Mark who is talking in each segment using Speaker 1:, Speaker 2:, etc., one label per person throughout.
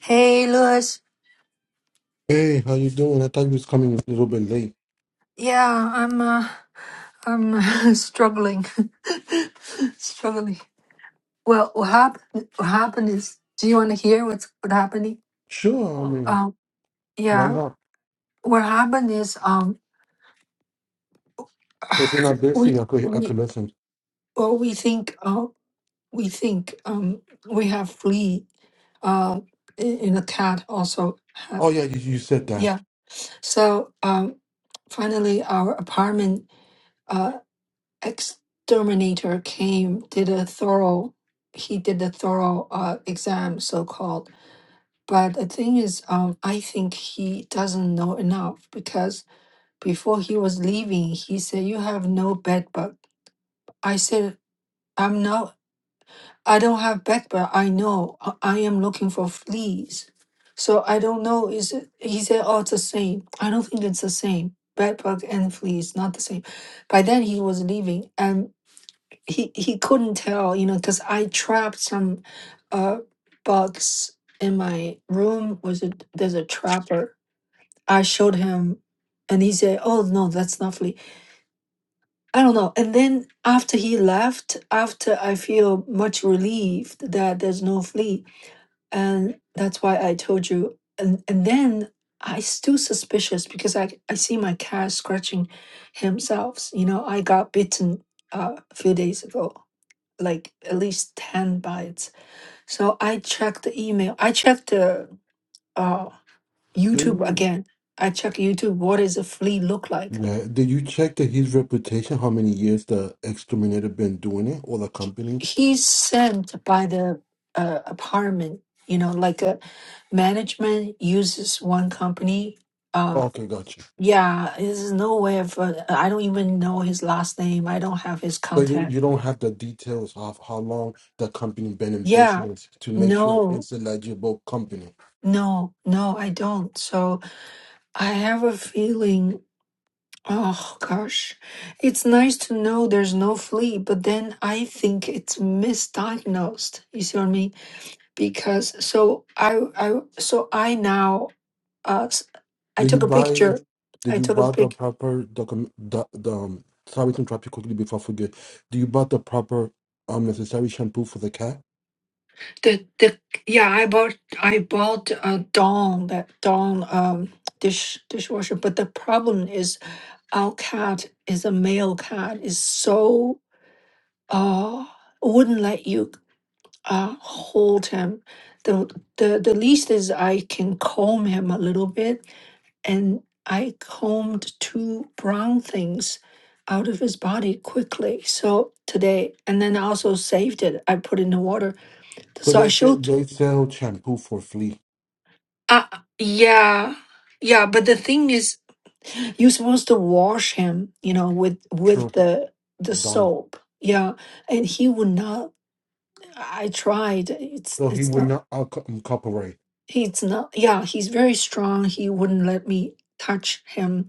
Speaker 1: Hey, Louis.
Speaker 2: Hey, how you doing? I thought you was coming a little bit late.
Speaker 1: Yeah, I'm uh, I'm uh, struggling, struggling. Well, what happened? What happened is, do you want to hear what's what happening?
Speaker 2: Sure, I mean,
Speaker 1: Um,
Speaker 2: why
Speaker 1: yeah,
Speaker 2: not?
Speaker 1: what happened is, um,
Speaker 2: If you're not
Speaker 1: we
Speaker 2: busy, I could I could
Speaker 1: we
Speaker 2: listen.
Speaker 1: well, we think, uh, we think, um, we have flea, uh, in, in a cat also. ha-
Speaker 2: Oh yeah, you, you said that.
Speaker 1: yeah, so um, finally, our apartment. uh, exterminator came did a thorough he did a thorough uh, exam so called but the thing is um i think he doesn't know enough because before he was leaving he said you have no bed bug i said i'm not i don't have bed bug i know i I am looking for fleas so i don't know is it he said oh it's the same i don't think it's the same bed bug and fleas not the same by then he was leaving and. he he couldn't tell, you know, because I trapped some uh bugs in my room. Was it there's a trapper? I showed him, and he said, "Oh no, that's not flea." I don't know. And then after he left, after I feel much relieved that there's no flea, and that's why I told you. And and then I still suspicious because I I see my cat scratching himself. You know, I got bitten uh, a few days ago like at least 10 bytes. So I checked the email. I checked the uh,
Speaker 2: Did
Speaker 1: YouTube
Speaker 2: you?
Speaker 1: again. I checked YouTube. What does a flea look like?
Speaker 2: Yeah. Did you check that his reputation? How many years the exterminator been doing it, or the
Speaker 1: He,
Speaker 2: company?
Speaker 1: he's sent by the uh, apartment, you know, like a management uses one company. Um,
Speaker 2: Okay, gotcha.
Speaker 1: yeah, there's no way of, uh, I don't even know his last name. I don't have his
Speaker 2: So you,
Speaker 1: contact.
Speaker 2: you don't have the details of how long the company been in
Speaker 1: Yeah,
Speaker 2: business to make sure
Speaker 1: no,
Speaker 2: it's a legible company.
Speaker 1: no, no, I don't. So I have a feeling Oh gosh, it's nice to know there's no flea, but then I think it's misdiagnosed. You see what I mean? Because so I I so I now uh s- I
Speaker 2: Do you
Speaker 1: took a
Speaker 2: buy?
Speaker 1: picture.
Speaker 2: Do
Speaker 1: I
Speaker 2: you
Speaker 1: took a
Speaker 2: buy the
Speaker 1: pic.
Speaker 2: proper document? The, the um, sorry to interrupt you quickly before I forget. Do you buy the proper um necessary shampoo for the cat?
Speaker 1: The the yeah I bought I bought a Dawn that Dawn um dish dishwasher, but the problem is our cat is a male cat is so uh wouldn't let you uh, hold him. The, the the least is I can comb him a little bit, and I combed two brown things out of his body quickly. So today, and then I also saved it. I put it in the water.
Speaker 2: Because
Speaker 1: So I
Speaker 2: they say
Speaker 1: showed.
Speaker 2: they sell shampoo for flea.
Speaker 1: Uh, yeah, yeah. But the thing is, you're supposed to wash him, you know, with with
Speaker 2: True,
Speaker 1: the the
Speaker 2: done.
Speaker 1: soap. Yeah, and he would not. I tried. It's
Speaker 2: So he
Speaker 1: it's
Speaker 2: would
Speaker 1: not.
Speaker 2: not alco- um, copyright.
Speaker 1: He's not, yeah, he's very strong. He wouldn't let me touch him.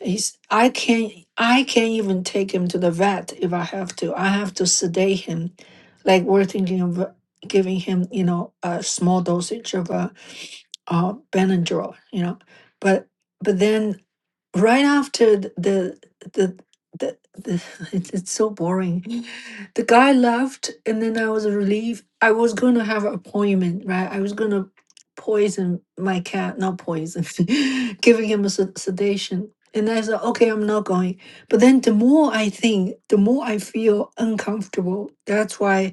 Speaker 1: He's, I can't, I can't even take him to the vet if I have to. I have to sedate him. Like we're thinking of uh, giving him, you know, a small dosage of a uh, uh, Benadryl, you know, but but then right after th- the the the, the it's, it's so boring the guy left and then i was relieved i was gonna have an appointment right i was gonna poison my cat not poison giving him a sed- sedation and i said okay i'm not going but then the more i think the more i feel uncomfortable that's why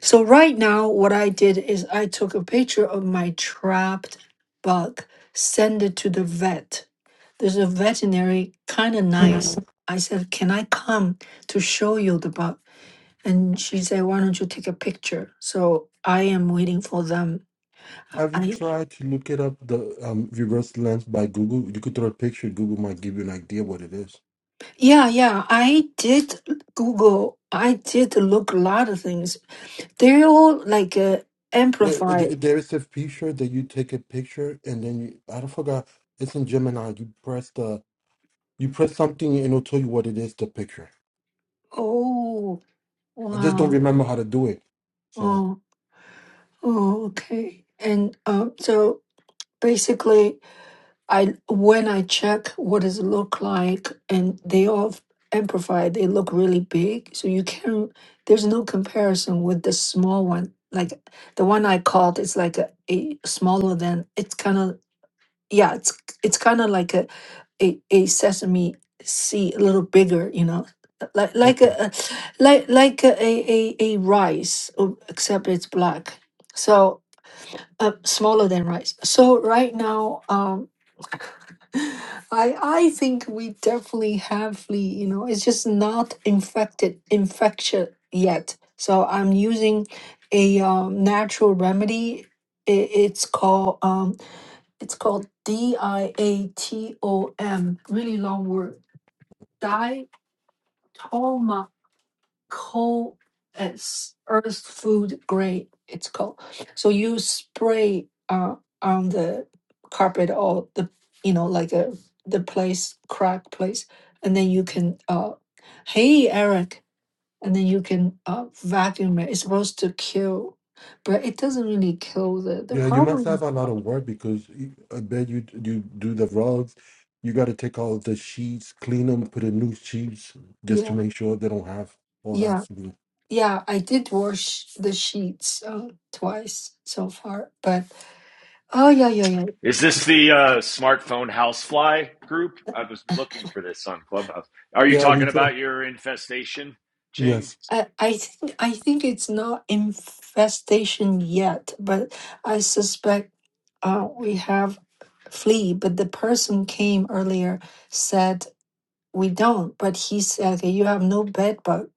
Speaker 1: so right now what i did is i took a picture of my trapped bug send it to the vet there's a veterinary, kind of nice. I said, Can I come to show you the bug? And she said, Why don't you take a picture? So I am waiting for them.
Speaker 2: Have you
Speaker 1: I
Speaker 2: tried to look it up the um reverse lens by Google? You could throw a picture. Google might give you an idea what it is.
Speaker 1: yeah, yeah. I did Google. I did look a lot of things. They're all like uh,
Speaker 2: There
Speaker 1: amplified.
Speaker 2: there- there is a feature that you take a picture and then you, I don't forgot. It's in Gemini. You press the You press something and it'll tell you what it is, the picture.
Speaker 1: Oh
Speaker 2: I just don't
Speaker 1: wow.
Speaker 2: remember how to do it. So,
Speaker 1: Oh oh okay. And um so basically I when I check what does it look like, and they all amplified. They look really big, so you can. There's no comparison with the small one. Like the one I called is like a, a smaller than. It's kind of yeah. It's it's kind of like a, a a sesame seed, a little bigger. You know, like like a,
Speaker 2: okay.
Speaker 1: a like like a, a a a rice, oh, except it's black. So uh, smaller than rice. So right now, um, I I think we definitely have flea. You know, it's just not infected infection yet. So I'm using a um, natural remedy. I- It's called um, it's called D I A T O M. Really long word. Diatom coal as earth food grade it's called so you spray uh, on the carpet or the you know like a, the place crack place and then you can uh hey eric and then you can uh, vacuum it it's supposed to kill but it doesn't really kill the the
Speaker 2: Yeah, you must have
Speaker 1: problem
Speaker 2: a lot of work because you- I bet you you do the rugs. You got to take all the sheets, clean them, put in new sheets just to
Speaker 1: yeah
Speaker 2: make sure they don't have all that
Speaker 1: yeah
Speaker 2: flu.
Speaker 1: yeah i did wash the sheets uh, twice so far but Oh yeah, yeah, yeah.
Speaker 3: Is this the uh, smartphone housefly group? I was looking for this on Clubhouse. Are you
Speaker 2: Yeah, we
Speaker 3: talking
Speaker 2: did.
Speaker 3: about your infestation, Ching?
Speaker 2: Yes.
Speaker 1: I, I think I think it's not infestation yet, but I suspect uh, we have flea. But the person came earlier said we don't, but he said okay, you have no bed bug.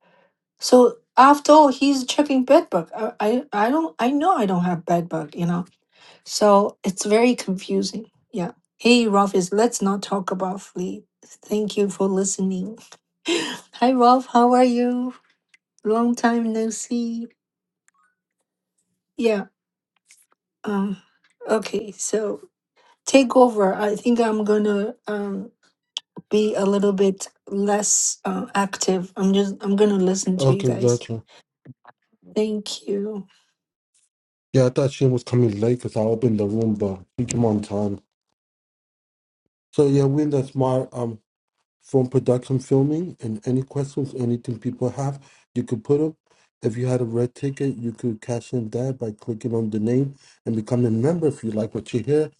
Speaker 1: So after all, he's checking bed bug. I, I I don't I know I don't have bed bug. You know, so it's very confusing. Yeah. Hey, Ralphis, let's not talk about flea. Thank you for listening. Hi, Ralph. How are you? Long time no see. Yeah. Um, okay. So take over. I think I'm gonna um be a little bit less uh, active. I'm just I'm gonna listen to you
Speaker 2: Okay,
Speaker 1: guys.
Speaker 2: gotcha.
Speaker 1: Thank you.
Speaker 2: Yeah, I thought she was coming late because I opened the room, but she came on time. So yeah, we're in the smart. um, from production filming and any questions, anything people have, you could put them. If you had a red ticket, you could cash in there by clicking on the name and become a member. If you like what you hear,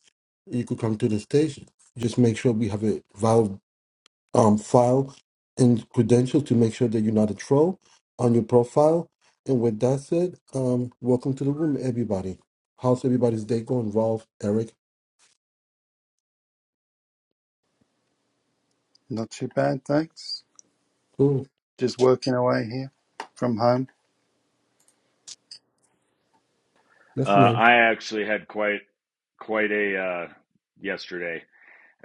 Speaker 2: you could come to the station. Just make sure we have a valid um, file and credentials to make sure that you're not a troll on your profile. And with that said, um, welcome to the room, everybody. How's everybody's day going, Rolf, Eric?
Speaker 4: Not too bad, thanks.
Speaker 2: Cool.
Speaker 4: Just working away here from home.
Speaker 3: Uh,
Speaker 2: That's nice.
Speaker 3: I actually had quite quite a uh, yesterday.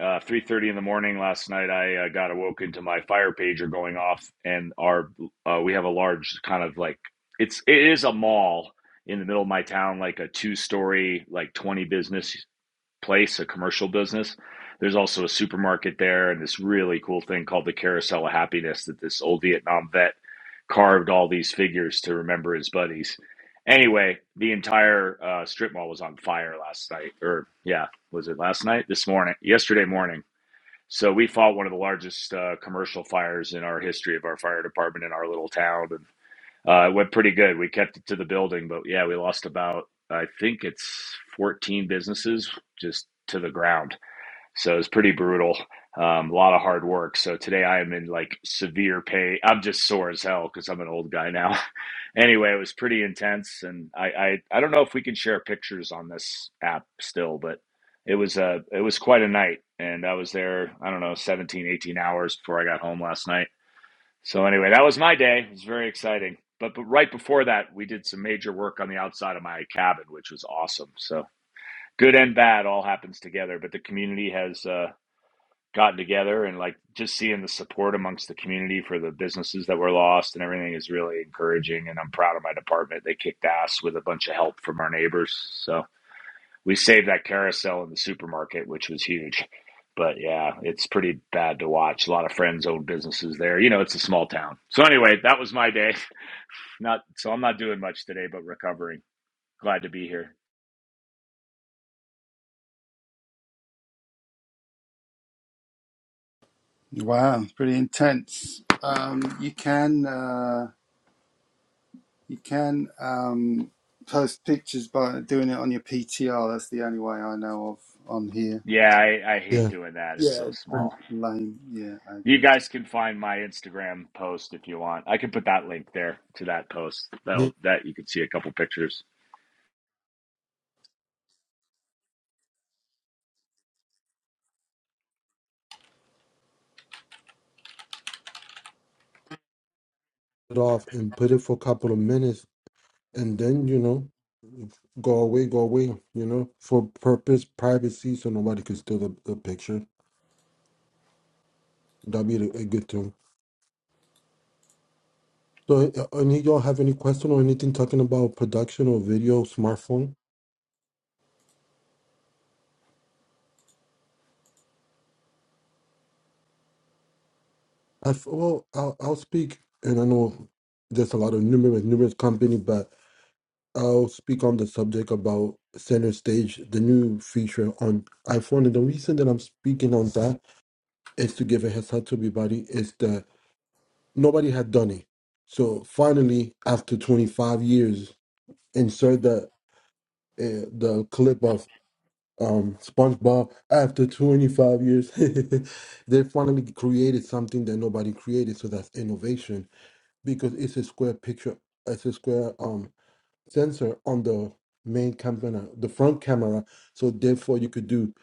Speaker 3: Uh, Three thirty in the morning last night, I uh, got awoken to my fire pager going off, and our uh, we have a large kind of like it's it is a mall in the middle of my town, like a two story, like twenty business place, a commercial business. There's also a supermarket there and this really cool thing called the Carousel of Happiness that this old Vietnam vet carved all these figures to remember his buddies. Anyway, the entire uh, strip mall was on fire last night, or yeah, was it last night? This morning, yesterday morning. So we fought one of the largest uh, commercial fires in our history of our fire department in our little town, And uh, it went pretty good. We kept it to the building, but yeah, we lost about I think it's 14 businesses just to the ground. So it's pretty brutal. Um, a lot of hard work. So today I am in like severe pain. I'm just sore as hell because I'm an old guy now. anyway, it was pretty intense, and I, I I don't know if we can share pictures on this app still, but it was uh, it was quite a night, and I was there I don't know 17 18 hours before I got home last night so anyway, that was my day. It was very exciting. But but right before that, we did some major work on the outside of my cabin, which was awesome. So good and bad all happens together. But the community has uh, gotten together, and like just seeing the support amongst the community for the businesses that were lost and everything is really encouraging. And I'm proud of my department. They kicked ass with a bunch of help from our neighbors. So we saved that carousel in the supermarket, which was huge. But yeah, it's pretty bad to watch. A lot of friends own businesses there. You know, it's a small town. So anyway, that was my day. Not so I'm not doing much today, but recovering. Glad to be here.
Speaker 4: Wow, pretty intense. Um, you can uh, you can um, post pictures by doing it on your PTR. That's the only way I know of on here.
Speaker 3: Yeah, I, I hate
Speaker 2: Yeah.
Speaker 3: doing that. It's
Speaker 4: Yeah,
Speaker 3: so
Speaker 4: it's pretty
Speaker 3: small.
Speaker 4: lame. Yeah, I
Speaker 3: You
Speaker 4: agree.
Speaker 3: guys can find my Instagram post if you want. I can put that link there to that post. That'll
Speaker 2: Get
Speaker 3: that you can see a couple pictures.
Speaker 2: it off and put it for a couple of minutes and then you know go away go away you know for purpose privacy so nobody could steal the, the picture that'd be a a good thing so uh, any y'all have any question or anything talking about production or video smartphone i f- well I'll, I'll speak and i know there's a lot of numerous numerous company but i'll speak on the subject about center stage the new feature on iphone and the reason that i'm speaking on that is to give a heads up to everybody is that nobody had done it. So finally, after 25 years, insert the uh, the clip of um, SpongeBob. After 25 years, they finally created something that nobody created. So that's innovation because it's a square picture, it's a square um sensor on the main camera, the front camera. So therefore, you could do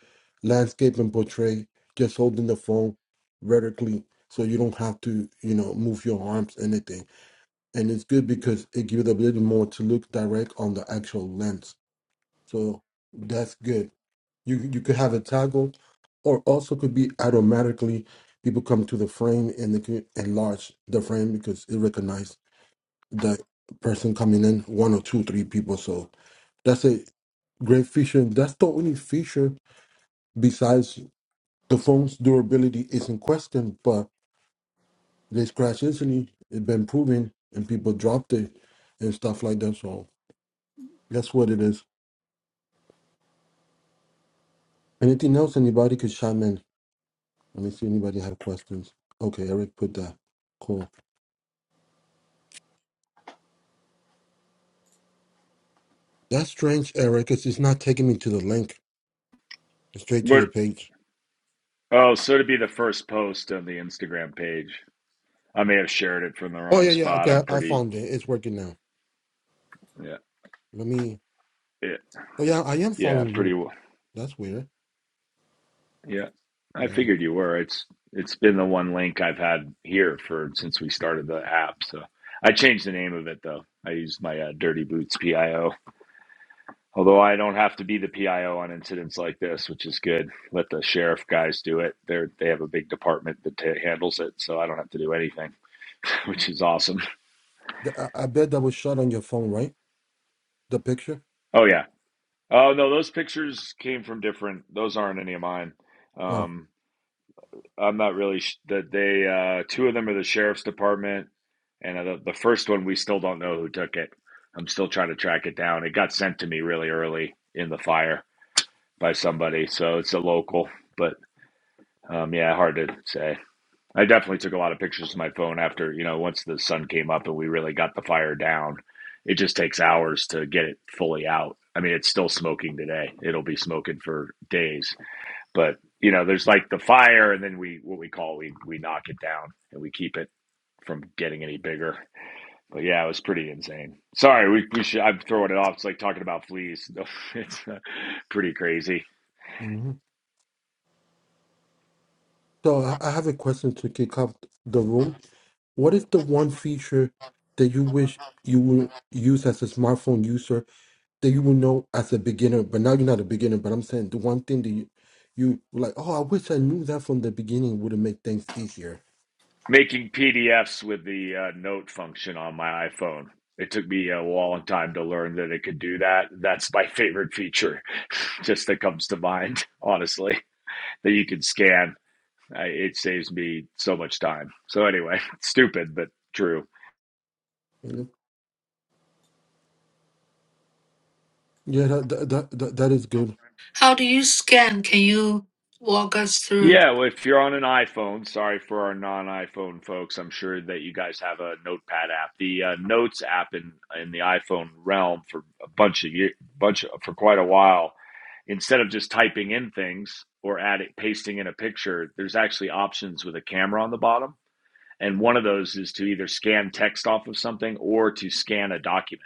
Speaker 2: landscape and portray just holding the phone vertically. So you don't have to, you know, move your arms anything and it's good because it gives a little more to look direct on the actual lens. So that's good. You you could have it toggled, or also could be automatically people come to the frame and they can enlarge the frame because it recognizes the person coming in one or two three people. So that's a great feature. That's the only feature besides the phone's durability is in question, but they scratch instantly it's been proven and people dropped it and stuff like that. So That's what it is. Anything else anybody could chime in? Let me see anybody have questions. Okay, Eric put that. Cool. That's strange, Eric, 'cause it's not taking me to the link. It's straight to
Speaker 3: What
Speaker 2: your page.
Speaker 3: oh, so to be the first post on the Instagram page. I may have shared it from the
Speaker 2: Oh
Speaker 3: wrong
Speaker 2: yeah, yeah.
Speaker 3: spot.
Speaker 2: Okay,
Speaker 3: I'm
Speaker 2: I I
Speaker 3: pretty
Speaker 2: found it. It's working now.
Speaker 3: yeah.
Speaker 2: Let me.
Speaker 3: Yeah,
Speaker 2: Oh yeah, I am
Speaker 3: yeah,
Speaker 2: following
Speaker 3: pretty
Speaker 2: you.
Speaker 3: well.
Speaker 2: That's weird.
Speaker 3: Yeah, I
Speaker 2: Wow.
Speaker 3: figured you were. It's it's been the one link I've had here for since we started the app. So I changed the name of it though. I use my uh, Dirty Boots PIO. Although I don't have to be the PIO on incidents like this, which is good. Let the sheriff guys do it. They are they have a big department that ta handles it, so I don't have to do anything, which is awesome.
Speaker 2: Th- I, I bet that was shot on your phone, right? The picture.
Speaker 3: Oh yeah. Oh no, those pictures came from different. Those aren't any of mine.
Speaker 2: Oh,
Speaker 3: Um, I'm not really sh- that they uh two of them are the sheriff's department and uh, the, the first one we still don't know who took it. I'm still trying to track it down. It got sent to me really early in the fire by somebody, so it's a local, but um yeah, hard to say. I definitely took a lot of pictures of my phone after, you know, once the sun came up and we really got the fire down. It just takes hours to get it fully out. I mean, it's still smoking today. It'll be smoking for days but you know, there's like the fire, and then we what we call we we knock it down and we keep it from getting any bigger. But yeah, it was pretty insane. Sorry, we, we should, I'm throwing it off. It's like talking about fleas. It's uh, pretty crazy.
Speaker 2: hmm So I I have a question to kick off the room. What is the one feature that you wish you would use as a smartphone user that you would know as a beginner? But now you're not a beginner, but I'm saying the one thing that you, you like, oh, I wish I knew that from the beginning would have made things easier.
Speaker 3: Making PDFs with the uh, note function on my iPhone. It took me a long time to learn that it could do that. That's my favorite feature, just that comes to mind, honestly, that you can scan. I, it saves me so much time. So, anyway, stupid, but true.
Speaker 2: Mhm. Yeah, that, that that that that is good.
Speaker 1: How do you scan? Can you walk us through?
Speaker 3: Yeah, well, if you're on an iPhone, sorry for our non-iPhone folks. I'm sure that you guys have a Notepad app. The uh, Notes app in in the iPhone realm for a bunch of year, bunch of, for quite a while. Instead of just typing in things or adding pasting in a picture, there's actually options with a camera on the bottom, and one of those is to either scan text off of something or to scan a document.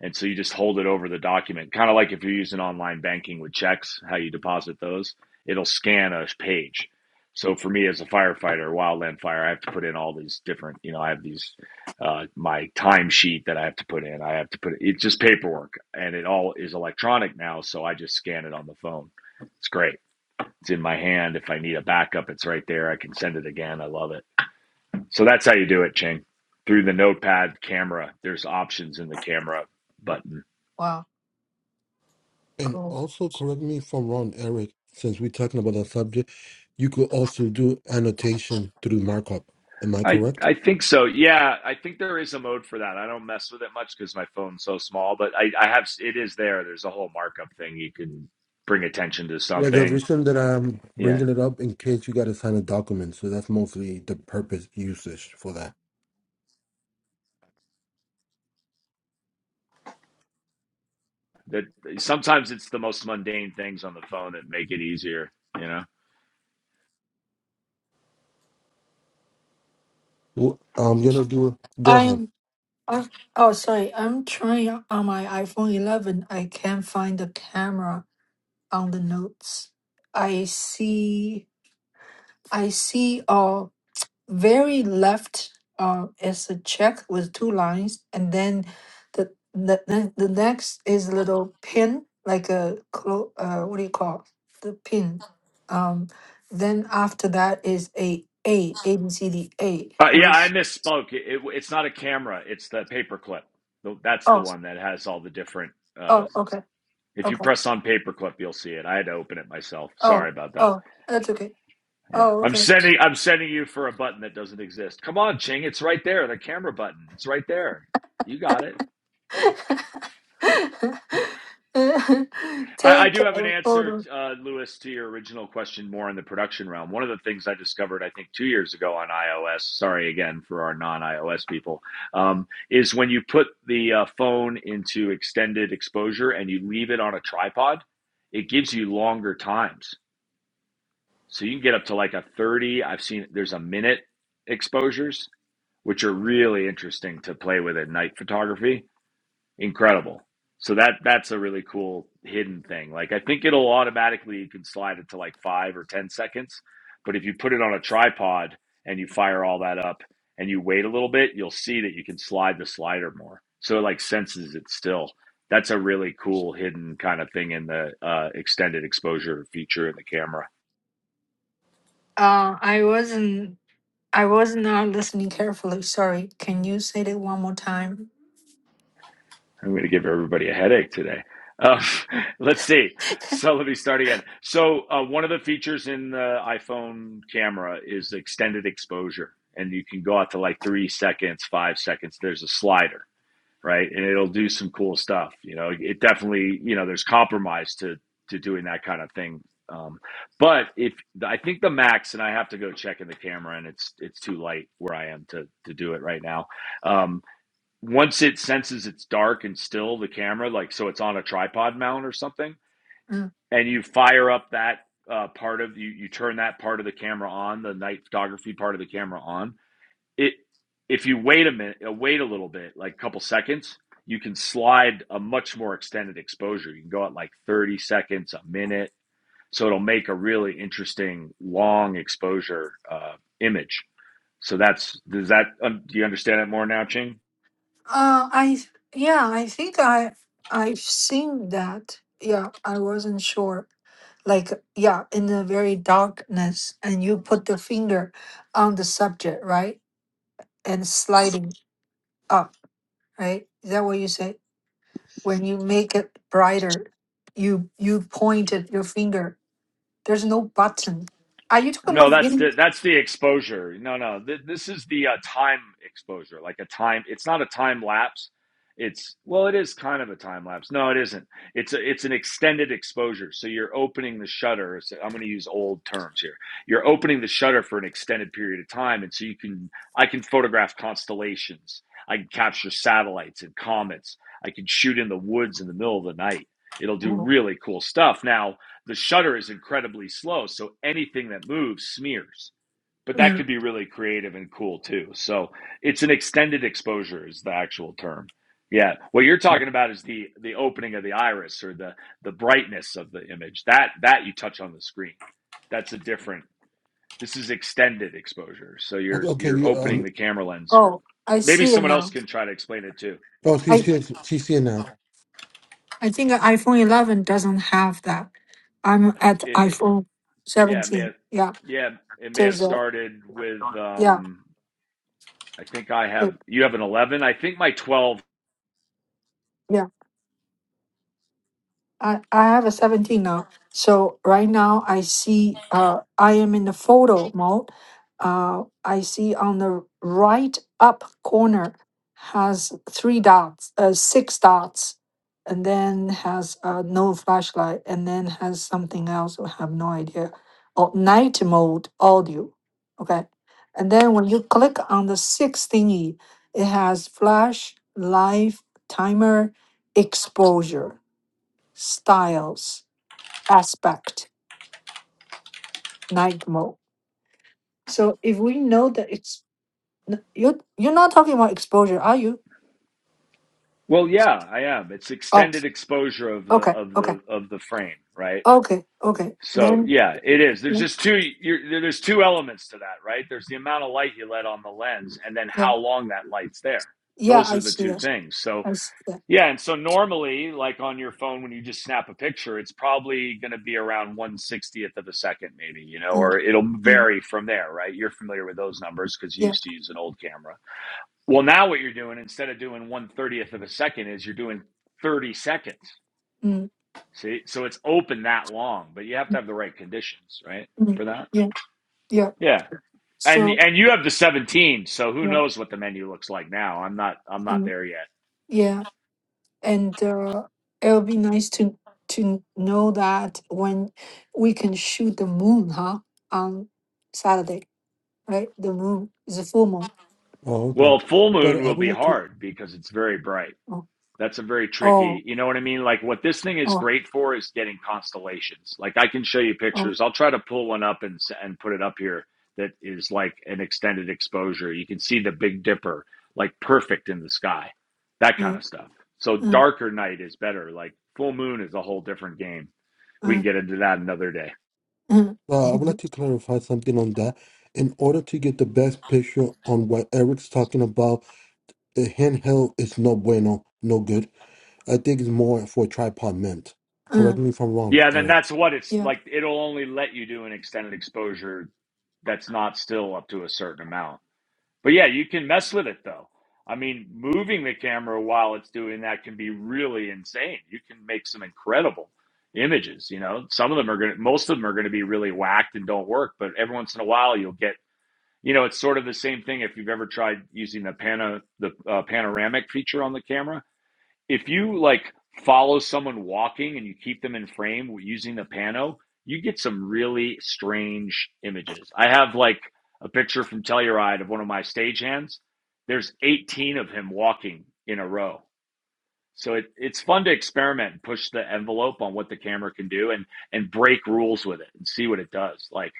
Speaker 3: And so you just hold it over the document, kind of like if you're using online banking with checks, how you deposit those, it'll scan a page. So for me as a firefighter, wildland fire, I have to put in all these different, you know, I have these, uh, my timesheet that I have to put in. I have to put it's just paperwork and it all is electronic now. So I just scan it on the phone. It's great. It's in my hand. If I need a backup, it's right there. I can send it again. I love it. So that's how you do it, Ching. Through the notepad camera, there's options in the camera button
Speaker 1: Wow.
Speaker 2: And
Speaker 1: Cool.
Speaker 2: also, correct me if I'm wrong, Eric, since we're talking about that subject, you could also do annotation through markup. Am I
Speaker 3: I
Speaker 2: correct?
Speaker 3: I think so. Yeah, I think there is a mode for that. I don't mess with it much because my phone's so small, but I I have it is there. There's a whole markup thing. You can bring attention to
Speaker 2: Yeah, the
Speaker 3: something.
Speaker 2: reason that I'm
Speaker 3: Yeah,
Speaker 2: bringing it up in case you got to sign a document, so that's mostly the purpose usage for that.
Speaker 3: that sometimes it's the most mundane things on the phone that make it easier. You know.
Speaker 2: Well, I'm gonna do. Go ahead.
Speaker 1: I'm. I'm oh, sorry. I'm trying on my iPhone 11. I can't find the camera on the notes. I see. I see. very left uh, is a check with two lines, and then the the, the, the next is a little pin, like a clo- uh, what do you call the pin? Um, then after that is a A A B C D A.
Speaker 3: Uh,
Speaker 1: How
Speaker 3: yeah, I
Speaker 1: is-
Speaker 3: misspoke. It, it, it's not a camera. It's the paperclip. The- That's the
Speaker 1: Oh
Speaker 3: one that has all the different. Uh,
Speaker 1: oh okay
Speaker 3: if you
Speaker 1: okay
Speaker 3: press on paperclip, you'll see it. I had to open it myself.
Speaker 1: oh
Speaker 3: Sorry about that.
Speaker 1: oh that's okay
Speaker 3: Yeah.
Speaker 1: oh
Speaker 3: I'm
Speaker 1: okay.
Speaker 3: sending I'm sending you for a button that doesn't exist. Come on, Ching, it's right there, the camera button. It's right there. You got it. I, I
Speaker 1: Take
Speaker 3: do have an
Speaker 1: a
Speaker 3: answer,
Speaker 1: photo.
Speaker 3: uh, Lewis, to your original question more in the production realm. One of the things I discovered, I think, two years ago on iOS, sorry again for our non iOS people, um, is when you put the uh, phone into extended exposure and you leave it on a tripod, it gives you longer times. So you can get up to like a 30, I've seen there's a minute exposures. which are really interesting to play with at night photography. Incredible. So that that's a really cool hidden thing. Like I think it'll automatically you can slide it to like five or ten seconds, but if you put it on a tripod and you fire all that up and you wait a little bit, you'll see that you can slide the slider more. So it like senses it still. That's a really cool hidden kind of thing in the uh, extended exposure feature in the camera.
Speaker 1: Uh, I wasn't I was not listening carefully. Sorry. Can you say it one more time?
Speaker 3: I'm going to give everybody a headache today. Um, let's see. So let me start again. So uh, one of the features in the iPhone camera is extended exposure, and you can go out to like three seconds, five seconds. There's a slider, right, and it'll do some cool stuff. You know, it definitely, you know, there's compromise to to doing that kind of thing. Um, but if I think the max, and I have to go check in the camera, and it's it's too light where I am to to do it right now. Um, once it senses it's dark and still the camera like so it's on a tripod mount or something
Speaker 1: Mm.
Speaker 3: and you fire up that uh, part of you you turn that part of the camera on the night photography part of the camera on it if you wait a minute uh, wait a little bit like a couple seconds you can slide a much more extended exposure you can go at like 30 seconds a minute so it'll make a really interesting long exposure uh, image so that's does that um, do you understand it more now ching
Speaker 1: Uh, I yeah, I think I I've seen that. Yeah, I wasn't sure. Like yeah, in the very darkness, and you put the finger on the subject, right, and sliding up, right. Is that what you say? When you make it brighter, you you pointed your finger. There's no button. Are you talking
Speaker 3: No,
Speaker 1: about
Speaker 3: that's
Speaker 1: video?
Speaker 3: the that's the exposure. No, no, th- this is the uh, time exposure, like a time. It's not a time lapse. It's well, it is kind of a time lapse. No, it isn't. It's a, it's an extended exposure. So you're opening the shutter. So I'm going to use old terms here. You're opening the shutter for an extended period of time, and so you can I can photograph constellations. I can capture satellites and comets. I can shoot in the woods in the middle of the night. It'll do
Speaker 1: Mm.
Speaker 3: really cool stuff. Now, the shutter is incredibly slow, so anything that moves smears. But that
Speaker 1: Mm.
Speaker 3: could be really creative and cool too. So it's an extended exposure is the actual term. Yeah, what you're talking about is the the opening of the iris or the the brightness of the image. That that you touch on the screen. That's a different. This is extended exposure. So
Speaker 2: Okay,
Speaker 3: you're
Speaker 2: okay,
Speaker 3: you're
Speaker 2: you.
Speaker 3: opening
Speaker 2: Um,
Speaker 3: the camera lens for.
Speaker 1: Oh, I
Speaker 3: Maybe
Speaker 1: see it
Speaker 3: someone else
Speaker 1: now.
Speaker 3: can try to explain it too.
Speaker 2: oh, she
Speaker 1: I
Speaker 2: she's she's here now.
Speaker 1: I think iPhone 11 doesn't have that. I'm at
Speaker 3: It, it
Speaker 1: iPhone
Speaker 3: yeah, man.
Speaker 1: 17. Yeah,
Speaker 3: Yeah, it may have
Speaker 1: there's a
Speaker 3: started with
Speaker 1: yeah,
Speaker 3: um I think I
Speaker 1: the-
Speaker 3: have you have an 11. I think my 12.
Speaker 1: yeah. I, I have a 17 now. So right now I see uh, I am in the photo mode. Uh, I see on the right up corner has three dots, uh, six dots, and then has uh, no flashlight, and then has something else. I have no idea. Oh, night mode audio. Okay. And then when you click on the sixth thingy, it has flash, live, timer, exposure styles, aspect, night mode. So if we know that it's n- you you're not talking about exposure, are you?
Speaker 3: Well, yeah, I am. It's
Speaker 1: Oh,
Speaker 3: extended exposure of the
Speaker 1: okay,
Speaker 3: of
Speaker 1: okay,
Speaker 3: the of the frame, right?
Speaker 1: okay, okay.
Speaker 3: So,
Speaker 1: Then
Speaker 3: yeah, it is. There's
Speaker 1: yeah,
Speaker 3: just two you're, there's two elements to that, right? There's the amount of light you let on the lens and then
Speaker 1: yeah,
Speaker 3: how long that light's there.
Speaker 1: yeah,
Speaker 3: Those are
Speaker 1: I
Speaker 3: the
Speaker 1: see
Speaker 3: two
Speaker 1: that.
Speaker 3: things. So,
Speaker 1: I see that.
Speaker 3: yeah, and so normally like on your phone when you just snap a picture, it's probably going to be around one sixtieth of a second maybe, you know,
Speaker 1: Mm,
Speaker 3: or it'll
Speaker 1: mm,
Speaker 3: vary from there, right? You're familiar with those numbers cuz you
Speaker 1: yeah,
Speaker 3: used to use an old camera Well, now what you're doing instead of doing one thirtieth of a second is you're doing thirty seconds.
Speaker 1: mm,
Speaker 3: See, so it's open that long, but you have to
Speaker 1: mm,
Speaker 3: have the right conditions, right,
Speaker 1: mm,
Speaker 3: for that.
Speaker 1: yeah, yeah.
Speaker 3: Yeah, and
Speaker 1: So
Speaker 3: and you have the seventeen, so who
Speaker 1: yeah,
Speaker 3: knows what the menu looks like now? I'm not I'm not
Speaker 1: mm,
Speaker 3: there yet.
Speaker 1: yeah, and uh, it'll be nice to to know that when we can shoot the moon, huh? On Saturday. right? The moon is a full moon.
Speaker 2: Oh, okay.
Speaker 3: Well, full
Speaker 2: But
Speaker 3: moon
Speaker 2: I
Speaker 3: will
Speaker 2: would
Speaker 3: be
Speaker 2: like to.
Speaker 3: hard because it's very bright.
Speaker 1: Oh,
Speaker 3: That's a very tricky,
Speaker 1: oh,
Speaker 3: you know what I mean? Like what this thing is
Speaker 1: oh,
Speaker 3: great for is getting constellations. Like I can show you
Speaker 1: oh.
Speaker 3: pictures. I'll try to pull one up and and put it up here that is like an extended exposure. You can see the Big Dipper like perfect in the sky. That kind
Speaker 1: Mm,
Speaker 3: of stuff. So
Speaker 1: mm,
Speaker 3: darker night is better. Like full moon is a whole different game. We can
Speaker 1: mm,
Speaker 3: get into that another day.
Speaker 1: mm,
Speaker 2: Uh, I would like to clarify something on that. In order to get the best picture on what Eric's talking about, the handheld is no bueno, no good. I think it's more for tripod meant. Correct
Speaker 1: mm.
Speaker 2: me if I'm wrong,
Speaker 3: Yeah, then
Speaker 2: Eric.
Speaker 3: that's what it's
Speaker 1: Yeah,
Speaker 3: like it'll only let you do an extended exposure that's not still up to a certain amount But yeah, you can mess with it though. I mean, moving the camera while it's doing that can be really insane. You can make some incredible images, you know. Some of them are going to most of them are going to be really whacked and don't work, but every once in a while you'll get, you know, it's sort of the same thing if you've ever tried using the pana the uh, panoramic feature on the camera if you like follow someone walking and you keep them in frame using the pano, you get some really strange images. I have like a picture from Telluride of one of my stagehands. There's 18 of him walking in a row so it, it's fun to experiment and push the envelope on what the camera can do and and break rules with it and see what it does. Like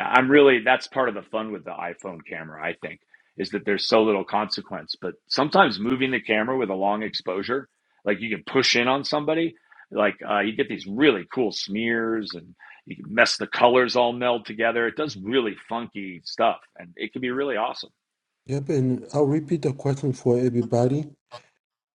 Speaker 3: I'm really that's part of the fun with the iPhone camera, I think, is that there's so little consequence. But sometimes moving the camera with a long exposure, like you can push in on somebody, like uh, you get these really cool smears and you can mess the colors all meld together. It does really funky stuff and it can be really awesome.
Speaker 2: Yep, and I'll repeat the question for everybody.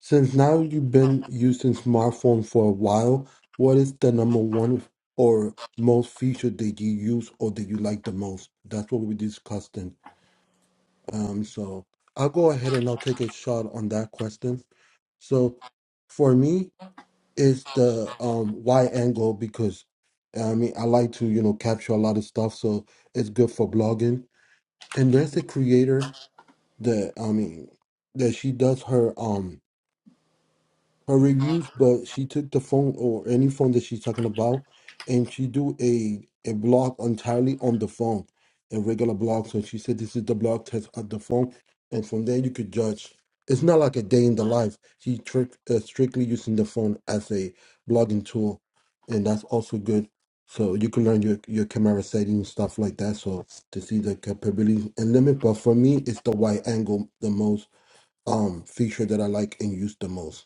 Speaker 2: Since now you've been using smartphone for a while, what is the number one or most feature that you use or that you like the most? That's what we discussed. in. Um, so I'll go ahead and I'll take a shot on that question. So for me, it's the um wide angle because I mean I like to you know capture a lot of stuff, so it's good for blogging. And there's a creator that I mean that she does her um her reviews, but she took the phone or any phone that she's talking about, and she do a a blog entirely on the phone, a regular blog. So she said this is the blog test of the phone, and from there you could judge. It's not like a day in the life. She trick, uh, strictly using the phone as a blogging tool, and that's also good. So you can learn your your camera settings stuff like that. So to see the capabilities and limit. But for me, it's the wide angle the most um feature that I like and use the most.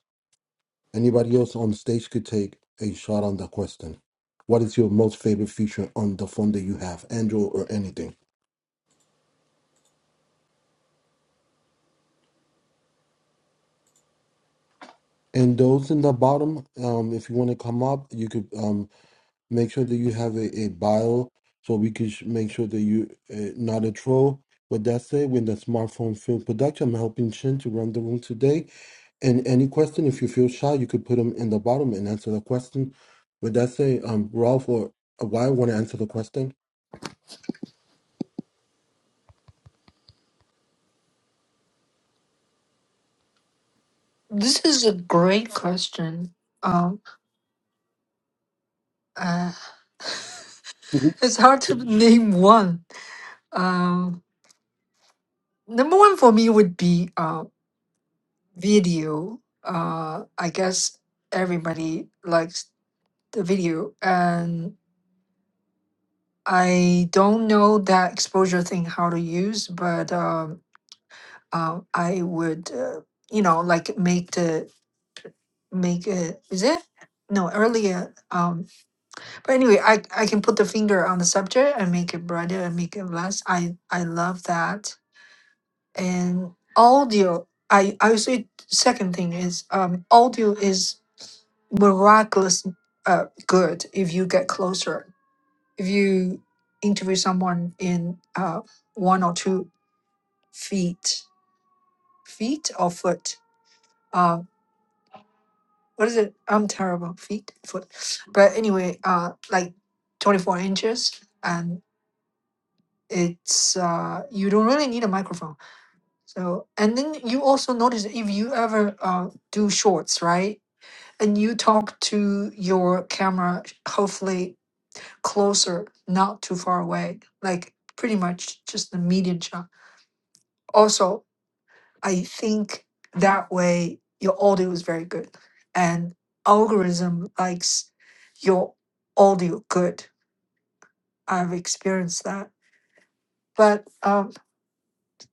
Speaker 2: Anybody else on stage could take a shot on the question. What is your most favorite feature on the phone that you have, Android or anything? And those in the bottom, um, if you want to come up, you could um, make sure that you have a, a bio so we could sh- make sure that you uh, not a troll. With that said, With the smartphone film production, I'm helping Shin to run the room today. And any question, if you feel shy, you could put them in the bottom and answer the question. But that's it. Um, Ralph or uh, why want to answer the question?
Speaker 1: this is a great question. Um, uh,
Speaker 4: Mhm.
Speaker 1: it's hard to name one. Um, number one for me would be uh, video. Uh, I guess everybody likes the video, and I don't know that exposure thing how to use, but um, uh, I would, uh, you know, like make the make it is it no earlier. Um, but anyway, I I can put the finger on the subject and make it brighter and make it less. I I love that and audio. I I would say second thing is um audio is miraculous uh good if you get closer if you interview someone in uh one or two feet feet or foot uh, what is it? I'm terrible. Feet, foot. But anyway, uh, like 24 inches, and it's uh, you don't really need a microphone. So, and then you also notice if you ever uh, do shorts, right? And you talk to your camera, hopefully closer, not too far away, like pretty much just the medium shot. Also, I think that way your audio is very good, and algorithm likes your audio good. I've experienced that, but um,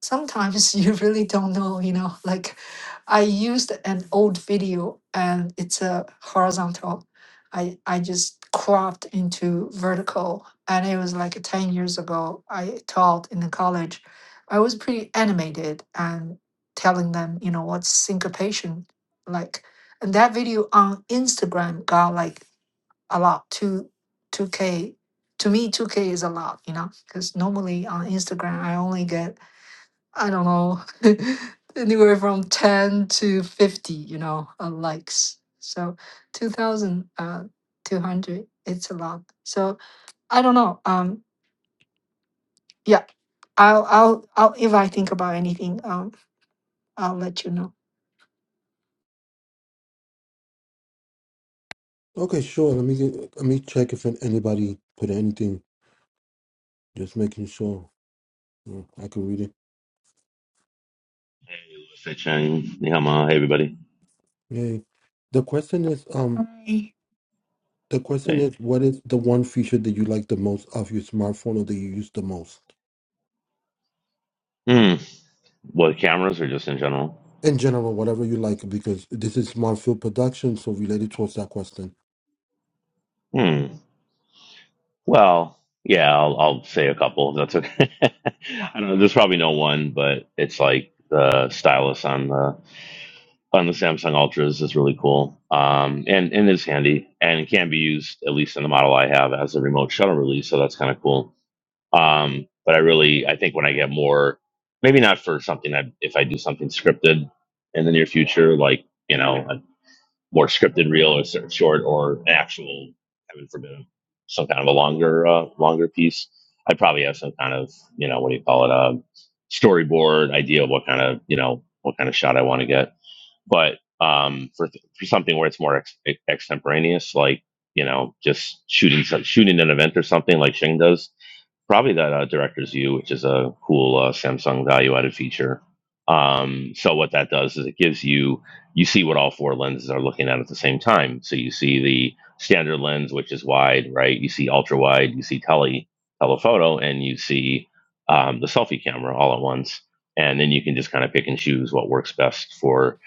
Speaker 1: sometimes you really don't know, you know, like I used an old video and it's a horizontal. I, I just cropped into vertical and it was like 10 years ago. I taught in the college. I was pretty animated and telling them, you know, what's syncopation like. And that video on Instagram got like a lot, two, 2K. To me, 2K is a lot, you know, because normally on Instagram, I only get I don't know, anywhere from 10 to 50, you know, uh, likes. So 2,000, uh, 200, it's a lot. So I don't know. Um, yeah, I'll, I'll, I'll, if I think about anything, um, I'll let you know.
Speaker 2: Okay, sure. Let me get, let me check if anybody put anything. Just making sure Yeah, I can read it.
Speaker 5: Hey, Lucy Chang, Nihama, hey everybody.
Speaker 2: Yay. The question is, um,
Speaker 1: Try-
Speaker 2: the question
Speaker 5: Hey.
Speaker 2: is, what is the one feature that you like the most of your smartphone or that you use the most?
Speaker 5: Hmm. What cameras or just in general?
Speaker 2: In general, whatever you like, because this is smart field production, so related towards that question.
Speaker 5: Hmm. Well, yeah, I'll, I'll say a couple. If that's okay. I don't know. There's probably no one, but it's like the stylus on the on the Samsung Ultras is really cool. Um, and and is handy and it can be used at least in the model I have as a remote shutter release, so that's kind of cool. Um, but I really I think when I get more, maybe not for something I if I do something scripted in the near future, like you know more scripted reel or sort of short or an actual heaven forbid some kind of a longer uh, longer piece i'd probably have some kind of you know what do you call it um storyboard idea of what kind of you know what kind of shot i want to get but um for, th- for something where it's more ex- ex- extemporaneous like you know just shooting some, shooting an event or something like shing does probably that uh, Director's View, which is a cool uh, Samsung value-added feature. Um, so what that does is it gives you you see what all four lenses are looking at at the same time. So you see the standard lens, which is wide, right? You see ultra wide, you see tele telephoto, and you see um, the selfie camera all at once. And then you can just kind of pick and choose what works best for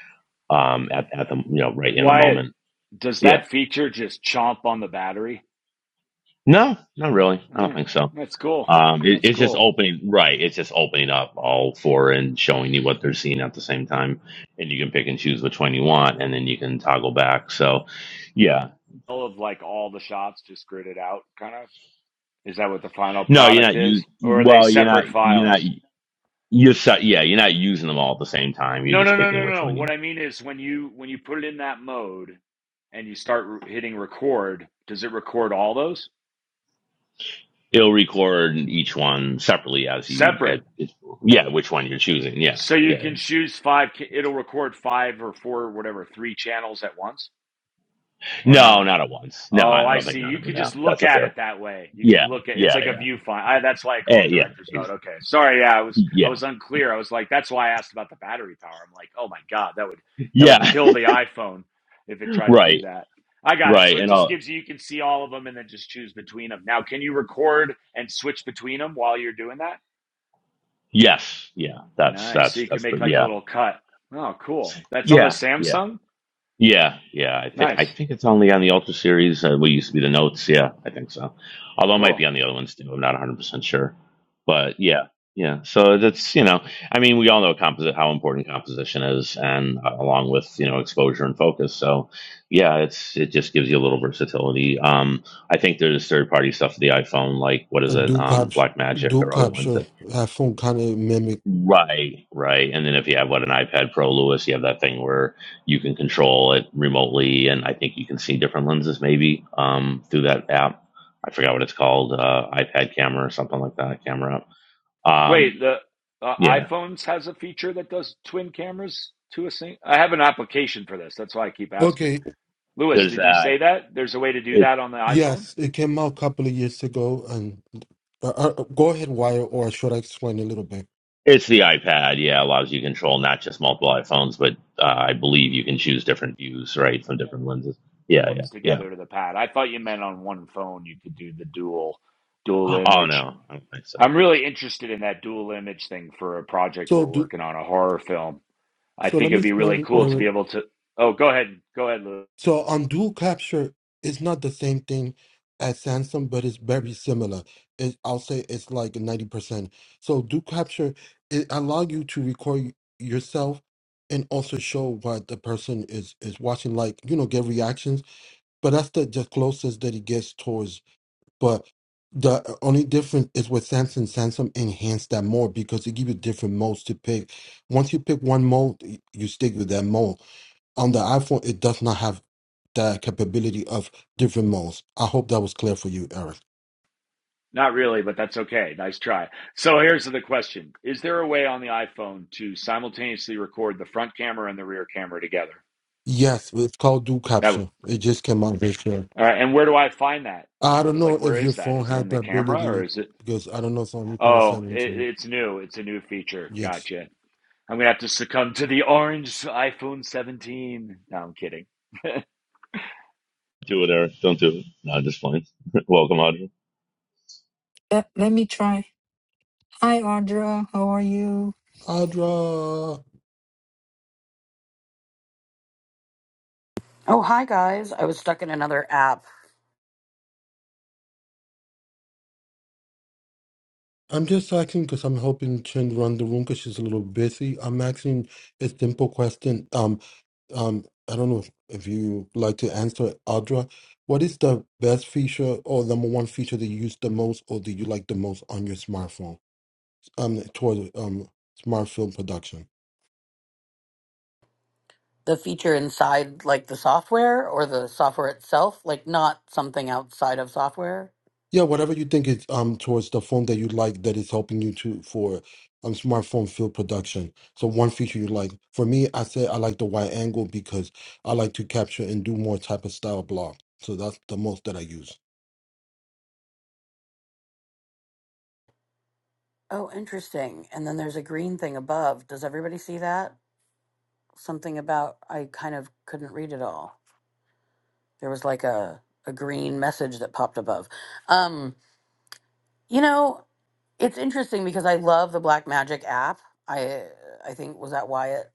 Speaker 5: um, at at the you know right in the
Speaker 3: Wyatt,
Speaker 5: moment.
Speaker 3: does
Speaker 5: Yeah.
Speaker 3: that feature just chomp on the battery?
Speaker 5: No, not really. I don't
Speaker 3: Mm,
Speaker 5: think so.
Speaker 3: that's cool.
Speaker 5: Um, it,
Speaker 3: That's
Speaker 5: it's just
Speaker 3: cool.
Speaker 5: opening, right? It's just opening up all four and showing you what they're seeing at the same time, and you can pick and choose which one you want, and then you can toggle back. So, yeah,
Speaker 3: All of like all the shots just gridded out, kind of. Is that what the final
Speaker 5: no, you're
Speaker 3: product
Speaker 5: not
Speaker 3: is,
Speaker 5: use.
Speaker 3: or are they
Speaker 5: Well, you're not.
Speaker 3: separate
Speaker 5: You're not.
Speaker 3: files?
Speaker 5: You're su- yeah. You're not using them all at the same time. You're
Speaker 3: No,
Speaker 5: just
Speaker 3: no, no,
Speaker 5: picking
Speaker 3: no, no.
Speaker 5: which
Speaker 3: no.
Speaker 5: one
Speaker 3: What
Speaker 5: you.
Speaker 3: I mean is when you when you put it in that mode and you start re- hitting record, does it record all those
Speaker 5: It'll record each one separately as you.
Speaker 3: separate?
Speaker 5: At, yeah, which one you're choosing. Yeah,
Speaker 3: So you
Speaker 5: yeah.
Speaker 3: can choose five. ca- It'll record five or four, or whatever, three channels at once, or
Speaker 5: No,
Speaker 3: not?
Speaker 5: not at once. No,
Speaker 3: Oh,
Speaker 5: I I
Speaker 3: I
Speaker 5: don't think
Speaker 3: see.
Speaker 5: not.
Speaker 3: You
Speaker 5: at-
Speaker 3: could just
Speaker 5: No,
Speaker 3: look
Speaker 5: that's a
Speaker 3: at it
Speaker 5: fair.
Speaker 3: that way. You
Speaker 5: Yeah,
Speaker 3: can look at it's
Speaker 5: yeah,
Speaker 3: like a
Speaker 5: yeah.
Speaker 3: viewfinder. I, that's why I call
Speaker 5: Eh,
Speaker 3: it
Speaker 5: yeah,
Speaker 3: director's
Speaker 5: ex-
Speaker 3: note. Okay, sorry. Yeah, I was I
Speaker 5: yeah,
Speaker 3: was unclear. I was like, that's why I asked about the battery power. I'm like, oh my god, that would that would
Speaker 5: yeah.
Speaker 3: kill the iPhone if it tried to
Speaker 5: right.
Speaker 3: do that. I got it. So
Speaker 5: Right.
Speaker 3: it
Speaker 5: And
Speaker 3: just
Speaker 5: uh
Speaker 3: gives you you can see all of them and then just choose between them. Now, can you record and switch between them while you're doing that?
Speaker 5: yes, yeah. That's
Speaker 3: Nice. So
Speaker 5: that's
Speaker 3: you can
Speaker 5: that's
Speaker 3: make
Speaker 5: pretty,
Speaker 3: like a
Speaker 5: yeah.
Speaker 3: little cut. Oh, cool. That's on the
Speaker 5: Yeah. Yeah.
Speaker 3: Samsung.
Speaker 5: Yeah, yeah. I think I
Speaker 3: Nice.
Speaker 5: think it's only on the Ultra series. Uh, we used to be the notes. Yeah, I think so. Although it might
Speaker 3: Cool.
Speaker 5: be on the other ones too. I'm not 100 percent sure, but yeah, yeah. So that's you know, I mean, we all know composite how important composition is, and uh, along with you know exposure and focus. So yeah, it's it just gives you a little versatility. Um, I think there's third party stuff for the iPhone, like what is
Speaker 2: A
Speaker 5: it,
Speaker 2: do
Speaker 5: um,
Speaker 2: caps,
Speaker 5: Black Magic
Speaker 2: do
Speaker 5: or other ones that
Speaker 2: capture uh, phone kind of mimic.
Speaker 5: Right, right. And then if you have what an iPad Pro, Lewis, you have that thing where you can control it remotely, and I think you can see different lenses maybe um, through that app. I forgot what it's called, uh, iPad camera or something like that, camera app. Um,
Speaker 3: Wait, the uh,
Speaker 5: yeah,
Speaker 3: iPhones has a feature that does twin cameras to a sing. I have an application for this. That's why I keep asking.
Speaker 2: Okay,
Speaker 3: Lewis,
Speaker 5: there's
Speaker 3: did you
Speaker 5: that.
Speaker 3: say that? There's a way to do
Speaker 5: It
Speaker 3: that on the iPhone?
Speaker 2: yes, it came out a couple of years ago, and uh, uh, go ahead, Wire, or should I explain a little bit?
Speaker 5: it's the iPad. Yeah, allows you to control not just multiple iPhones, but uh, I believe you can choose different views, right, from different lenses. Yeah, yeah,
Speaker 3: Phones
Speaker 5: yeah.
Speaker 3: together to the pad. I thought you meant on one phone you could do the dual dual
Speaker 5: Oh
Speaker 3: image.
Speaker 5: no, I don't think so.
Speaker 3: I'm really interested in that dual image thing for a project
Speaker 2: So,
Speaker 3: we're
Speaker 2: do
Speaker 3: working on, a horror film. I
Speaker 2: So
Speaker 3: think
Speaker 2: let me
Speaker 3: it'd be really
Speaker 2: explain,
Speaker 3: cool
Speaker 5: Cool.
Speaker 3: to
Speaker 2: Eric.
Speaker 3: be
Speaker 5: cool.
Speaker 3: able to. Oh, go ahead. Go ahead, Lewis.
Speaker 2: So on dual capture, it's not the same thing as Sansom, but it's very similar. It, I'll say it's like ninety percent. So dual capture it allow you to record yourself and also show what the person is is watching, like you know, get reactions. But that's the, the closest that it gets towards. But the only difference is with Samsung. Samsung enhanced that more because it give you different modes to pick. Once you pick one mode, you stick with that mode on the iPhone, it does not have the capability of different modes. I hope that was clear for you, Eric.
Speaker 3: Not really, but that's okay. Nice try. So here's the question. Is there a way on the iPhone to simultaneously record the front camera and the rear camera together?
Speaker 2: Yes, it's called dual
Speaker 3: That would,
Speaker 2: caption. It just came out this year.
Speaker 3: all right. And where do I find that?
Speaker 2: I
Speaker 3: Where,
Speaker 2: don't know
Speaker 3: like,
Speaker 2: if
Speaker 3: where
Speaker 2: your
Speaker 3: is that?
Speaker 2: phone
Speaker 3: Is it in
Speaker 2: had the
Speaker 3: the camera or
Speaker 2: ability
Speaker 3: is it?
Speaker 2: because I don't know some people are
Speaker 3: Oh, it,
Speaker 2: 17.
Speaker 3: it's new. It's a new feature.
Speaker 2: Yes.
Speaker 3: Gotcha. I'm gonna have to succumb to the orange iPhone 17. No, I'm kidding.
Speaker 5: Do it, Eric. Don't do it. No, just fine. Welcome, Audrey.
Speaker 1: Let, let me try Hi, Audra. How are you?
Speaker 2: Audra.
Speaker 6: Oh, hi guys. I was stuck in another app.
Speaker 2: I'm just asking because I'm helping Chen run the room because she's a little busy. I'm asking a simple question. Um, um, I don't know if, if you like to answer, Audra. What is the best feature or number one feature that you use the most or that you like the most on your smartphone? Um, toward um, smart film production.
Speaker 6: The feature inside, like the software or the software itself, like not something outside of software.
Speaker 2: Yeah, whatever you think is um towards the phone that you like that is helping you to for um smartphone field production. So one feature you like. For me, I say I like the wide angle because I like to capture and do more type of style block. So that's the most that I use.
Speaker 6: Oh, interesting. And then there's a green thing above. Does everybody see that? Something about, I kind of couldn't read it all. There was like a, a green message that popped above. Um, you know, it's interesting because I love the Black Magic app. I I think was that Wyatt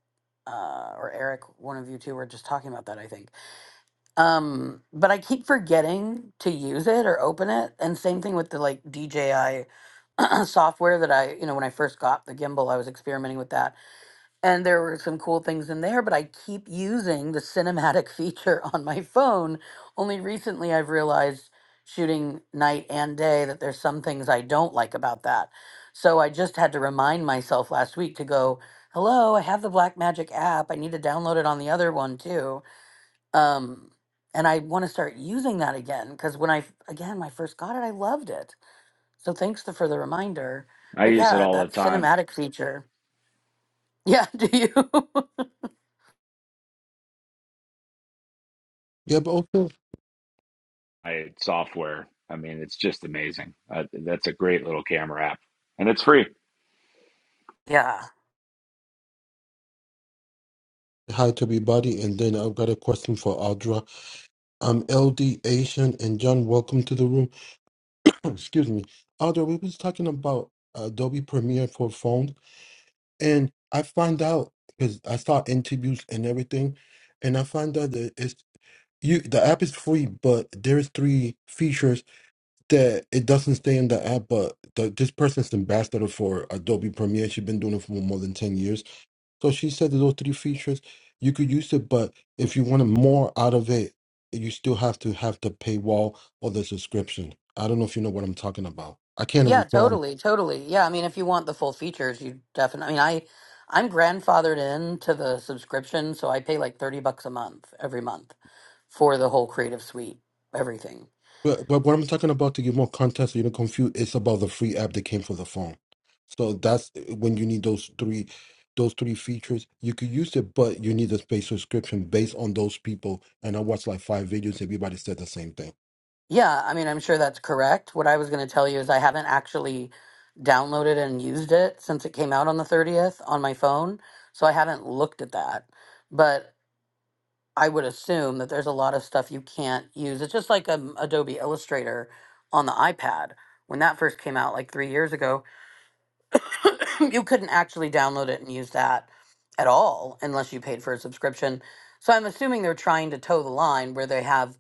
Speaker 6: uh, or Eric, one of you two were just talking about that, I think Um, but I keep forgetting to use it or open it. And same thing with the like DJI software that I, you know, when I first got the gimbal, I was experimenting with that. And there were some cool things in there, but I keep using the cinematic feature on my phone. Only recently I've realized shooting night and day that there's some things I don't like about that. So I just had to remind myself last week to go, hello, I have the Blackmagic app. I need to download it on the other one too um and i want to start using that again because when i again when i first got it i loved it so thanks to, for the reminder
Speaker 3: I
Speaker 6: but
Speaker 3: use it
Speaker 6: yeah
Speaker 3: all the
Speaker 6: that
Speaker 3: time.
Speaker 6: cinematic feature yeah do you
Speaker 2: Yeah, but also
Speaker 3: I software. I mean, it's just amazing. Uh, that's a great little camera app, and it's free.
Speaker 6: yeah
Speaker 2: hi to everybody. And then I've got a question for Audra. Um, LD Asian and John, welcome to the room. Excuse me, Audra. We was talking about Adobe Premiere for phones. And I find out because I saw interviews and everything, and I find out that it's you. The app is free, but there is three features that it doesn't stay in the app. But the, this person's ambassador for Adobe Premiere. She's been doing it for more than ten years. So she said that those three features you could use it, but if you wanted more out of it, you still have to have the paywall or the subscription. I don't know if you know what I'm talking about. I can't
Speaker 6: yeah
Speaker 2: recall.
Speaker 6: totally totally yeah i mean if you want the full features you definitely i mean i i'm grandfathered in to the subscription so i pay like 30 bucks a month every month for the whole creative suite everything
Speaker 2: But, but what I'm talking about to give more context, so you don't confuse, it's about the free app that came for the phone. So that's eh, when you need those three, those three features. You could use it, but you need a paid subscription based on those people. And I watched like five videos. Everybody said the same thing.
Speaker 6: Yeah, I mean, I'm sure that's correct. What I was going to tell you is I haven't actually downloaded and used it since it came out on the 30th on my phone. So I haven't looked at that. But I would assume that there's a lot of stuff you can't use. It's just like um, Adobe Illustrator on the iPad. When that first came out, like three years ago, you couldn't actually download it and use that at all unless you paid for a subscription. So I'm assuming they're trying to toe the line where they have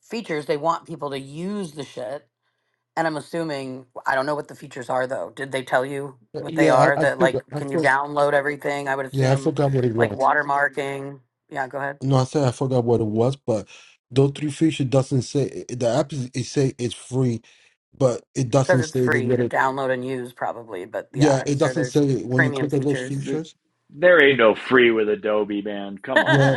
Speaker 6: features they want people to use the shit and I'm assuming I don't know what the features are though. Did they tell you
Speaker 2: Uh,
Speaker 6: what they
Speaker 2: Yeah,
Speaker 6: are?
Speaker 2: I, I
Speaker 6: That like
Speaker 2: forgot. I
Speaker 6: can you
Speaker 2: for,
Speaker 6: download everything? I would
Speaker 2: yeah, I
Speaker 6: assume
Speaker 2: forgot what it
Speaker 6: like Mhm.
Speaker 2: was.
Speaker 6: watermarking. Yeah, go ahead.
Speaker 2: No, I said I forgot what it was, but those three features doesn't say eh, the app is it say it's free, but it
Speaker 6: Because
Speaker 2: doesn't
Speaker 6: it's
Speaker 2: say that.
Speaker 6: free to
Speaker 2: you're-
Speaker 6: download and use probably, but yeah,
Speaker 2: Yeah,
Speaker 6: I'm
Speaker 2: it
Speaker 6: sure
Speaker 2: doesn't
Speaker 6: there's
Speaker 2: say when you
Speaker 6: premium
Speaker 2: click on those
Speaker 6: features.
Speaker 3: There,
Speaker 2: features.
Speaker 3: there ain't no free with Adobe, man. Come on.
Speaker 2: Yeah.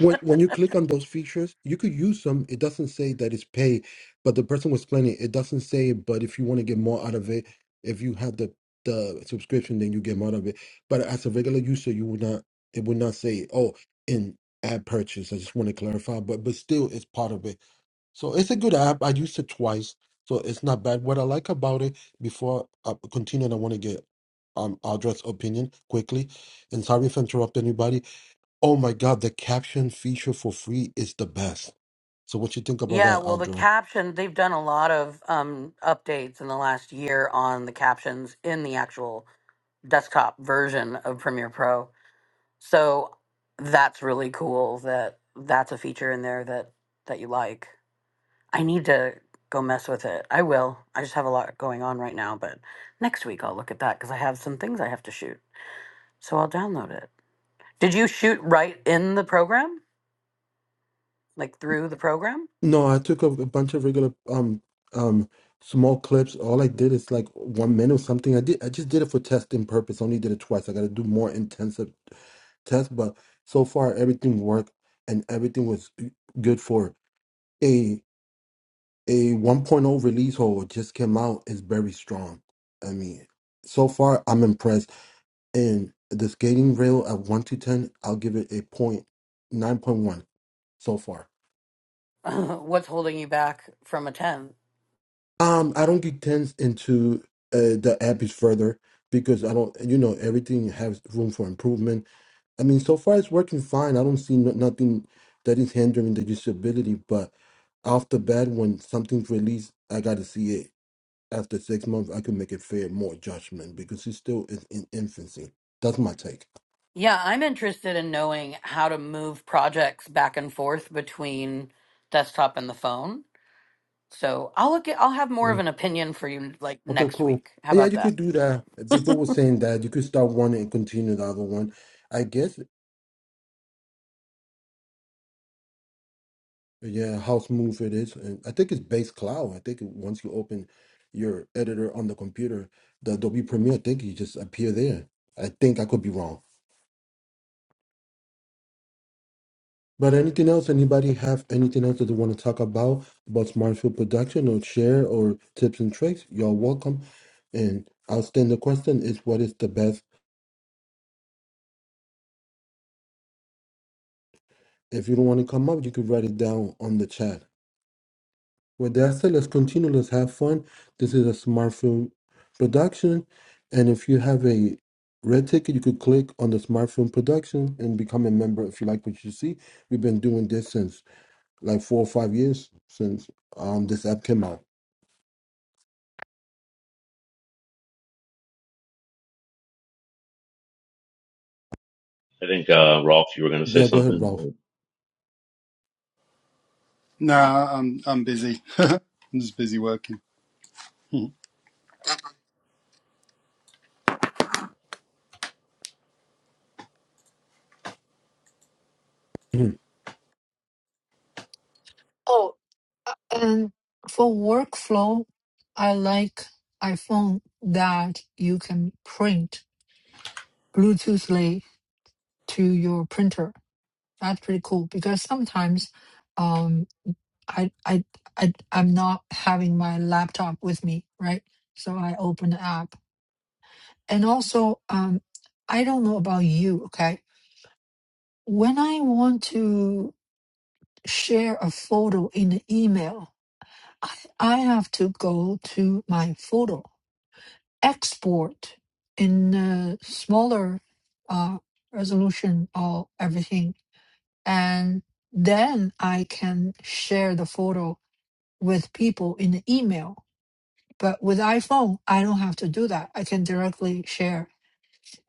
Speaker 2: When when you click on those features, you could use them. It doesn't say that it's pay, but the person was explaining it doesn't say, but if you want to get more out of it, if you have the the subscription, then you get more out of it. But as a regular user, you would not it would not say, oh, in ad purchase. I just want to clarify, but but still it's part of it. So it's a good app. I used it twice, so it's not bad. What I like about it before I continue and I want to get um Audra's opinion quickly. And sorry if I interrupt anybody Oh my God, the caption feature for free is the best. So what you think about
Speaker 6: yeah,
Speaker 2: that,
Speaker 6: well the
Speaker 2: Aldra?
Speaker 6: caption they've done a lot of um updates in the last year on the captions in the actual desktop version of Premiere Pro. So that's really cool that that's a feature in there that that you like. I need to go mess with it. I will. I just have a lot going on right now, but next week I'll look at that cuz I have some things I have to shoot. So I'll download it. Did you shoot right in the program? Like through the program?
Speaker 2: No, I took a, a bunch of regular um um small clips. All I did is like one minute or something. I did I just did it for testing purpose. Only did it twice. I gotta do more intensive tests, but so far everything worked and everything was good for a a 1.0 release hole just came out is very strong. I mean, so far I'm impressed And the skating rail at one to ten, I'll give it a point nine point one so far.
Speaker 6: What's holding you back from a 10?
Speaker 2: Um, I don't get tens into uh, the epics further because I don't, you know, everything has room for improvement. I mean, so far it's working fine. I don't see no, nothing that is hindering the usability. But off the bat, when something's released, I got to see it. After six months, I can make a fair more judgment because it's still in, in infancy. That's my take.
Speaker 6: Yeah, I'm interested in knowing how to move projects back and forth between desktop and the phone So I'll look at, I'll have more of an opinion for you like
Speaker 2: Okay,
Speaker 6: next
Speaker 2: cool.
Speaker 6: week. How
Speaker 2: Yeah,
Speaker 6: about
Speaker 2: you
Speaker 6: that?
Speaker 2: could do that. People were saying that you could start one and continue the other one. I guess, yeah, house move it is. And I think it's base cloud. I think once you open your editor on the computer, the Adobe Premiere, I think you just appear there. I think I could be wrong. But anything else? Anybody have anything else that they want to talk about about smart film production or share or tips and tricks? You're welcome. And I'll stand the question is what is the best? If you don't want to come up, you could write it down on the chat With that said, let's continue. Let's have fun. This is a smart film production. And if you have a red ticket, you could click on the smart film production and become a member if you like what you see. We've been doing this since like four or five years since um this app came out.
Speaker 5: I think uh, Rolf, you were going to say
Speaker 2: Yeah, go ahead, Ralph.
Speaker 5: something.
Speaker 4: No, I'm I'm busy. I'm just busy working.
Speaker 2: Mhm.
Speaker 1: Oh, uh, and for workflow, I like iPhone that you can print Bluetoothly to your printer. That's pretty cool because sometimes um I I I I'm not having my laptop with me, right? So I open the app. And also um I don't know about you, okay? When I want to share a photo in the email, I, I have to go to my photo, export in a smaller uh resolution or everything and then I can share the photo with people in the email. But with iPhone, I don't have to do that. I can directly share.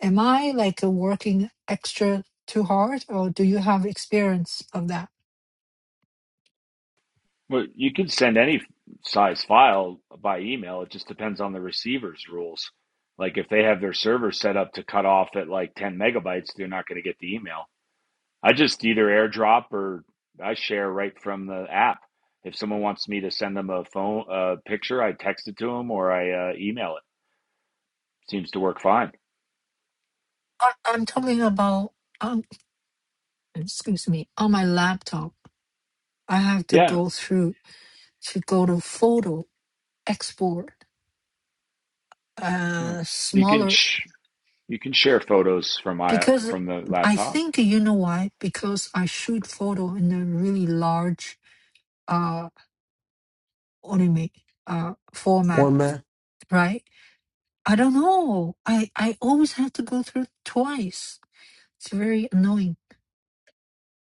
Speaker 1: Am I like working extra too hard or do you have experience of that?
Speaker 3: Well, you can send any size file by email. It just depends on the receiver's rules. Like if they have their server set up to cut off at like 10 megabytes, they're not going to get the email. I just either airdrop or I share right from the app. If someone wants me to send them a phone a picture, I text it to them or I uh, email it. Seems to work fine.
Speaker 1: I- I'm talking about um excuse me on my laptop I have to
Speaker 3: Yeah,
Speaker 1: go through to go to photo export
Speaker 3: Hmm.
Speaker 1: uh,
Speaker 3: you can
Speaker 1: smaller
Speaker 3: sh- you can share photos from my
Speaker 1: because
Speaker 3: from the
Speaker 1: I
Speaker 3: laptop.
Speaker 1: think you know why? Because I shoot photo in a really large uh anime uh format,
Speaker 2: Format.
Speaker 1: right? I don't know. I I always have to go through twice. It's very annoying.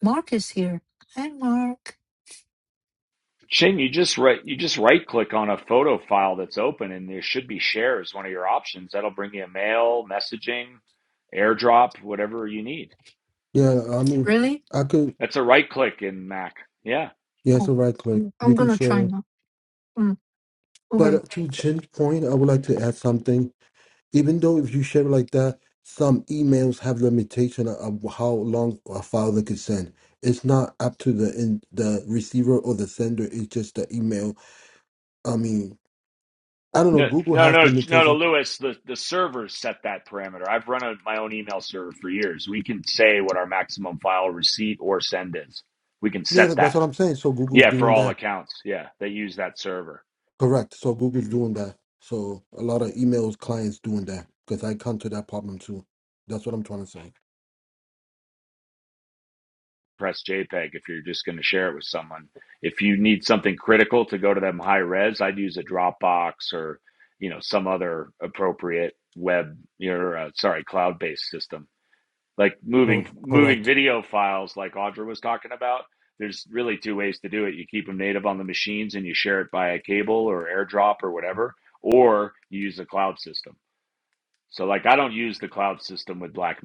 Speaker 1: Mark is here. Hi, Mark.
Speaker 3: Shane, you just right you just right click on a photo file that's open and there should be shares one of your options. That'll bring you a mail, messaging, airdrop, whatever you need.
Speaker 2: Yeah, I mean,
Speaker 1: Really?
Speaker 2: I could,
Speaker 3: That's a right click in Mac. Yeah.
Speaker 2: yeah, it's a
Speaker 1: Oh,
Speaker 2: right click.
Speaker 1: I'm
Speaker 2: You
Speaker 1: I'm
Speaker 2: can
Speaker 1: gonna try
Speaker 2: share it.
Speaker 1: now. Mm, okay.
Speaker 2: But to Chin's point, I would like to add something even though if you share it like that, some emails have limitation of how long a file they could send. It's not up to the in, the receiver or the sender. It's just the email. I mean, I don't know.
Speaker 3: No
Speaker 2: Google
Speaker 3: no
Speaker 2: has
Speaker 3: no no no
Speaker 2: limitation.
Speaker 3: Lewis, the, the servers set that parameter. I've run a, my own email server for years. We can say what our maximum file receipt or send is. We can
Speaker 2: Yeah,
Speaker 3: set
Speaker 2: that- that's
Speaker 3: that.
Speaker 2: what I'm saying. So Google's
Speaker 3: Yeah, for
Speaker 2: doing
Speaker 3: all
Speaker 2: that.
Speaker 3: accounts. Yeah. They use that server.
Speaker 2: Correct. So Google's doing that. So a lot of emails clients doing that because I come to that problem too. That's what I'm trying to say.
Speaker 3: press JPEG if you're just going to share it with someone. If you need something critical to go to them high res, I'd use a Dropbox or you know some other appropriate web or uh, sorry cloud based system. Like
Speaker 2: Oh,
Speaker 3: moving moving
Speaker 2: correct.
Speaker 3: video files, like Audra was talking about. There's really two ways to do it. You keep them native on the machines and you share it via cable or AirDrop or whatever, or you use a cloud system. So like I don't use the cloud system with Blackmagic,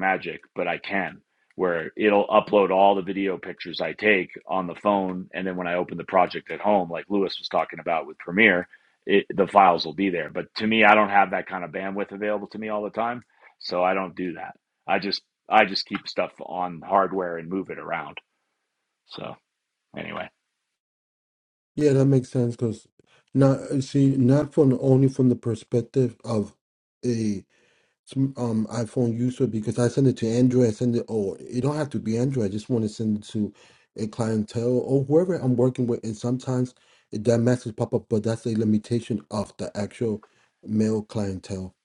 Speaker 3: but I can where it'll upload all the video pictures I take on the phone and then when I open the project at home like Lewis was talking about with Premiere, it, the files will be there. But to me I don't have that kind of bandwidth available to me all the time, so I don't do that. I just I just keep stuff on hardware and move it around. So anyway,
Speaker 2: Yeah, that makes sense because not see not from only from the perspective of sm- um iPhone user because I send it to Android, I send it or it don't have to be Android. I just want to send it to a clientele or whoever I'm working with. And sometimes it, that message pop up, but that's a limitation of the actual male clientele.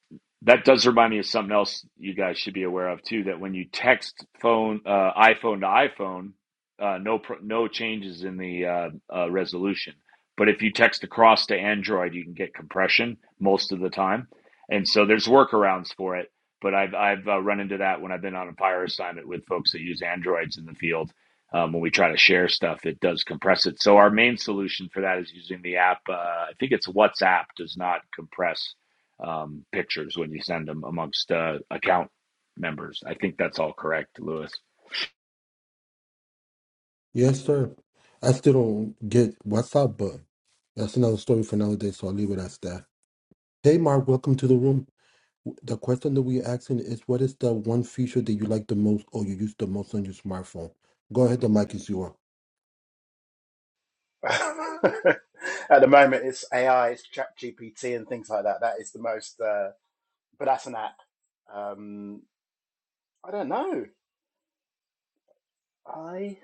Speaker 3: That does remind me of something else you guys should be aware of too. That when you text phone uh, iPhone to iPhone, uh, no pro- no changes in the uh, uh, resolution. But if you text across to Android, you can get compression most of the time, and so there's workarounds for it. But I've I've uh, run into that when I've been on a fire assignment with folks that use Androids in the field. Um, when we try to share stuff, it does compress it. So our main solution for that is using the app. Uh, I think it's WhatsApp does not compress um, pictures when you send them amongst uh, account members. I think that's all correct, Lewis.
Speaker 2: Yes, sir. I still don't get WhatsApp, but that's another story for another day. So I'll leave it as that. Hey, Mark, welcome to the room. The question that we're asking is, what is the one feature that you like the most or you use the most on your smartphone? Go ahead, the mic is yours.
Speaker 7: At the moment, it's AI, it's Chat GPT, and things like that. That is the most, uh, but that's an app. Um, I don't know. I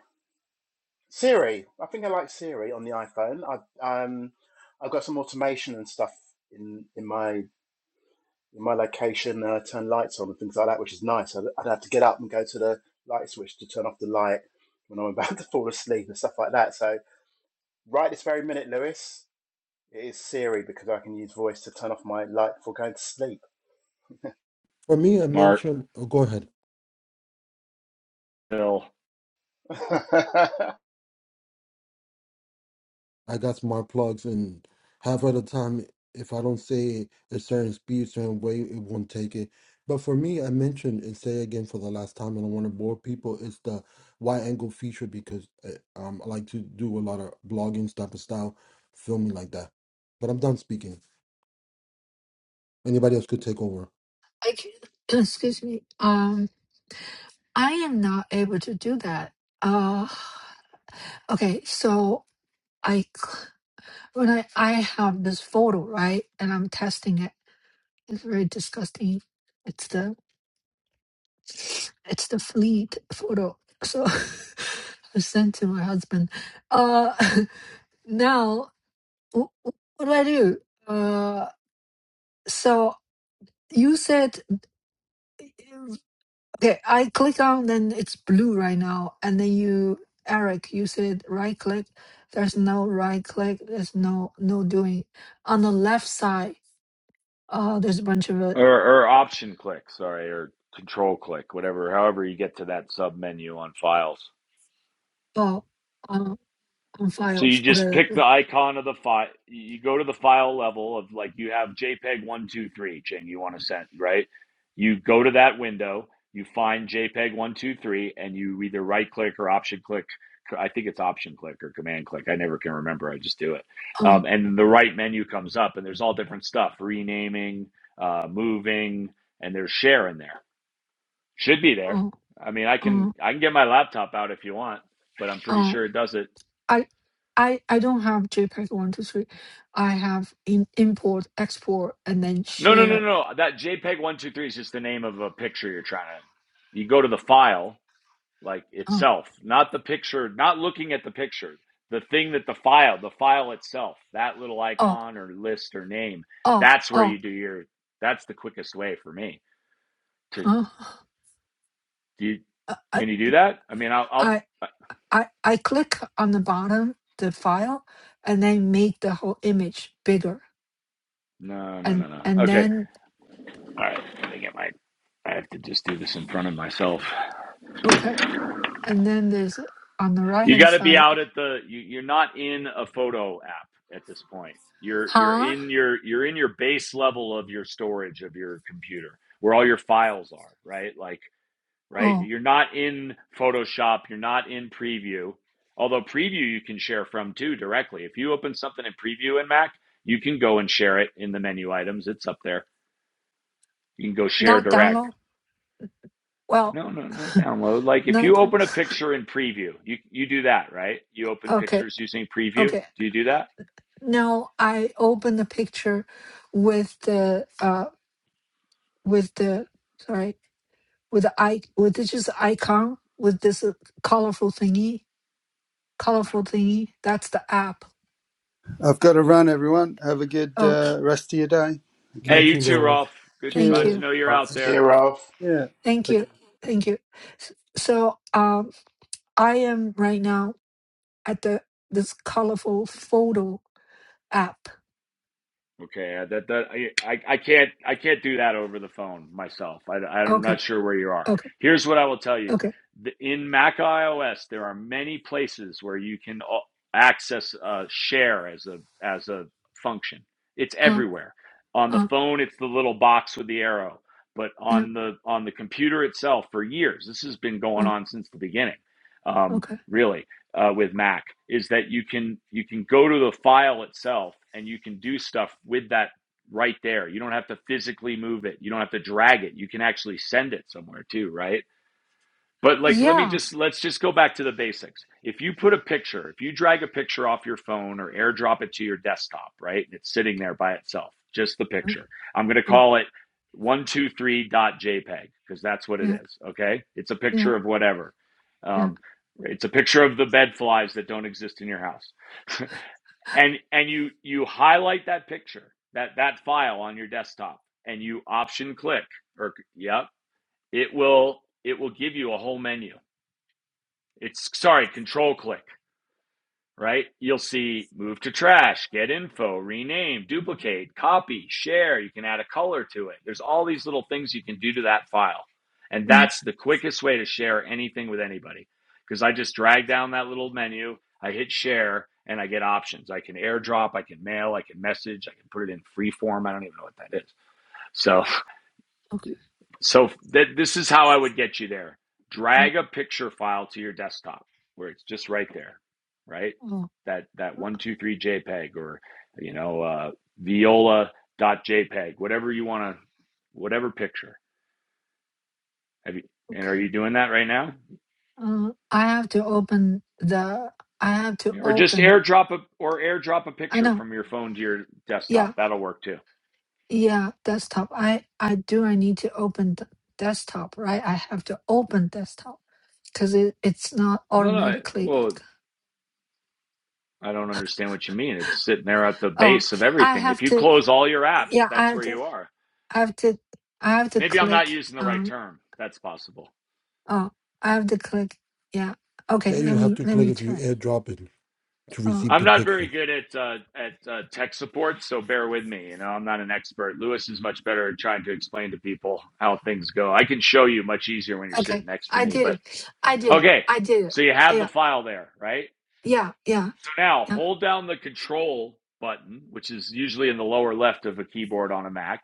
Speaker 7: Siri. I think I like Siri on the iPhone. I um, I've got some automation and stuff in in my in my location. And I turn lights on and things like that, which is nice. I, I'd have to get up and go to the light switch to turn off the light when I'm about to fall asleep and stuff like that. So right this very minute, Lewis. It is Siri because I can use voice to turn off my light before going to sleep.
Speaker 2: For me, I
Speaker 3: Mark,
Speaker 2: mentioned. Oh, go ahead.
Speaker 3: Bill,
Speaker 2: I got smart plugs, and half of the time, if I don't say a certain speed, certain way, it won't take it. But for me, I mentioned and say again for the last time, and I don't want to bore people. It's the wide angle feature because uh, um, I like to do a lot of blogging type of style, filming like that. But I'm done speaking. Anybody else could take over.
Speaker 1: I can. Excuse me. Um, I am not able to do that. Uh, okay. So I when I, I have this photo right and i'm testing it it's very disgusting it's the it's the fleet photo so i sent to my husband uh now wh- wh- what do i do uh so you said okay i click on then it's blue right now and then you eric you said right click there's no right click there's no no doing on the left side uh, there's a bunch of uh,
Speaker 3: or, or option click, sorry, or control click, whatever, however you get to that sub menu on files.
Speaker 1: Oh, um, on
Speaker 3: So you
Speaker 1: files.
Speaker 3: just
Speaker 1: Okay.
Speaker 3: pick the icon of the file. You go to the file level of like you have JPEG one two three, Ching. You want to send right? You go to that window. You find JPEG one two three, and you either right click or option click. I think it's option click or command click. I never can remember. I just do it. Um,
Speaker 1: Um,
Speaker 3: and the right menu comes up, and there's all different stuff: renaming, uh, moving, and there's share in there. Should be there.
Speaker 1: um,
Speaker 3: I mean, I can
Speaker 1: um,
Speaker 3: I can get my laptop out if you want, but I'm pretty
Speaker 1: um,
Speaker 3: sure it does it.
Speaker 1: I, I, I don't have JPEG one two three. I have in import, export, and then
Speaker 3: No, no, no,
Speaker 1: share.
Speaker 3: no. That JPEG one two three is just the name of a picture you're trying to. You go to the file like
Speaker 1: Uh,
Speaker 3: itself, not the picture, not looking at the picture. The thing that the file, the file itself, that little
Speaker 1: oh,
Speaker 3: icon or list or name,
Speaker 1: oh,
Speaker 3: that's where
Speaker 1: oh.
Speaker 3: you do your. That's the quickest way for me to.
Speaker 1: Uh,
Speaker 3: Do you,
Speaker 1: uh, I,
Speaker 3: can you do that? I mean, I'll. I'll
Speaker 1: I,
Speaker 3: uh,
Speaker 1: I, I click on the bottom the file, and then make the whole image bigger,
Speaker 3: no, no,
Speaker 1: and
Speaker 3: no, no.
Speaker 1: and
Speaker 3: Okay.
Speaker 1: then
Speaker 3: All right. Let me get my. I have to just do this in front of myself.
Speaker 1: okay, and then there's on the right
Speaker 3: You
Speaker 1: hand
Speaker 3: got to be
Speaker 1: side.
Speaker 3: out at the. You, you're not in a photo app at this point. You're you're
Speaker 1: Huh?
Speaker 3: in your you're in your base level of your storage of your computer, where all your files are. Right, like right.
Speaker 1: Oh,
Speaker 3: You're not in Photoshop. You're not in Preview. Although Preview you can share from too directly. If you open something in Preview in Mac, you can go and share it in the menu items. It's up there. You can go share
Speaker 1: not
Speaker 3: direct
Speaker 1: download. Well,
Speaker 3: no, no, no download. Like if
Speaker 1: not
Speaker 3: you
Speaker 1: down-
Speaker 3: open a picture in preview, you you do that, right? You open
Speaker 1: okay.
Speaker 3: pictures using preview.
Speaker 1: Okay.
Speaker 3: Do you do that?
Speaker 1: Now I open the picture with the uh with the sorry with the i with this just icon with this uh, colorful thingy colorful thingy. That's the app.
Speaker 4: I've got to run, everyone. Have a good
Speaker 1: Oh,
Speaker 4: uh, rest of your day.
Speaker 3: Hey,
Speaker 4: Okay.
Speaker 3: you too,
Speaker 2: YouTube, uh,
Speaker 3: Rolf. Good
Speaker 1: thank
Speaker 3: glad to
Speaker 4: Cheers.
Speaker 1: you,
Speaker 3: know you're
Speaker 4: Bye.
Speaker 3: out there.
Speaker 7: Siri
Speaker 4: Yeah.
Speaker 1: thank
Speaker 4: Take care.
Speaker 1: you, thank you. S- So um, I am right now at the this colorful photo app.
Speaker 3: Okay, uh, that that I, I I can't I can't do that over the phone myself. I I'm
Speaker 1: Okay,
Speaker 3: not sure where you are.
Speaker 1: okay,
Speaker 3: Here's what I will tell you:
Speaker 1: okay.
Speaker 3: the, in Mac iOS, there are many places where you can a- access uh, share as a as a function. It's
Speaker 1: Uh,
Speaker 3: everywhere. On the
Speaker 1: uh,
Speaker 3: phone, it's the little box with the arrow, but
Speaker 1: yeah,
Speaker 3: on the on the computer itself, for years, this has been going
Speaker 1: uh,
Speaker 3: on since the beginning. Um,
Speaker 1: okay.
Speaker 3: really, uh, with Mac is that you can you can go to the file itself and you can do stuff with that right there. You don't have to physically move it. You don't have to drag it. You can actually send it somewhere too, right? But like, let me
Speaker 1: Yeah,
Speaker 3: just let's just go back to the basics. If you put a picture, if you drag a picture off your phone or airdrop it to your desktop, right? and It's sitting there by itself, just the
Speaker 1: uh,
Speaker 3: picture. I'm going to
Speaker 1: yeah,
Speaker 3: call it 123.jpg because that's what it
Speaker 1: yeah,
Speaker 3: is. Okay. It's a
Speaker 1: yeah,
Speaker 3: picture of whatever.
Speaker 1: yeah.
Speaker 3: Um, it's a picture of the bed flies that don't exist in your house. and and you you highlight that picture, that that file on your desktop and you option click or yep, it will it will give you a whole menu it's sorry, control click, right? You'll see move to trash, get info, rename, duplicate, copy, share. You can add a color to it. There's all these little things you can do to that file. And
Speaker 1: Mm,
Speaker 3: that's the quickest way to share anything with anybody because I just drag down that little menu, I hit share, and I get options. I can airdrop, I can mail, I can message, I can put it in free form. I don't even know what that is. So
Speaker 1: okay.
Speaker 3: so th- this is how I would get you there.
Speaker 1: Oh.
Speaker 3: Drag a picture file to your desktop where it's just right there, right?
Speaker 1: Oh,
Speaker 3: That that one two three JPEG or you know uh, JPEG, whatever you want to, whatever picture. Have you? And are
Speaker 1: okay.
Speaker 3: you doing that right now?
Speaker 1: Uh, I have to open the. I have to
Speaker 3: Yeah. Or just
Speaker 1: open.
Speaker 3: airdrop a or airdrop a
Speaker 1: I
Speaker 3: picture
Speaker 1: know.
Speaker 3: from your phone to your
Speaker 1: Yeah,
Speaker 3: desktop. That'll work too.
Speaker 1: yeah. Desktop. I I do. I need to open the desktop, right? I have to open desktop because it, it's not
Speaker 3: No, no.
Speaker 1: automatically.
Speaker 3: Well, I don't understand what you mean. It's sitting there at the
Speaker 1: Oh,
Speaker 3: base of
Speaker 1: I
Speaker 3: everything. If
Speaker 1: have
Speaker 3: you
Speaker 1: to.
Speaker 3: close all your apps,
Speaker 1: Yeah, I
Speaker 3: that's
Speaker 1: have
Speaker 3: where
Speaker 1: to.
Speaker 3: you are.
Speaker 1: I have to. I have to
Speaker 3: Maybe I'm not
Speaker 1: click
Speaker 3: using the right
Speaker 1: on.
Speaker 3: term. That's possible.
Speaker 1: Oh, I have to click. Yeah. Okay.
Speaker 2: yeah, you
Speaker 1: Let
Speaker 2: have
Speaker 1: me
Speaker 2: to
Speaker 1: let
Speaker 2: click
Speaker 1: me
Speaker 2: if you
Speaker 1: try.
Speaker 2: airdrop it to
Speaker 1: Oh,
Speaker 2: receive
Speaker 3: I'm
Speaker 2: the
Speaker 3: not very
Speaker 2: picture.
Speaker 3: good at uh, at uh, tech support, so bear with me. You know, I'm not an expert. Lewis is much better at trying to explain to people how things go. I can show you much easier when you're sitting
Speaker 1: okay.
Speaker 3: next to
Speaker 1: I
Speaker 3: me.
Speaker 1: did
Speaker 3: But
Speaker 1: it. I did it.
Speaker 3: okay,
Speaker 1: I did it.
Speaker 3: so you have the
Speaker 1: Yeah.
Speaker 3: file there, right?
Speaker 1: Yeah. Yeah.
Speaker 3: So now
Speaker 1: Yeah.
Speaker 3: hold down the control button, which is usually in the lower left of a keyboard on a Mac,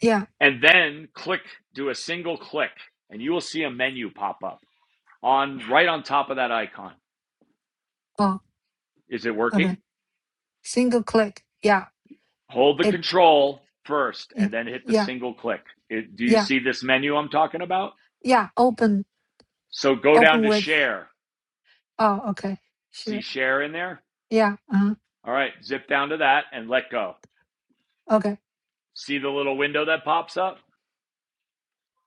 Speaker 1: Yeah.
Speaker 3: and then click. Do a single click, and you will see a menu pop up on right on top of that icon.
Speaker 1: Oh,
Speaker 3: Is it
Speaker 1: okay.
Speaker 3: working?
Speaker 1: Single click. Yeah.
Speaker 3: Hold the
Speaker 1: It.
Speaker 3: control first
Speaker 1: y-
Speaker 3: and then hit the
Speaker 1: Yeah.
Speaker 3: single click. It, do you
Speaker 1: Yeah.
Speaker 3: see this menu I'm talking about?
Speaker 1: Yeah. Open.
Speaker 3: So go down
Speaker 1: Open
Speaker 3: to
Speaker 1: with.
Speaker 3: share.
Speaker 1: Oh, okay.
Speaker 3: See
Speaker 1: Sure.
Speaker 3: share in there?
Speaker 1: Yeah. Uh-huh.
Speaker 3: All right, zip down to that and let go.
Speaker 1: Okay.
Speaker 3: See the little window that pops up?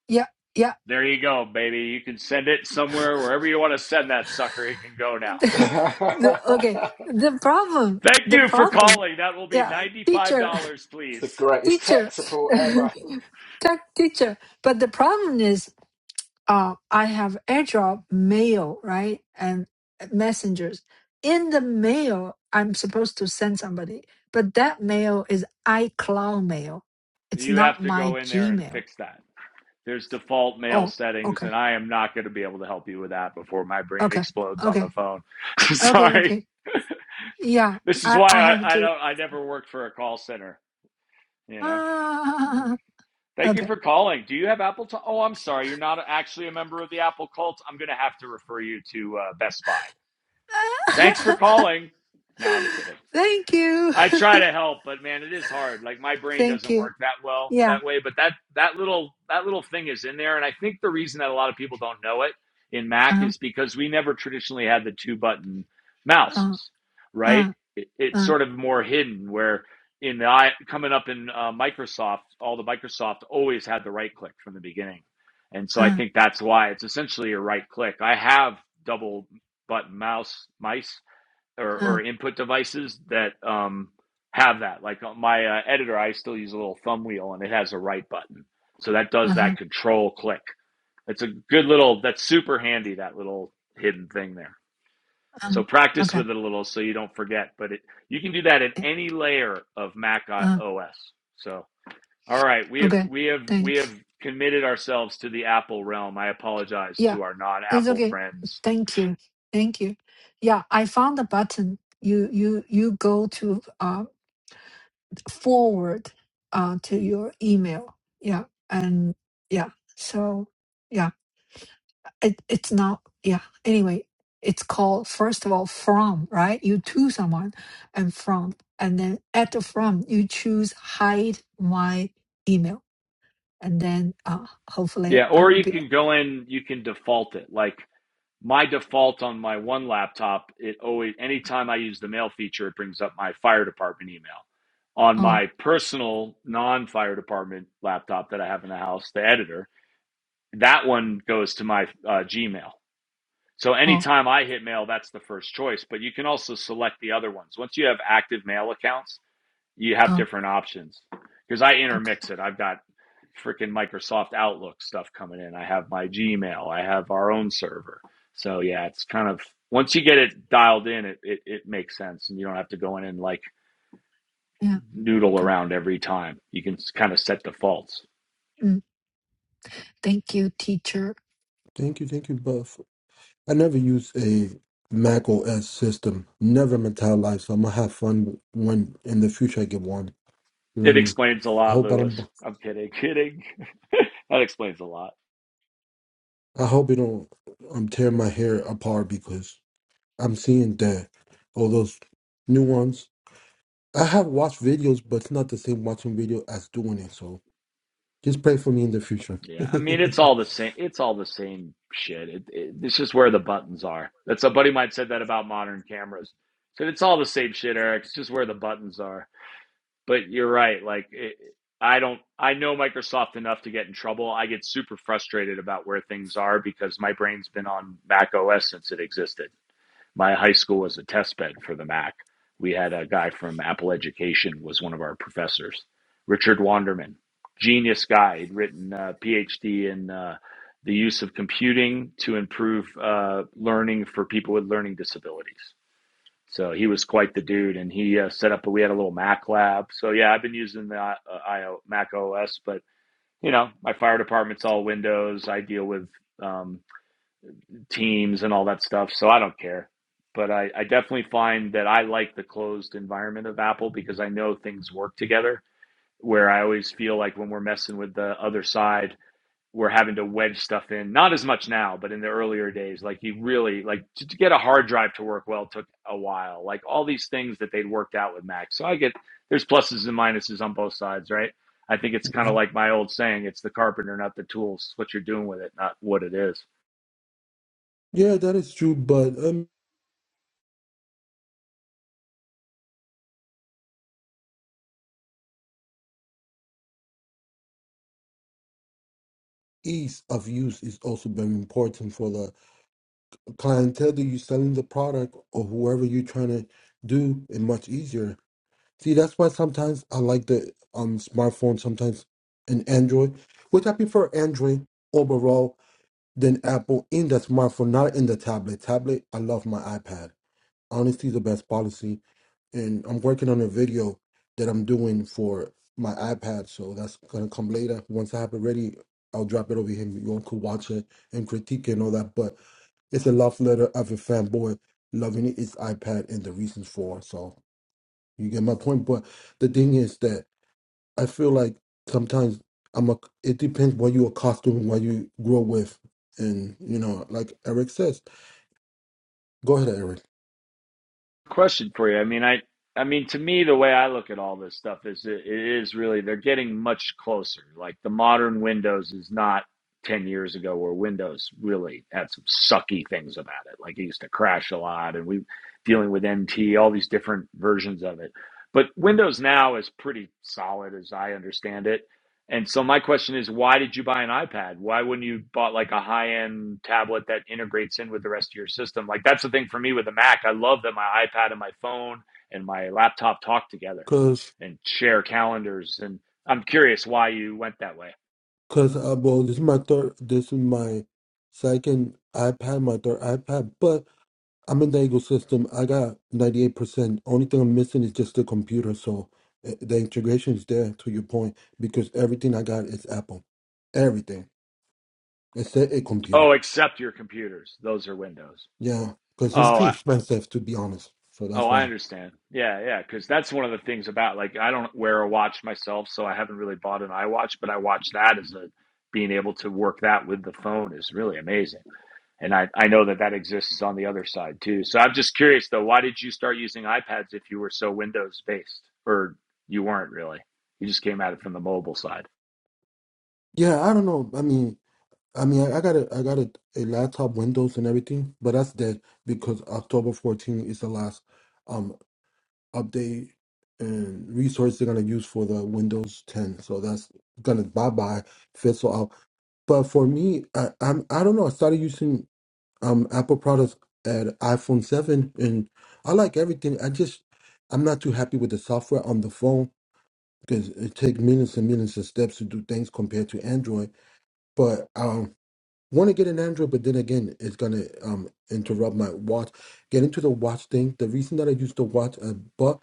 Speaker 1: Yeah. Yeah.
Speaker 3: There you go, baby. You can send it somewhere, wherever you want to send that sucker, it can go now.
Speaker 7: it's
Speaker 1: the, okay. The problem.
Speaker 3: Thank
Speaker 1: The
Speaker 3: you for
Speaker 1: problem.
Speaker 3: calling. That will be
Speaker 1: Yeah.
Speaker 3: $95,
Speaker 1: Teacher.
Speaker 7: the
Speaker 3: please.
Speaker 7: greatest tech
Speaker 1: Teacher.
Speaker 7: support ever.
Speaker 1: Tech teacher. But the problem is uh, I have AirDrop mail, right? And messengers. In the mail, I'm supposed to send somebody, but that mail is iCloud mail. It's
Speaker 3: You have
Speaker 1: not
Speaker 3: to go
Speaker 1: my
Speaker 3: in there and
Speaker 1: Gmail.
Speaker 3: fix that. there's default mail
Speaker 1: Oh,
Speaker 3: settings,
Speaker 1: okay.
Speaker 3: and I am not going to be able to help you with that before my brain
Speaker 1: Okay.
Speaker 3: explodes on the
Speaker 1: Okay.
Speaker 3: phone.
Speaker 1: Okay.
Speaker 3: Sorry.
Speaker 1: Okay. Yeah.
Speaker 3: This is
Speaker 1: I,
Speaker 3: why
Speaker 1: I have
Speaker 3: I, I
Speaker 1: to.
Speaker 3: don't I never worked for a call center, you know.
Speaker 1: Ah,
Speaker 3: Thank you
Speaker 1: okay.
Speaker 3: for calling. Do you have Apple? To- oh, I'm sorry. You're not actually a member of the Apple cult. I'm going to have to refer you to uh, Best Buy. Thanks for calling. No, I'm kidding.
Speaker 1: Thank you.
Speaker 3: I try to help, but man, it is hard. Like my brain
Speaker 1: Thank
Speaker 3: doesn't
Speaker 1: you.
Speaker 3: work that well
Speaker 1: Yeah.
Speaker 3: that way. But that that little that little thing is in there, and I think the reason that a lot of people don't know it in Mac
Speaker 1: Uh,
Speaker 3: is because we never traditionally had the two button
Speaker 1: uh,
Speaker 3: mouses, right?
Speaker 1: uh,
Speaker 3: It, it's
Speaker 1: uh,
Speaker 3: sort of more hidden. Where in the I coming up in uh, Microsoft, all the Microsoft always had the right click from the beginning, and so I
Speaker 1: uh,
Speaker 3: think that's why it's essentially a right click. I have double button mouse mice or,
Speaker 1: uh,
Speaker 3: or input devices that um, have that. Like uh, my uh, editor, I still use a little thumb wheel, and it has a right button, so that does
Speaker 1: uh,
Speaker 3: that control click. It's a good little. That's super handy. That little hidden thing there.
Speaker 1: uh,
Speaker 3: So practice
Speaker 1: okay.
Speaker 3: with it a little, so you don't forget. But it, you can do that in any layer of Mac
Speaker 1: Uh-huh.
Speaker 3: OS. So all right, we have
Speaker 1: Okay,
Speaker 3: we have we have
Speaker 1: thanks.
Speaker 3: committed ourselves to the Apple realm. I apologize
Speaker 1: Yeah,
Speaker 3: to our
Speaker 1: it's
Speaker 3: non-Apple
Speaker 1: okay.
Speaker 3: friends.
Speaker 1: Thank you. Thank you. Yeah, I found the button. You you you go to uh forward uh to your email. Yeah, and yeah. So yeah, it it's not yeah. Anyway, it's called first of all from, right? You to someone and from and then at the from you choose hide my email and then uh hopefully
Speaker 3: Yeah,
Speaker 1: I
Speaker 3: or
Speaker 1: will
Speaker 3: you
Speaker 1: be
Speaker 3: can go in. You can default it like. my default on my one laptop, it always anytime I use the mail feature, it brings up my fire department email. On
Speaker 1: oh
Speaker 3: my personal non-fire department laptop that I have in the house, the editor, that one goes to my uh, Gmail. So
Speaker 1: oh
Speaker 3: anytime I hit mail, that's the first choice. But you can also select the other ones. Once you have active mail accounts, you have
Speaker 1: oh
Speaker 3: different options. Because I
Speaker 1: okay.
Speaker 3: intermix it. I've got freaking Microsoft Outlook stuff coming in. I have my Gmail. I have our own server. So yeah, it's kind of once you get it dialed in, it, it, it makes sense, and you don't have to go in and like
Speaker 1: Yeah.
Speaker 3: noodle
Speaker 1: Okay.
Speaker 3: around every time. You can kind of set defaults.
Speaker 1: Mm. Thank you, teacher.
Speaker 2: Thank you, thank you, Buff. I never use a Mac OS system, never in my entire life. So I'm gonna have fun with- when in the future I get one. You know what
Speaker 3: It
Speaker 2: I mean?
Speaker 3: explains a
Speaker 2: I
Speaker 3: lot,
Speaker 2: hope I
Speaker 3: Lewis.
Speaker 2: don't.
Speaker 3: I'm kidding, kidding. that explains a lot.
Speaker 2: I hope you don't. I'm tearing my hair apart because I'm seeing that all those new ones. I have watched videos, but it's not the same watching video as doing it. So just pray for me in the future.
Speaker 3: Yeah, I mean it's all the same. It's all the same shit. It, it, it's just where the buttons are. That's a buddy of mine said that about modern cameras. So it's all the same shit, Eric. It's just where the buttons are. But you're right. Like it, I don't. I know Microsoft enough to get in trouble. I get super frustrated about where things are because my brain's been on Mac OS since it existed. My high school was a test bed for the Mac. We had a guy from Apple Education was one of our professors, Richard Wanderman, genius guy. He'd written a PhD in uh, the use of computing to improve uh, learning for people with learning disabilities so he was quite the dude, and he uh, set up. a, We had a little Mac lab. So yeah, I've been using the uh, IO, Mac OS, but you know, my fire department's all Windows. I deal with um, Teams and all that stuff, so I don't care. But I, I definitely find that I like the closed environment of Apple because I know things work together. Where I always feel like when we're messing with the other side were having to wedge stuff in. Not as much now, but in the earlier days, like you really like to, to get a hard drive to work well took a while. Like all these things that they'd worked out with Mac. So I get there's pluses and minuses on both sides, right? I think it's kind of
Speaker 2: yeah,
Speaker 3: like my old saying: it's the carpenter, not the tools. what you're doing with it, not what it is.
Speaker 2: yeah, that is true. But um, ease of use is also very important for us. clientele that you're selling the product or whoever you're trying to do it much easier. See, that's why sometimes I like the um smartphone, sometimes an Android, which I prefer Android overall than Apple in the smartphone, not in the tablet. Tablet, I love my iPad. Honesty is the best policy, and I'm working on a video that I'm doing for my iPad, so that's gonna come later. Once I have it ready, I'll drop it over here. You all could watch it and critique it and all that, but. It's a love letter of a fanboy loving its iPad and the reasons for. So you get my point. But the thing is that I feel like sometimes I'm a. It depends what you are costuming, what you grow with, and you know, like Eric says. Go ahead, Eric.
Speaker 3: Question for you. I mean, I I mean, to me, the way I look at all this stuff is it, it is really they're getting much closer. Like the modern Windows is not ten years ago, where Windows really had some sucky things about it. Like it used to crash a lot, and we dealing with NT, all these different versions of it. But Windows now is pretty solid, as I understand it. And so my question is, why did you buy an iPad? Why wouldn't you bought like a high end tablet that integrates in with the rest of your system? Like that's the thing for me with the Mac. I love that my iPad and my phone and my laptop talk together
Speaker 2: Cause,
Speaker 3: and share calendars. And I'm curious why you went that way.
Speaker 2: cause, uh, well, this is my third. This is my second iPad, my third iPad, but. I'm in the ecosystem. I got 98%. Only thing I'm missing is just the computer. So uh, the integration is there to your point because everything I got is Apple. Everything except a
Speaker 3: Oh,
Speaker 2: computer.
Speaker 3: except your computers; those are Windows.
Speaker 2: Yeah, because it's
Speaker 3: Oh,
Speaker 2: too
Speaker 3: I,
Speaker 2: expensive to be honest. So
Speaker 3: oh,
Speaker 2: that's
Speaker 3: I
Speaker 2: why.
Speaker 3: understand. Yeah, yeah, because that's one of the things about like I don't wear a watch myself, so I haven't really bought an iWatch, but I watch that as a being able to work that with the phone is really amazing. and I, I know that that exists on the other side too. So I'm just curious though, why did you start using iPads if you were so Windows based, or you weren't really? You just came at it from the mobile side
Speaker 2: Yeah, I don't know. I mean, I mean, I, I got a, I got a, a laptop, Windows, and everything, but that's dead because October 14 is the last um update and resource they're gonna use for the Windows 10. So that's gonna bye bye fizzle out. But for me, I, I'm I don't know. I started using um Apple products at iPhone seven, and I like everything. I just I'm not too happy with the software on the phone because it takes millions and millions of steps to do things compared to Android. But um, want to get an Android, but then again, it's gonna um interrupt my watch. Get into the watch thing. The reason that I use the watch, I bought.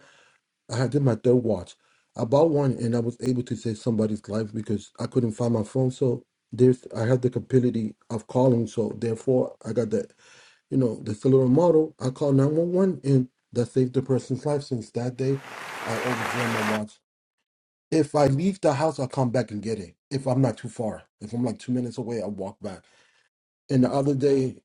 Speaker 2: I had did my third watch. I bought one and I was able to save somebody's life because I couldn't find my phone. So there's I have the capability of calling. So therefore I got the you know, the cellular model. I call nine one one and that saved the person's life. Since that day I always wear my watch. If I leave the house, i come back and get it. If I'm not too far. If I'm like two minutes away, i walk back. And the other day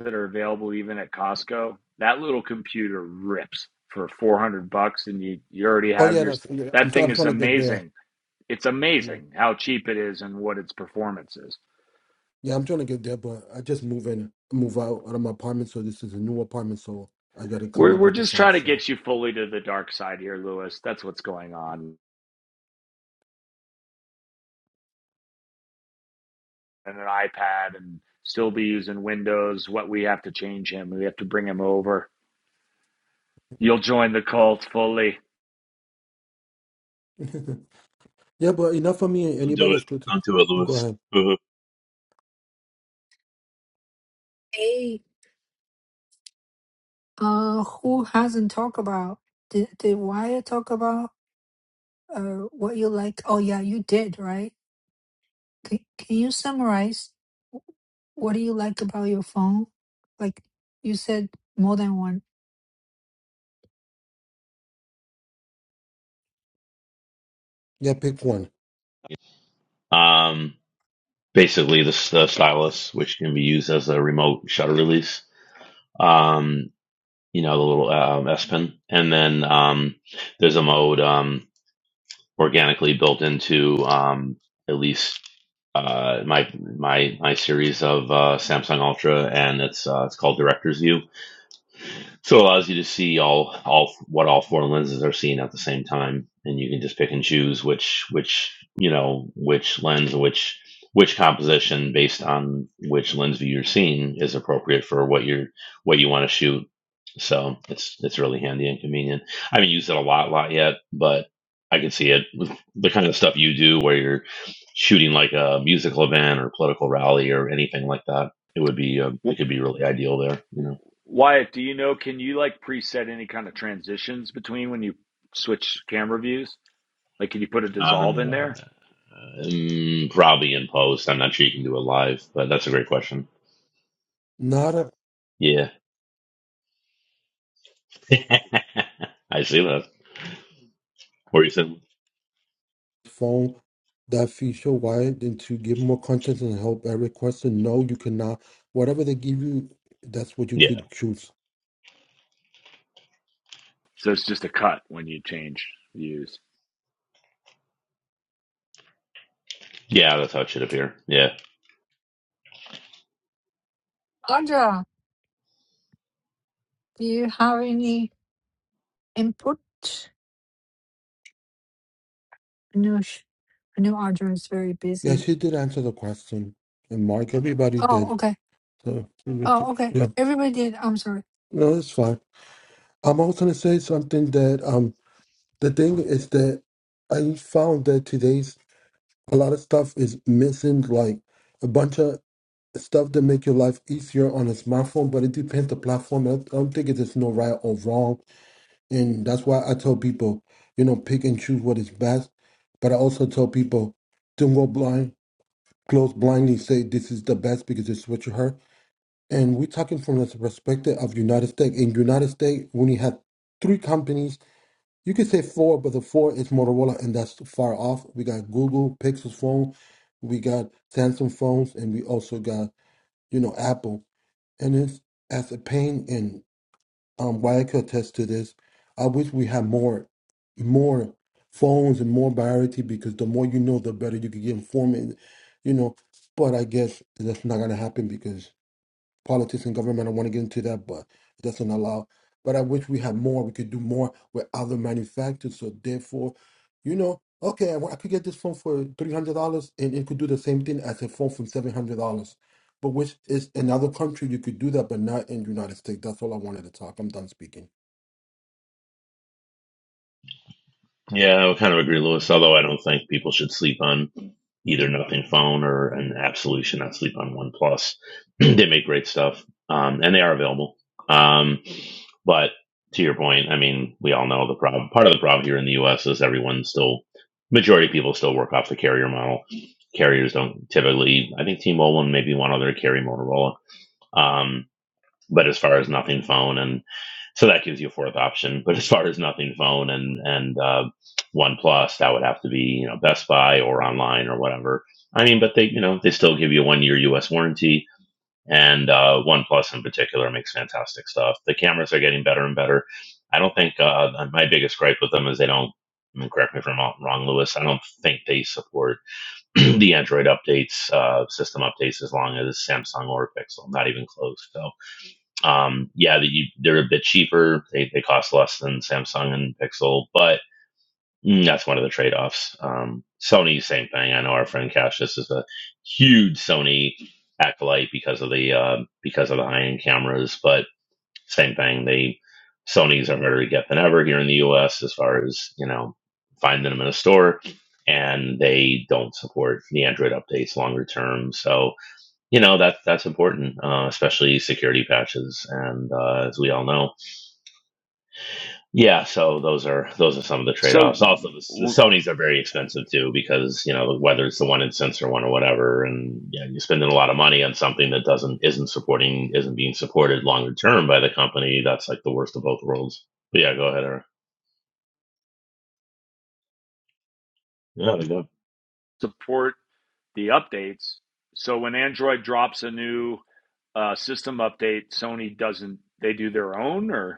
Speaker 3: that are available even at Costco. That little computer rips for 400 bucks, and you you already
Speaker 2: oh
Speaker 3: have
Speaker 2: yeah,
Speaker 3: your.
Speaker 2: that's yeah, I'm,
Speaker 3: That
Speaker 2: try-
Speaker 3: thing
Speaker 2: I'm
Speaker 3: is
Speaker 2: trying to get there.
Speaker 3: amazing. It's
Speaker 2: Yeah.
Speaker 3: amazing how cheap it is and what its performance is.
Speaker 2: Yeah, I'm trying to get there, but I just move in, move out, out of my apartment. So this is a new apartment, so I got to come
Speaker 3: We're
Speaker 2: up
Speaker 3: we're
Speaker 2: with the
Speaker 3: just trying
Speaker 2: funds.
Speaker 3: to
Speaker 2: So
Speaker 3: get you fully to the dark side here, Lewis. That's what's going on. and an iPad and still be using Windows, what we have to change him. We have to bring him over. You'll join the cult fully.
Speaker 2: yeah, but enough for me.
Speaker 5: Don't do
Speaker 2: Anybody else?
Speaker 5: it.
Speaker 2: could-
Speaker 5: Don't do it,
Speaker 2: Go
Speaker 5: Lewis.
Speaker 2: ahead.
Speaker 5: Boo-hoo.
Speaker 1: Hey, uh, who hasn't talked about? Did did Wyatt talk about uh what you like? Oh yeah, you did, right? Can Can you summarize wh- what do you like about your phone? Like you said, more than one.
Speaker 2: Yeah, pick one.
Speaker 5: Um, basically, the, the stylus, which can be used as a remote shutter release. Um, you know, the little um, S Pen, and then um, there's a mode um, organically built into um, at least uh, my my my series of uh, Samsung Ultra, and it's uh, it's called Director's View. So it allows you to see all all what all four lenses are seeing at the same time, and you can just pick and choose which which you know which lens, which which composition based on which lens view you're seeing is appropriate for what you're what you want to shoot. So it's it's really handy and convenient. I haven't used it a lot, lot yet, but I can see it with the kind of stuff you do where you're shooting like a musical event or political rally or anything like that. It would be uh, it could be really ideal there, you know.
Speaker 3: Wyatt, do you know? Can you like preset any kind of transitions between when you switch camera views? Like, can you put a dissolve in
Speaker 5: Uh,
Speaker 3: there
Speaker 5: Um, probably in post. I'm not sure you can do it live, but that's a great question.
Speaker 2: Not a
Speaker 5: Yeah, I see that. Or you said,
Speaker 2: phone that feature wide and to give more content and help every question. No, you cannot. Whatever they give you, that's what you
Speaker 5: yeah,
Speaker 2: could choose.
Speaker 3: so it's just a cut when you change views?
Speaker 5: yeah, that's how it should appear. Yeah.
Speaker 1: Audra, do you have any input? I know, sh- I know Audra is very
Speaker 2: Yeah,
Speaker 1: busy.
Speaker 2: she did answer the question, and Mark, everybody
Speaker 1: Oh,
Speaker 2: did.
Speaker 1: okay.
Speaker 2: So
Speaker 1: Oh, okay.
Speaker 2: yeah,
Speaker 1: Everybody did. I'm sorry.
Speaker 2: no, it's fine. I'm also gonna say something that um. the thing is that I found that today's a lot of stuff is missing, like a bunch of stuff that make your life easier on a smartphone. But it depends the platform. I don't think it's no right or wrong, and that's why I tell people, you know, pick and choose what is best. But I also tell people, don't go blind, close blindly, say this is the best because it's what you heard. And we're talking from the perspective of United States. In United States, we only had three companies you could say four, but the four is Motorola, and that's far off. We got Google Pixel phone, we got Samsung phones, and we also got you know Apple. And it's as a pain, and um, why I could attest to this. I wish we had more, more phones and more variety because the more you know, the better you can get informed. and, You know, but I guess that's not gonna happen because politics and government. I want to get into that, but it doesn't allow. But I wish we had more. We could do more with other manufacturers. So therefore, you know, okay, I, wa- I could get this phone for three hundred dollars, and it could do the same thing as a phone from seven hundred dollars. But which is another country you could do that, but not in the United States. That's all I wanted to talk. I'm done speaking.
Speaker 5: Yeah, I would kind of agree, Lewis. Although I don't think people should sleep on either Nothing Phone or an absolutely should not sleep on OnePlus. they make great stuff, um, and they are available. Um, but to your point, I mean, we all know the problem. Part of the problem here in the U.S. is everyone still, majority of people still work off the carrier model. Carriers don't typically. I think T-Mobile and maybe one other carry Motorola. Um, but as far as Nothing Phone and so that gives you a fourth option. But as far as nothing phone and and uh, OnePlus, that would have to be you know Best Buy or online or whatever. I mean, but they you know they still give you a one year U.S. warranty. And uh, OnePlus in particular makes fantastic stuff. The cameras are getting better and better. I don't think uh, my biggest gripe with them is they don't. I mean, correct me if I'm wrong, Lewis. I don't think they support the Android updates, uh, system updates, as long as Samsung or Pixel. Not even close. So um, yeah, the, they're a bit cheaper. They, they cost less than Samsung and Pixel, but mm, that's one of the trade offs. Um, Sony, same thing. I know our friend Cassius is a huge Sony acolyte because of the uh, because of the high end cameras, but same thing. They Sony's are harder to get than ever here in the U.S. as far as you know finding them in a store, and they don't support the Android updates longer term. So you know that that's important, uh, especially security patches, and uh, as we all know, yeah. So those are those are some of the trade
Speaker 3: So
Speaker 5: offs. Also, the, the
Speaker 3: we'll
Speaker 5: Sony's are very expensive too because you know whether it's the one in sensor one or whatever, and you know, you're spending a lot of money on something that doesn't isn't supporting isn't being supported longer term by the company. That's like the worst of both worlds. But yeah, go ahead, Eric. Yeah, there you go.
Speaker 3: support the updates. So when Android drops a new uh, system update, Sony doesn't. They do their own, or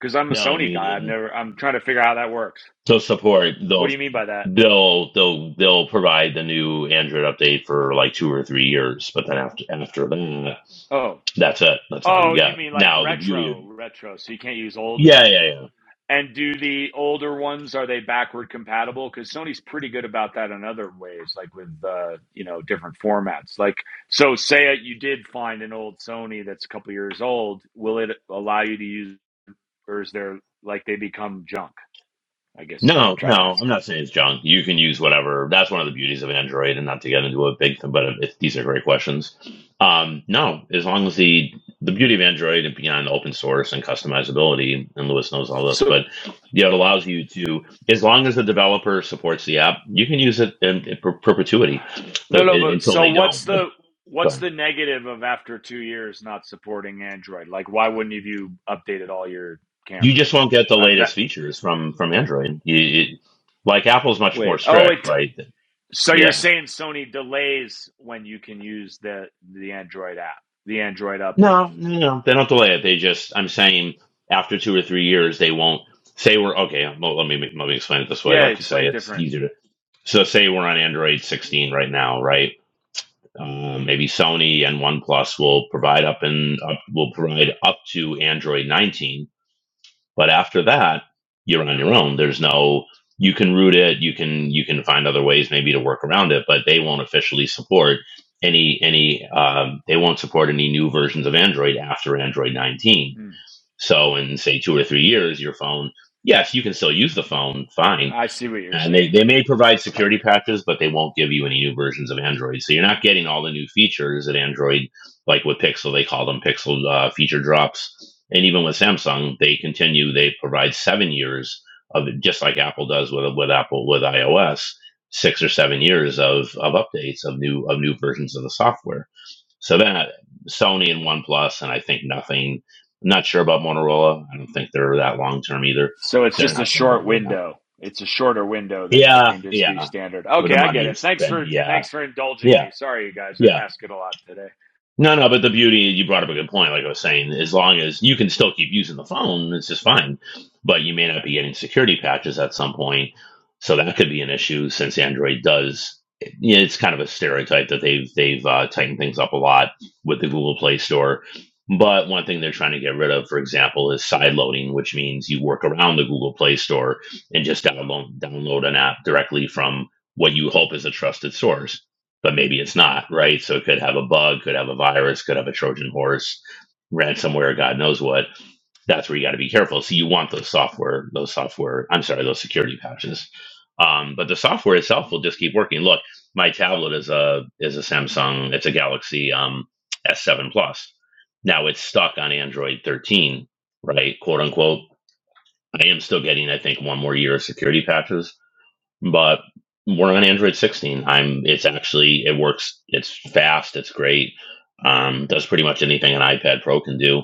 Speaker 3: Because I'm a
Speaker 5: No,
Speaker 3: Sony guy. I've
Speaker 5: meaning
Speaker 3: never. I'm trying to figure out how that works.
Speaker 5: So support
Speaker 3: What
Speaker 5: they'll
Speaker 3: do you mean by that?
Speaker 5: they'll they'll they'll provide the new Android update for like two or three years, but then after after that,
Speaker 3: Oh,
Speaker 5: that's it. That's all you
Speaker 3: oh, you
Speaker 5: get.
Speaker 3: mean like
Speaker 5: Now the beauty, of,
Speaker 3: retro, retro. So you can't use old.
Speaker 5: yeah, yeah, yeah.
Speaker 3: And do the older ones are they backward compatible? Because Sony's pretty good about that in other ways, like with uh, you know different formats. Like so, say you did find an old Sony that's a couple years old. Will it allow you to use, or is there like they become junk? I guess is what I'm
Speaker 5: No,
Speaker 3: trying to
Speaker 5: no,
Speaker 3: ask.
Speaker 5: I'm not saying it's junk. You can use whatever. That's one of the beauties of an Android, and not to get into a big thing, but it's, these are great questions. Um, no, as long as the the beauty of Android and beyond open source and customizability, and Lewis knows all this,
Speaker 3: So
Speaker 5: but yeah, it allows you to, as long as the developer supports the app, you can use it in, in per- perpetuity
Speaker 3: No,
Speaker 5: the,
Speaker 3: no,
Speaker 5: in,
Speaker 3: but
Speaker 5: until
Speaker 3: so
Speaker 5: they
Speaker 3: what's
Speaker 5: don't. The-
Speaker 3: the
Speaker 5: go
Speaker 3: what's
Speaker 5: ahead.
Speaker 3: the negative of after two years not supporting Android? Like, why wouldn't have you have updated all your
Speaker 5: You
Speaker 3: cameras?
Speaker 5: just won't get the
Speaker 3: Uh, that
Speaker 5: latest features from from Android. You, you, like Apple's much more
Speaker 3: wait, oh
Speaker 5: strict,
Speaker 3: it.
Speaker 5: right?
Speaker 3: So you're
Speaker 5: Yeah.
Speaker 3: saying Sony delays when you can use the the Android app, the Android updates?
Speaker 5: No, no, no. They don't delay it. They just, I'm saying, after two or three years, they won't say we're okay. Well, let me let me explain it this way.
Speaker 3: Yeah,
Speaker 5: Like you say,
Speaker 3: explain
Speaker 5: it's
Speaker 3: different.
Speaker 5: easier to. So, say we're on Android 16 right now, right? Um, maybe Sony and OnePlus will provide up and up will provide up to Android 19 but after that, you're on your own. There's no you can root it, you can you can find other ways maybe to work around it, but they won't officially support any any um, they won't support any new versions of Android after Android 19.
Speaker 3: Hmm.
Speaker 5: So in say two or three years, your phone, yes, you can still use the phone, fine,
Speaker 3: I see what you're
Speaker 5: and they, they
Speaker 3: saying.
Speaker 5: may provide security patches, but they won't give you any new versions of Android. So you're not getting all the new features that Android, like with Pixel, they call them Pixel uh, feature drops. And even with Samsung, they continue. They provide seven years of just like Apple does with with Apple with iOS, six or seven years of of updates of new of new versions of the software. So that Sony and OnePlus, and I think nothing. I'm not sure about Motorola. I don't think they're that long term either.
Speaker 3: So it's
Speaker 5: They're
Speaker 3: just a
Speaker 5: not. They're not
Speaker 3: short
Speaker 5: doing that.
Speaker 3: window. It's a shorter window than like
Speaker 5: Yeah,
Speaker 3: industry
Speaker 5: yeah.
Speaker 3: standard.
Speaker 5: For the
Speaker 3: Okay, I
Speaker 5: money
Speaker 3: get
Speaker 5: you
Speaker 3: it. Thanks
Speaker 5: spent,
Speaker 3: for
Speaker 5: yeah,
Speaker 3: thanks for indulging
Speaker 5: yeah,
Speaker 3: me. Sorry, you guys. I'm
Speaker 5: yeah.
Speaker 3: asking a lot today.
Speaker 5: No, no, but the beauty, you brought up a good point. Like I was saying, as long as you can still keep using the phone, it's just fine. But you may not be getting security patches at some point. So that could be an issue since Android does. yeah, It's kind of a stereotype that they've they've uh, tightened things up a lot with the Google Play Store. But one thing they're trying to get rid of, for example, is side loading, which means you work around the Google Play Store and just download download an app directly from what you hope is a trusted source but maybe it's not, right? So it could have a bug, could have a virus, could have a Trojan horse, ransomware, God knows what. That's where you got to be careful. So you want those software, those software, I'm sorry, those security patches. Um, but the software itself will just keep working. Look, my tablet is a is a Samsung, it's a Galaxy um, S7 Plus. Now it's stuck on Android 13, right? Quote unquote. I am still getting, I think, one more year of security patches but we're on Android 16. I'm. It's actually it works. It's fast. It's great. Um, does pretty much anything an iPad Pro can do.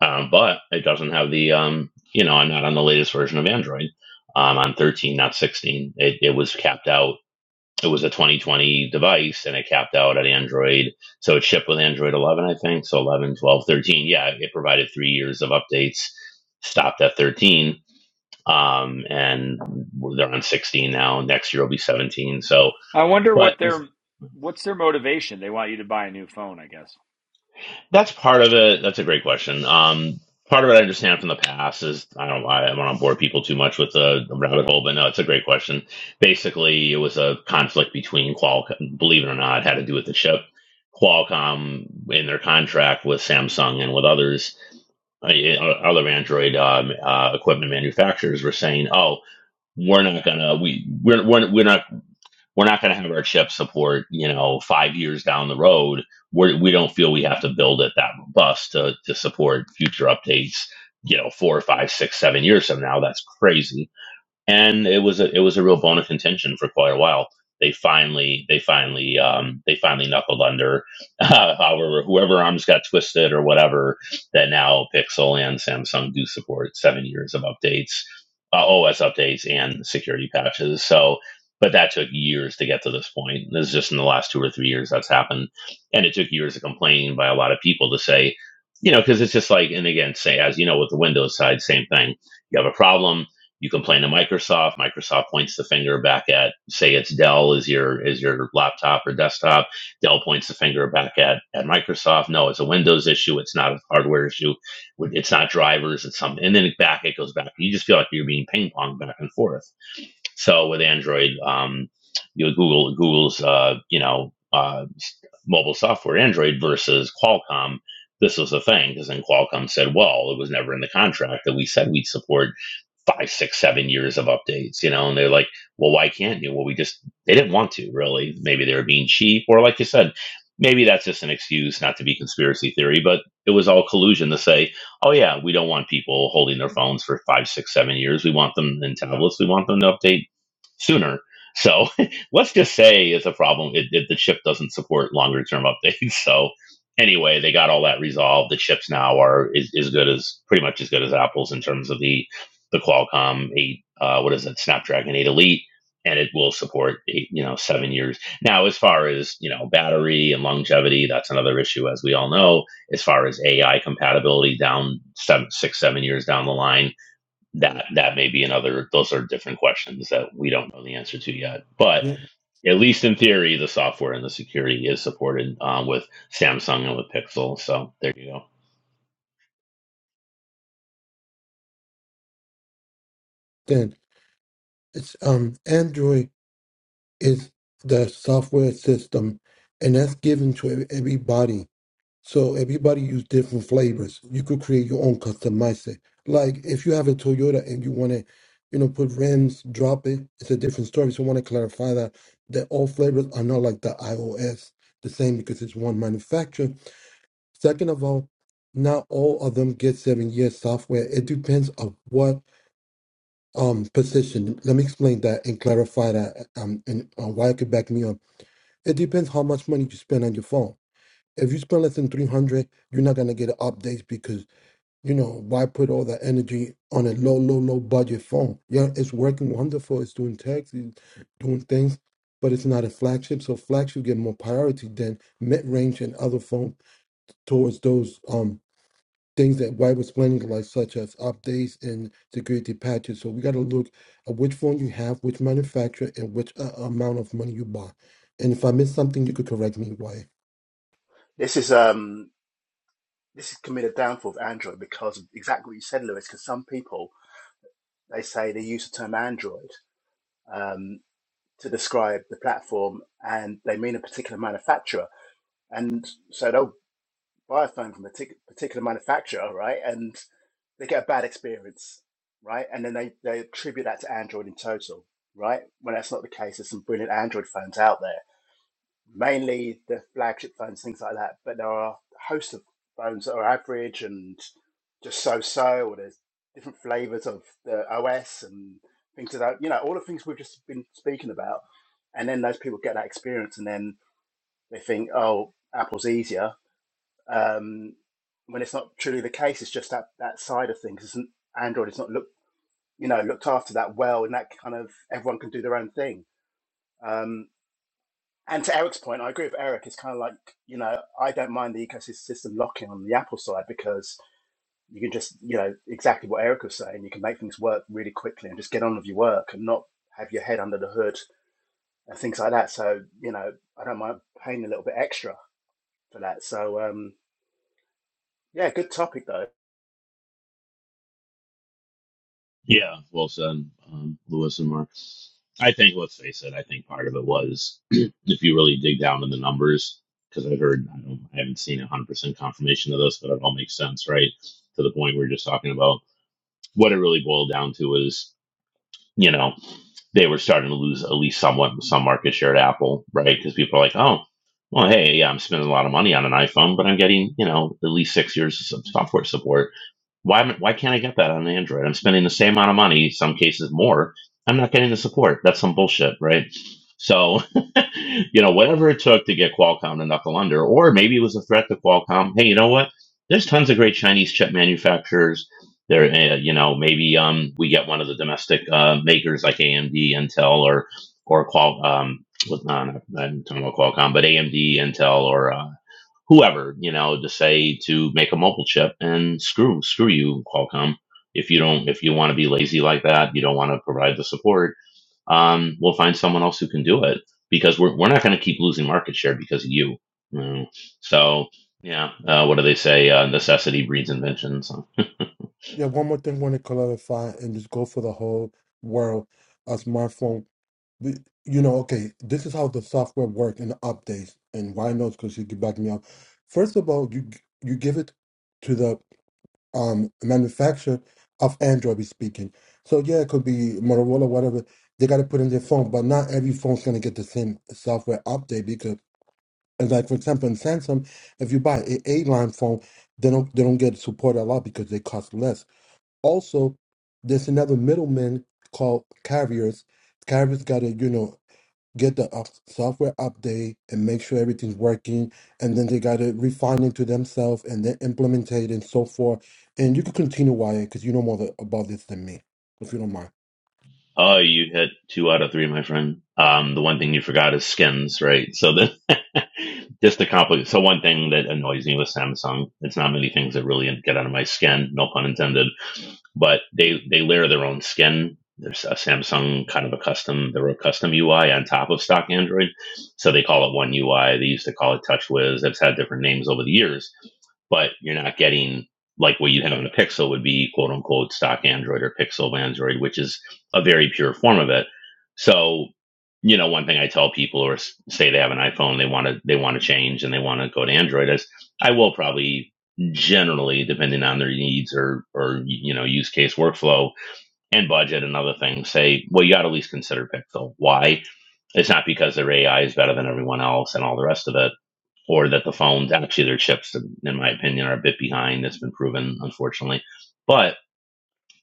Speaker 5: Um, but it doesn't have the. Um, you know, I'm not on the latest version of Android. Um, on 13, not 16. It it was capped out. It was a 2020 device, and it capped out at Android. So it shipped with Android 11, I think. So 11, 12, 13. Yeah, it provided three years of updates. Stopped at 13 um, and they're on 16 now. Next year will be 17. So,
Speaker 3: I wonder what
Speaker 5: but is,
Speaker 3: their what's their motivation. They want you to buy a new phone, I guess.
Speaker 5: that's part of it. That's a great question. Um, part of it I understand from the past is I don't know, I don't want to bore people too much with the rabbit hole, but no, it's a great question. Basically, it was a conflict between Qualcomm. Believe it or not, had to do with the chip. Qualcomm in their contract with Samsung and with others uh, yeah, uh, other Android um, uh, equipment manufacturers were saying, "Oh, we're not gonna we we're we're, we're not we're not going to have our chip support, you know, five years down the road. We're, we don't feel we have to build it that robust to, to support future updates, you know, four, five, six, seven years from now. That's crazy and it was a it was a real bone of contention for quite a while. They finally they finally um, they finally knuckled under uh, however whoever arms got twisted or whatever that now Pixel and Samsung do support seven years of updates, uh, OS updates and security patches. So. But that took years to get to this point. This is just in the last two or three years that's happened. And it took years of complaining by a lot of people to say, you know, because it's just like, and again, say, as you know, with the Windows side, same thing. You have a problem, you complain to Microsoft. Microsoft points the finger back at, say, it's Dell is your is your laptop or desktop. Dell points the finger back at at Microsoft. No, it's a Windows issue. It's not a hardware issue. It's not drivers. It's something. And then back it goes back. You just feel like you're being ping pong back and forth. So with Android, um, you know, Google Google's uh, you know uh, mobile software Android versus Qualcomm. This was the thing because then Qualcomm said, well, it was never in the contract that we said we'd support five, six, seven years of updates, you know, and they're like, well, why can't you? Well, we just, they didn't want to really. Maybe they were being cheap, or like you said, maybe that's just an excuse not to be conspiracy theory, but it was all collusion to say, oh, yeah, we don't want people holding their phones for five, six, seven years. We want them in tablets. We want them to update sooner. So let's just say it's a problem if, if the chip doesn't support longer term updates. So anyway, they got all that resolved. The chips now are is as good as pretty much as good as Apple's in terms of the the Qualcomm eight. Uh, what is it? Snapdragon eight Elite, and it will support eight, you know seven years. Now, as far as you know, battery and longevity, that's another issue, as we all know. As far as AI compatibility, down seven, six, seven years down the line, that that may be another. Those are different questions that we don't know the answer to yet, but.
Speaker 2: Yeah.
Speaker 5: At least in theory, the software and the security is supported um, with Samsung and with Pixel. So there you go.
Speaker 2: Then it's um Android is the software system, and that's given to everybody So everybody use different flavors. You could create your own customize it. Like if you have a Toyota and you want to, you know, put rims, drop it. It's a different story. So I want to clarify that that all flavors are not like the iOS the same because it's one manufacturer. Second of all, not all of them get seven years software. It depends on what um position. Let me explain that and clarify that um and uh, why I could back me up. It depends how much money you spend on your phone if you spend less than 300 you're not going to get updates because you know why put all that energy on a low low low budget phone yeah it's working wonderful it's doing text it's doing things but it's not a flagship so flagship get more priority than mid-range and other phone towards those um things that why was planning like such as updates and security patches so we got to look at which phone you have which manufacturer and which uh, amount of money you buy and if i miss something you could correct me Wyatt.
Speaker 7: This is um this is committed downfall of Android because of exactly what you said, Lewis. Because some people they say they use the term Android um, to describe the platform, and they mean a particular manufacturer, and so they'll buy a phone from a tic- particular manufacturer, right? and they get a bad experience, right? And then they, they attribute that to Android in total, right? When that's not the case, there's some brilliant Android phones out there, mainly the flagship phones, things like that. But there are a host of phones that are average and just so so, or there's different flavors of the OS and things like that, you know, all the things we've just been speaking about. And then those people get that experience and then they think, oh, Apple's easier um, when it's not truly the case. It's just that that side of things. Isn't Android is not looked you know looked after that well, and that kind of everyone can do their own thing. Um, and to Eric's point, I agree with Eric. It's kind of like you know I don't mind the ecosystem locking on the Apple side because you can just you know exactly what Eric was saying. You can make things work really quickly and just get on with your work and not have your head under the hood and things like that. So you know I don't mind paying a little bit extra for that. So um, yeah, good topic though.
Speaker 5: Yeah, well said, um, Lewis and Mark. I think, let's face it, I think part of it was if you really dig down in the numbers, because I've heard, I, don't, I haven't seen 100% confirmation of this, but it all makes sense, right? To the point we were just talking about. What it really boiled down to is, you know, they were starting to lose at least somewhat some market share at Apple, right? Because people are like, oh, well, hey, yeah, I'm spending a lot of money on an iPhone, but I'm getting, you know, at least six years of software support why why can't I get that on Android? I'm spending the same amount of money, some cases more. I'm not getting the support. That's some bullshit, right? So, you know, whatever it took to get Qualcomm to knuckle under, or maybe it was a threat to Qualcomm. Hey, you know what? There's tons of great Chinese chip manufacturers. There, uh, you know, maybe um, we get one of the domestic uh, makers like AMD, Intel, or or Qual. Um, with- no, no, I'm talking about Qualcomm, but AMD, Intel, or uh, whoever, you know, to say to make a mobile chip and screw screw you, Qualcomm. If you don't, if you want to be lazy like that, you don't want to provide the support. Um, we'll find someone else who can do it because we're we're not going to keep losing market share because of you. you know. So yeah, uh, what do they say? Uh, necessity breeds invention. So.
Speaker 2: Yeah, one more thing I want to clarify and just go for the whole world. A smartphone, we- you know, okay, this is how the software works and the updates and why not? because you can back me up. First of all, you you give it to the um manufacturer of Android, we speaking. So yeah, it could be Motorola, whatever. They got to put in their phone, but not every phone's gonna get the same software update because, and like for example, in Samsung, if you buy a A line phone, they don't they don't get support a lot because they cost less. Also, there's another middleman called carriers. Carriers got to, you know, get the up- software update and make sure everything's working. And then they got to refine it to themselves and then implement it and so forth. And you can continue, Wyatt, because you know more tha- about this than me, if you don't mind.
Speaker 5: Oh, you hit two out of three, my friend. Um, the one thing you forgot is skins, right? So the just the compli So one thing that annoys me with Samsung, it's not many things that really get out of my skin, no pun intended. But they they layer their own skin. There's a Samsung kind of a custom, their own custom UI on top of stock Android. So they call it one UI. They used to call it TouchWiz. It's had different names over the years but you're not getting like what you'd have in a Pixel would be quote unquote stock Android or Pixel Android, which is a very pure form of it. So, you know, one thing I tell people or say they have an iPhone, they want to they want to change and they want to go to Android is I will probably generally, depending on their needs or or you know use case workflow and budget and other things, say, well, you got to at least consider Pixel. Why? It's not because their AI is better than everyone else and all the rest of it. Or that the phones, actually, their chips, in my opinion, are a bit behind. That's been proven, unfortunately. But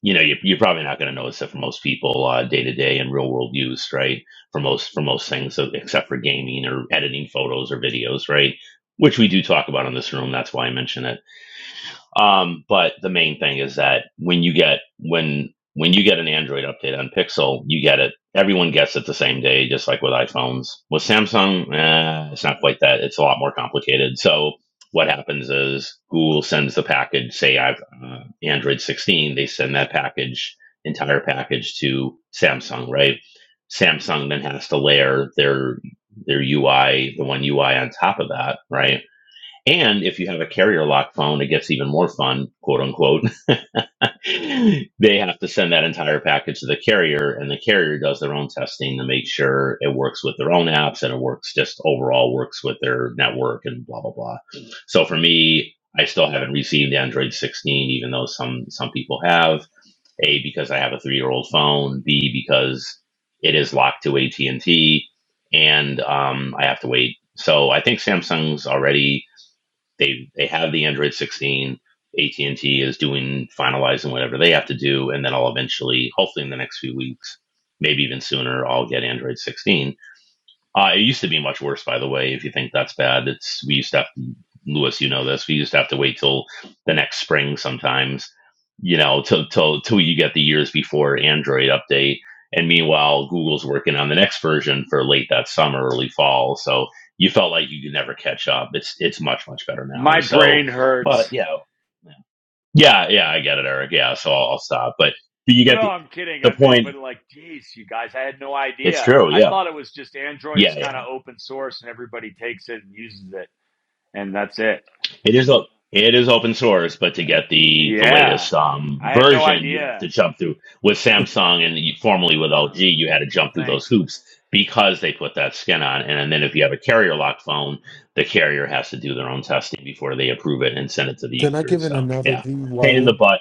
Speaker 5: you know you're, you're probably not going to notice it for most people uh, day to day in real world use right for most for most things so- except for gaming or editing photos or videos right which we do talk about in this room that's why i mention it um, but the main thing is that when you get when when you get an Android update on Pixel, you get it. Everyone gets it the same day, just like with iPhones. With Samsung, eh, it's not quite that. It's a lot more complicated. So what happens is Google sends the package. Say I've uh, Android 16, they send that package, entire package to Samsung, right? Samsung then has to layer their their UI, the one UI on top of that, right? And if you have a carrier lock phone, it gets even more fun, quote unquote. they have to send that entire package to the carrier, and the carrier does their own testing to make sure it works with their own apps and it works just overall works with their network and blah blah blah. So for me, I still haven't received Android 16, even though some some people have. A because I have a three year old phone. B because it is locked to AT and T, um, and um, I have to wait. So I think Samsung's already they they have the Android 16. AT&T is doing finalizing whatever they have to do, and then I'll eventually, hopefully in the next few weeks, maybe even sooner, I'll get Android 16 uh, it used to be much worse, by the way. If you think that's bad, it's we used to have to, Lewis. You know this. We used to have to wait till the next spring sometimes. You know, till till till you get the years before Android update. And meanwhile, Google's working on the next version for late that summer, early fall. So you felt like you could never catch up. It's it's much much better now.
Speaker 3: My
Speaker 5: So,
Speaker 3: brain
Speaker 5: but
Speaker 3: hurts.
Speaker 5: yeah, yeah, yeah, I get it, Eric. Yeah, so I'll, I'll stop. But but you
Speaker 3: No,
Speaker 5: get
Speaker 3: no,
Speaker 5: the
Speaker 3: I'm kidding.
Speaker 5: the
Speaker 3: I mean,
Speaker 5: point.
Speaker 3: but like, geez, you guys, I had no
Speaker 5: It's
Speaker 3: idea.
Speaker 5: true.
Speaker 3: I
Speaker 5: Yeah,
Speaker 3: thought it was just
Speaker 5: yeah,
Speaker 3: Android's
Speaker 5: yeah.
Speaker 3: kind of open source and everybody takes it and uses it, and that's it.
Speaker 5: It is op- it is open source, but to get the the
Speaker 3: Yeah,
Speaker 5: latest um,
Speaker 3: I had no
Speaker 5: version, you have to
Speaker 3: idea.
Speaker 5: jump through with Samsung and you- formerly with LG,
Speaker 3: Ah,
Speaker 5: you had to
Speaker 3: well,
Speaker 5: jump through those
Speaker 3: thanks.
Speaker 5: hoops because they put that skin on.
Speaker 3: Huh.
Speaker 5: And then if you have a carrier locked phone, the carrier has to do their own testing before they approve it and send it to the
Speaker 2: Can I
Speaker 5: user.
Speaker 2: give in
Speaker 5: So
Speaker 2: another
Speaker 5: yeah,
Speaker 2: D,
Speaker 5: pain in
Speaker 2: Wyatt?
Speaker 5: the butt.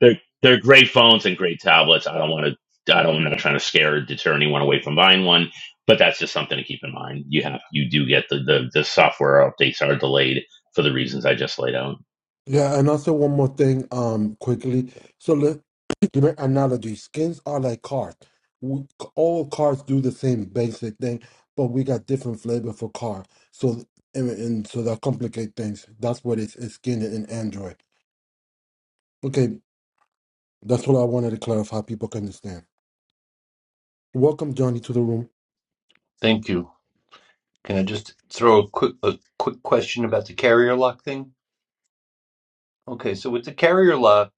Speaker 5: They're they're great phones and great tablets. I don't want to. I don't. I'm not trying to scare or deter anyone away from buying one, but that's just something to keep in mind. You have you do get the the, the software updates are delayed for the reasons I just laid out.
Speaker 2: Yeah, and also one more thing, um, quickly. So let give me an analogy. Skins are like cars. We, all cars do the same basic thing, but we got different flavor for car. So and, and so that complicate things. That's what it's, it's skin in Android. Okay, that's what I wanted to clarify. People can understand. Welcome Johnny to the room.
Speaker 8: Thank you. Can I just throw a quick a quick question about the carrier lock thing? Okay, so with the carrier lock,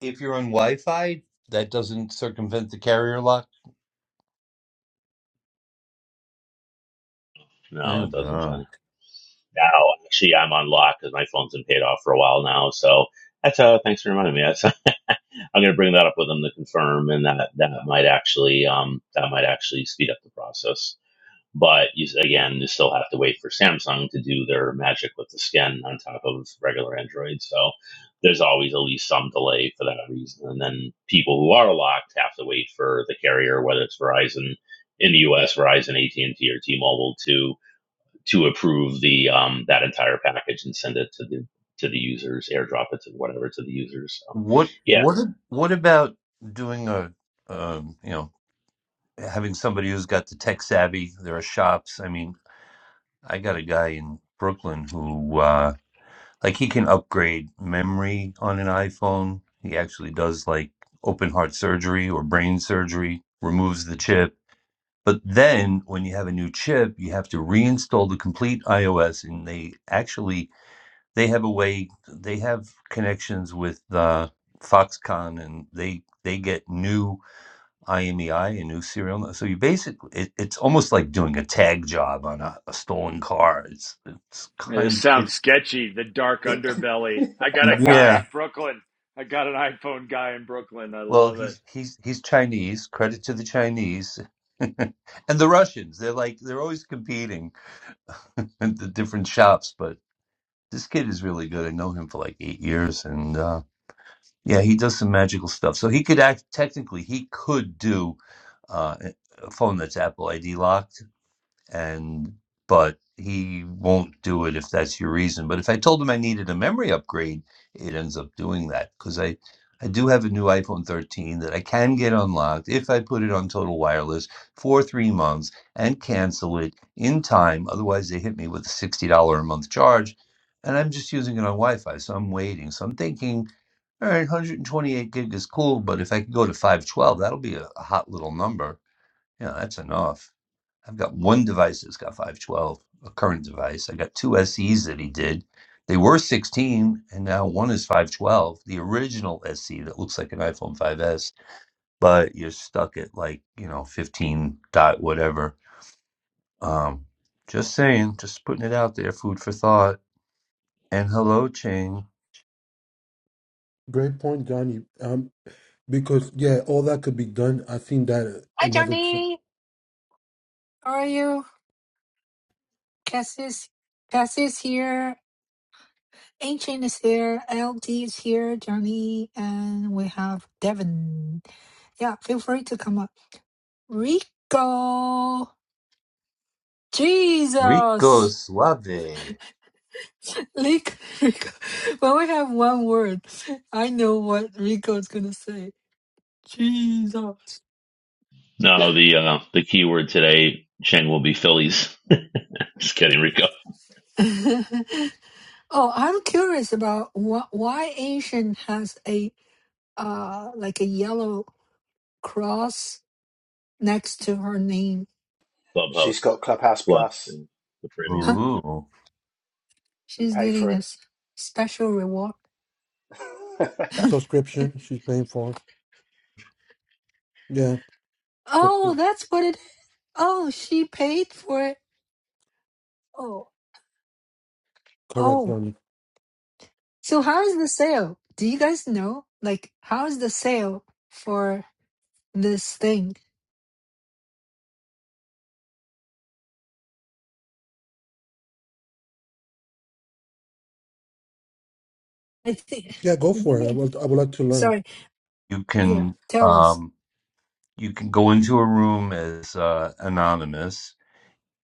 Speaker 8: if you're on Wi-Fi, that doesn't circumvent the carrier lock.
Speaker 5: No,
Speaker 8: Oh
Speaker 5: it doesn't,
Speaker 8: God!
Speaker 5: Johnny. No, actually, I'm on lock because my phone's been paid off for a while now. So that's uh, thanks for reminding me. That's, I'm going to bring that up with them to confirm, and that that might actually um that might actually speed up the process. But you, again, you still have to wait for Samsung to do their magic with the skin on top of regular Android. So there's always at least some delay for that reason. And then people who are locked have to wait for the carrier, whether it's Verizon in the U.S., Verizon, AT&T, or T-Mobile, to to approve the um, that entire package and send it to the to the users, airdrop it to whatever to the users. So
Speaker 8: What
Speaker 5: yeah,
Speaker 8: what a- what about doing a um you know having somebody who's got the tech savvy? There are shops. I mean, I got a guy in Brooklyn who uh like he can upgrade memory on an iPhone. He actually does like open heart surgery or brain surgery, removes the chip But then when you have a new chip, you have to reinstall the complete iOS, and they actually they have a way they have connections with uh, Foxconn, and they they get new IMEI and new serial. nu- So you basically it, it's almost like doing a tag job on a, a stolen car. It's it's
Speaker 3: Yeah, this
Speaker 8: kind
Speaker 3: sounds
Speaker 8: it,
Speaker 3: sketchy. The dark underbelly. I got a guy
Speaker 8: yeah.
Speaker 3: in Brooklyn. I got an iPhone guy in Brooklyn. I
Speaker 8: Well,
Speaker 3: love it.
Speaker 8: he's he's he's Chinese. Credit to the Chinese. and the Russians, they're like they're always competing at the different shops, but this kid is really good. I know him for like eight years, and uh, yeah, he does some magical stuff. So he could act technically, he could do uh, a phone that's Apple ID locked and but he won't do it if that's your reason. But if I told him I needed a memory upgrade, it ends up doing that because I I do have a new iPhone 13 that I can get unlocked if I put it on total wireless for three months and cancel it in time. Otherwise, they hit me with a sixty dollar a month charge, and I'm just using it on Wi-Fi, so I'm waiting. So I'm thinking. All right, 128 gig is cool, but if I could go to 512, that'll be a a hot little number. Yeah, that's enough. I've got one device that's got 512, a current device. I got two SEs that he did. They were 16, and now one is 512, the original SE that looks like an iPhone 5S, but you're stuck at like, you know, 15 dot whatever. Um, just saying, just putting it out there, food for thought. And hello, Ching.
Speaker 2: Great point, Johnny. Um, because yeah, all that could be done. I seen that uh, another ch-
Speaker 1: How are you? Cassie's Cassie's here. Ancient is here, LD is here, Johnny, and we have Devin. Yeah, feel free to come up. Rico,
Speaker 8: Rico
Speaker 1: Jesus,
Speaker 8: Suave.
Speaker 1: Rico, Rico. When we have one word, I know what Rico is gonna say. Jesus.
Speaker 5: no, the uh, the keyword today, Cheng, will be Phillies. Just kidding, Rico.
Speaker 1: oh, I'm curious about wh- why Asian has a uh like a yellow cross next to her name.
Speaker 7: She's
Speaker 5: Clubhouse
Speaker 7: got Clubhouse
Speaker 5: Plus
Speaker 7: Plus
Speaker 5: and the premium.
Speaker 8: Ooh.
Speaker 7: you
Speaker 1: She's
Speaker 7: pay for
Speaker 1: getting a
Speaker 7: it.
Speaker 1: s- special reward.
Speaker 2: subscription she's paying for. Yeah, so
Speaker 1: Oh, that's what it. Oh, she paid for it. Oh,
Speaker 2: correct,
Speaker 1: oh.
Speaker 2: Johnny.
Speaker 1: So how is the sale? Do you guys know? Like, how is the sale for this thing? I think.
Speaker 2: Yeah, go
Speaker 1: I
Speaker 2: for
Speaker 1: think.
Speaker 2: it. I
Speaker 1: It,
Speaker 2: would, I would like to learn.
Speaker 1: sorry.
Speaker 8: You
Speaker 1: Yeah.
Speaker 8: can
Speaker 1: Tell us.
Speaker 8: um you can go into a room as uh, anonymous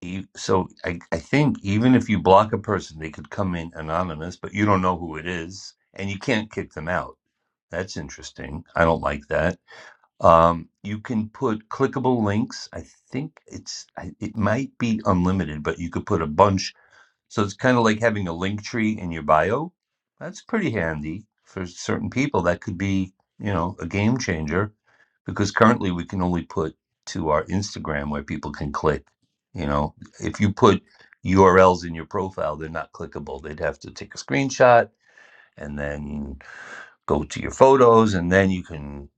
Speaker 8: you, so I, I think even if you block a person, they could come in anonymous, but you don't know who it is, and you can't kick them out. That's interesting. I don't like that. Um, you can put clickable links. I think it's I- it might be unlimited, but you could put a bunch so it's kind of like having a link tree in your bio. That's pretty handy for certain people. That could be, you know, a game changer because currently we can only put to our Instagram where people can click. You know, if you put URLs in your profile, they're not clickable. They'd have to take a screenshot and then go to your photos and then you can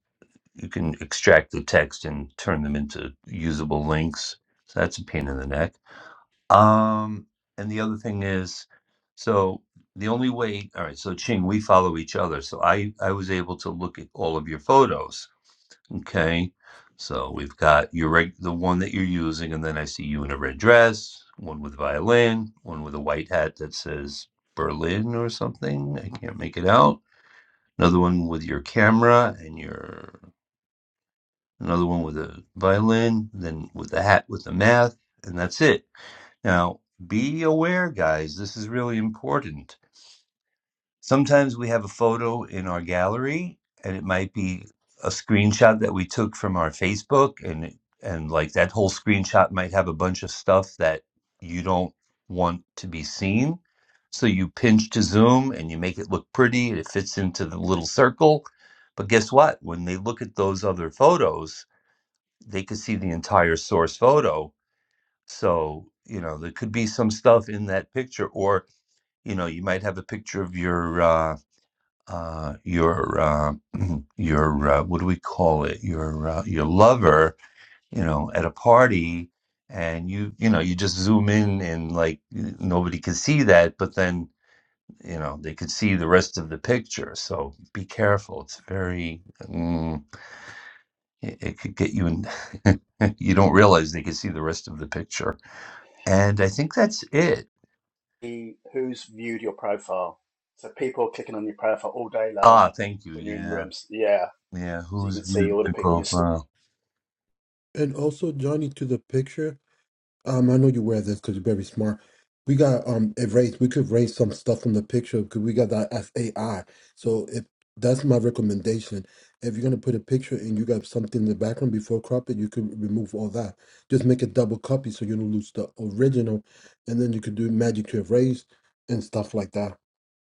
Speaker 8: you can extract the text and turn them into usable links. So that's a pain in the neck um, and the other thing is, so the only way, all right, so Ching, we follow each other. So I, I was able to look at all of your photos. Okay. So we've got your reg, the one that you're using, and then I see you in a red dress, one with violin, one with a white hat that says Berlin or something. I can't make it out. Another one with your camera and your, another one with a violin, then with the hat with the math, and that's it now, be aware, guys, this is really important. Sometimes we have a photo in our gallery, and it might be a screenshot that we took from our Facebook, and it- and like that whole screenshot might have a bunch of stuff that you don't want to be seen. So you pinch to zoom and you make it look pretty, and it fits into the little circle. But guess what? When they look at those other photos, they could see the entire source photo so, you know, there could be some stuff in that picture, or you know, you might have a picture of your uh, uh, your uh, your uh, what do we call it? Your uh, your lover, you know, at a party, and you you know, you just zoom in and like nobody can see that, but then you know they could see the rest of the picture. So be careful. It's very mm, it, it could get you in. you don't realize they could see the rest of the picture. And I think that's it.
Speaker 7: The- Who's viewed your profile? So people are clicking on your profile all day long
Speaker 8: Ah, thank you.
Speaker 7: when you're in
Speaker 8: Yeah.
Speaker 7: rooms. Yeah,
Speaker 8: Yeah.
Speaker 7: so you
Speaker 8: Who's
Speaker 7: can see
Speaker 8: viewed
Speaker 7: all the
Speaker 8: my
Speaker 7: people you are st-
Speaker 8: profile?
Speaker 2: And also, Johnny, to the picture, um, I know you wear this because you're very smart. We got um erase. We could erase some stuff from the picture because we got that as AI. So if that's my recommendation, if you're gonna put a picture and you got something in the background before crop it, you could remove all that. Just make a double copy so you don't lose the original, and then you could do magic to erase and stuff like that.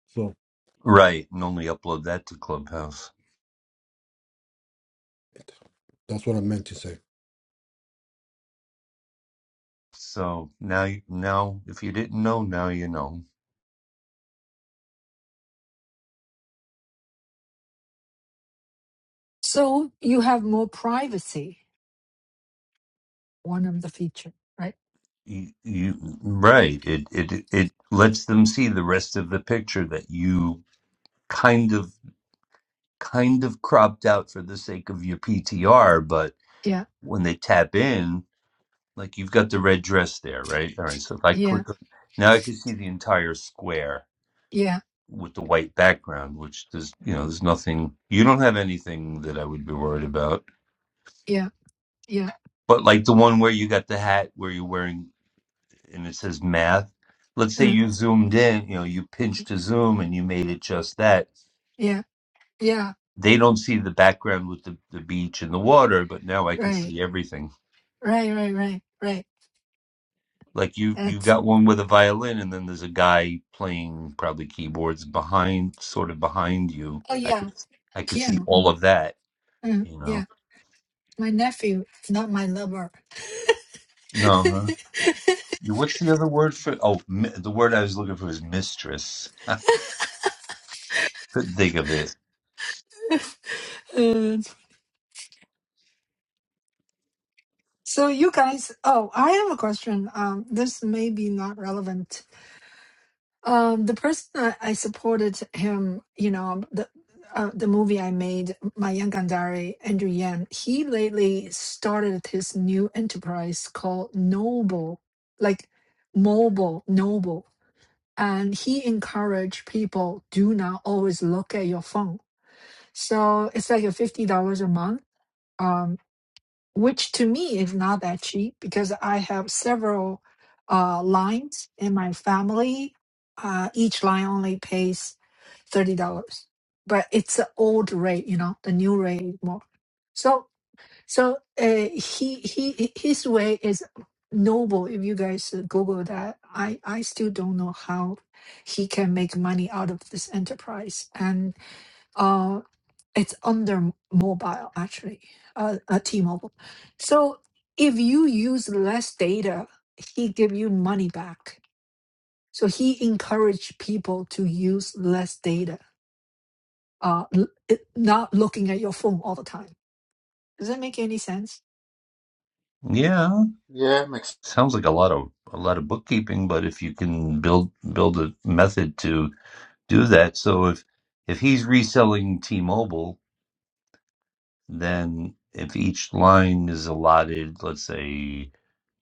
Speaker 2: So
Speaker 8: Right. And only upload that to Clubhouse.
Speaker 2: that's what I meant to say.
Speaker 8: So now, you now, if you didn't know, now you know.
Speaker 1: So you have more privacy. One of the feature, right?
Speaker 8: You, you right. It it it lets them see the rest of the picture that you kind of kind of cropped out for the sake of your PTR, but
Speaker 1: Yeah.
Speaker 8: when they tap in, like you've got the red dress there, right? All right. So if I
Speaker 1: Yeah.
Speaker 8: click, on- now I can see the entire square
Speaker 1: Yeah.
Speaker 8: with the white background, which there's you know there's nothing you don't have anything that I would be worried about.
Speaker 1: Yeah. Yeah.
Speaker 8: But like the one where you got the hat where you're wearing and it says math. Let's say
Speaker 1: Uh,
Speaker 8: you zoomed in, you know, you pinched to zoom and you made it just that.
Speaker 1: yeah. Yeah.
Speaker 8: They don't see the background with the, the beach and the water, but now I can
Speaker 1: Right.
Speaker 8: see everything.
Speaker 1: Right. Right. Right. Right.
Speaker 8: Like you you
Speaker 1: That's.
Speaker 8: got one with a violin and then there's a guy playing probably keyboards behind sort of behind you.
Speaker 1: Oh
Speaker 8: I could
Speaker 1: yeah.
Speaker 8: I could see
Speaker 1: Piano.
Speaker 8: all of that,
Speaker 1: Mm,
Speaker 8: you
Speaker 1: yeah,
Speaker 8: know.
Speaker 1: my nephew, not my lover.
Speaker 8: No. What's the other word for? Oh, mi- the word I was looking for is mistress. Couldn't think of it.
Speaker 1: Uh, so you guys, oh, I have a question. Um, this may be not relevant. Um, the person I, I supported him, you know, the uh, the movie I made, my young Gandari, Andrew Yan, he lately started his new enterprise called Noble, like mobile Noble, and he encouraged people do not always look at your phone. So it's like a fifty dollars a month um, which to me is not that cheap because I have several uh, lines in my family. Uh, each line only pays thirty dollars, but it's an old rate, you know. The new rate is more. So, so uh, he he his way is noble. If you guys Google that, I I still don't know how he can make money out of this enterprise and. uh, it's under mobile actually, uh, uh, T-Mobile. So if you use less data, he give you money back. So he encourage people to use less data, uh, l- it- not looking at your phone all the time. Does that make any sense?
Speaker 8: Yeah,
Speaker 7: Yeah, makes
Speaker 8: sounds like a lot of a lot of bookkeeping, but if you can build build a method to do that, so if if he's reselling T-Mobile, then if each line is allotted, let's say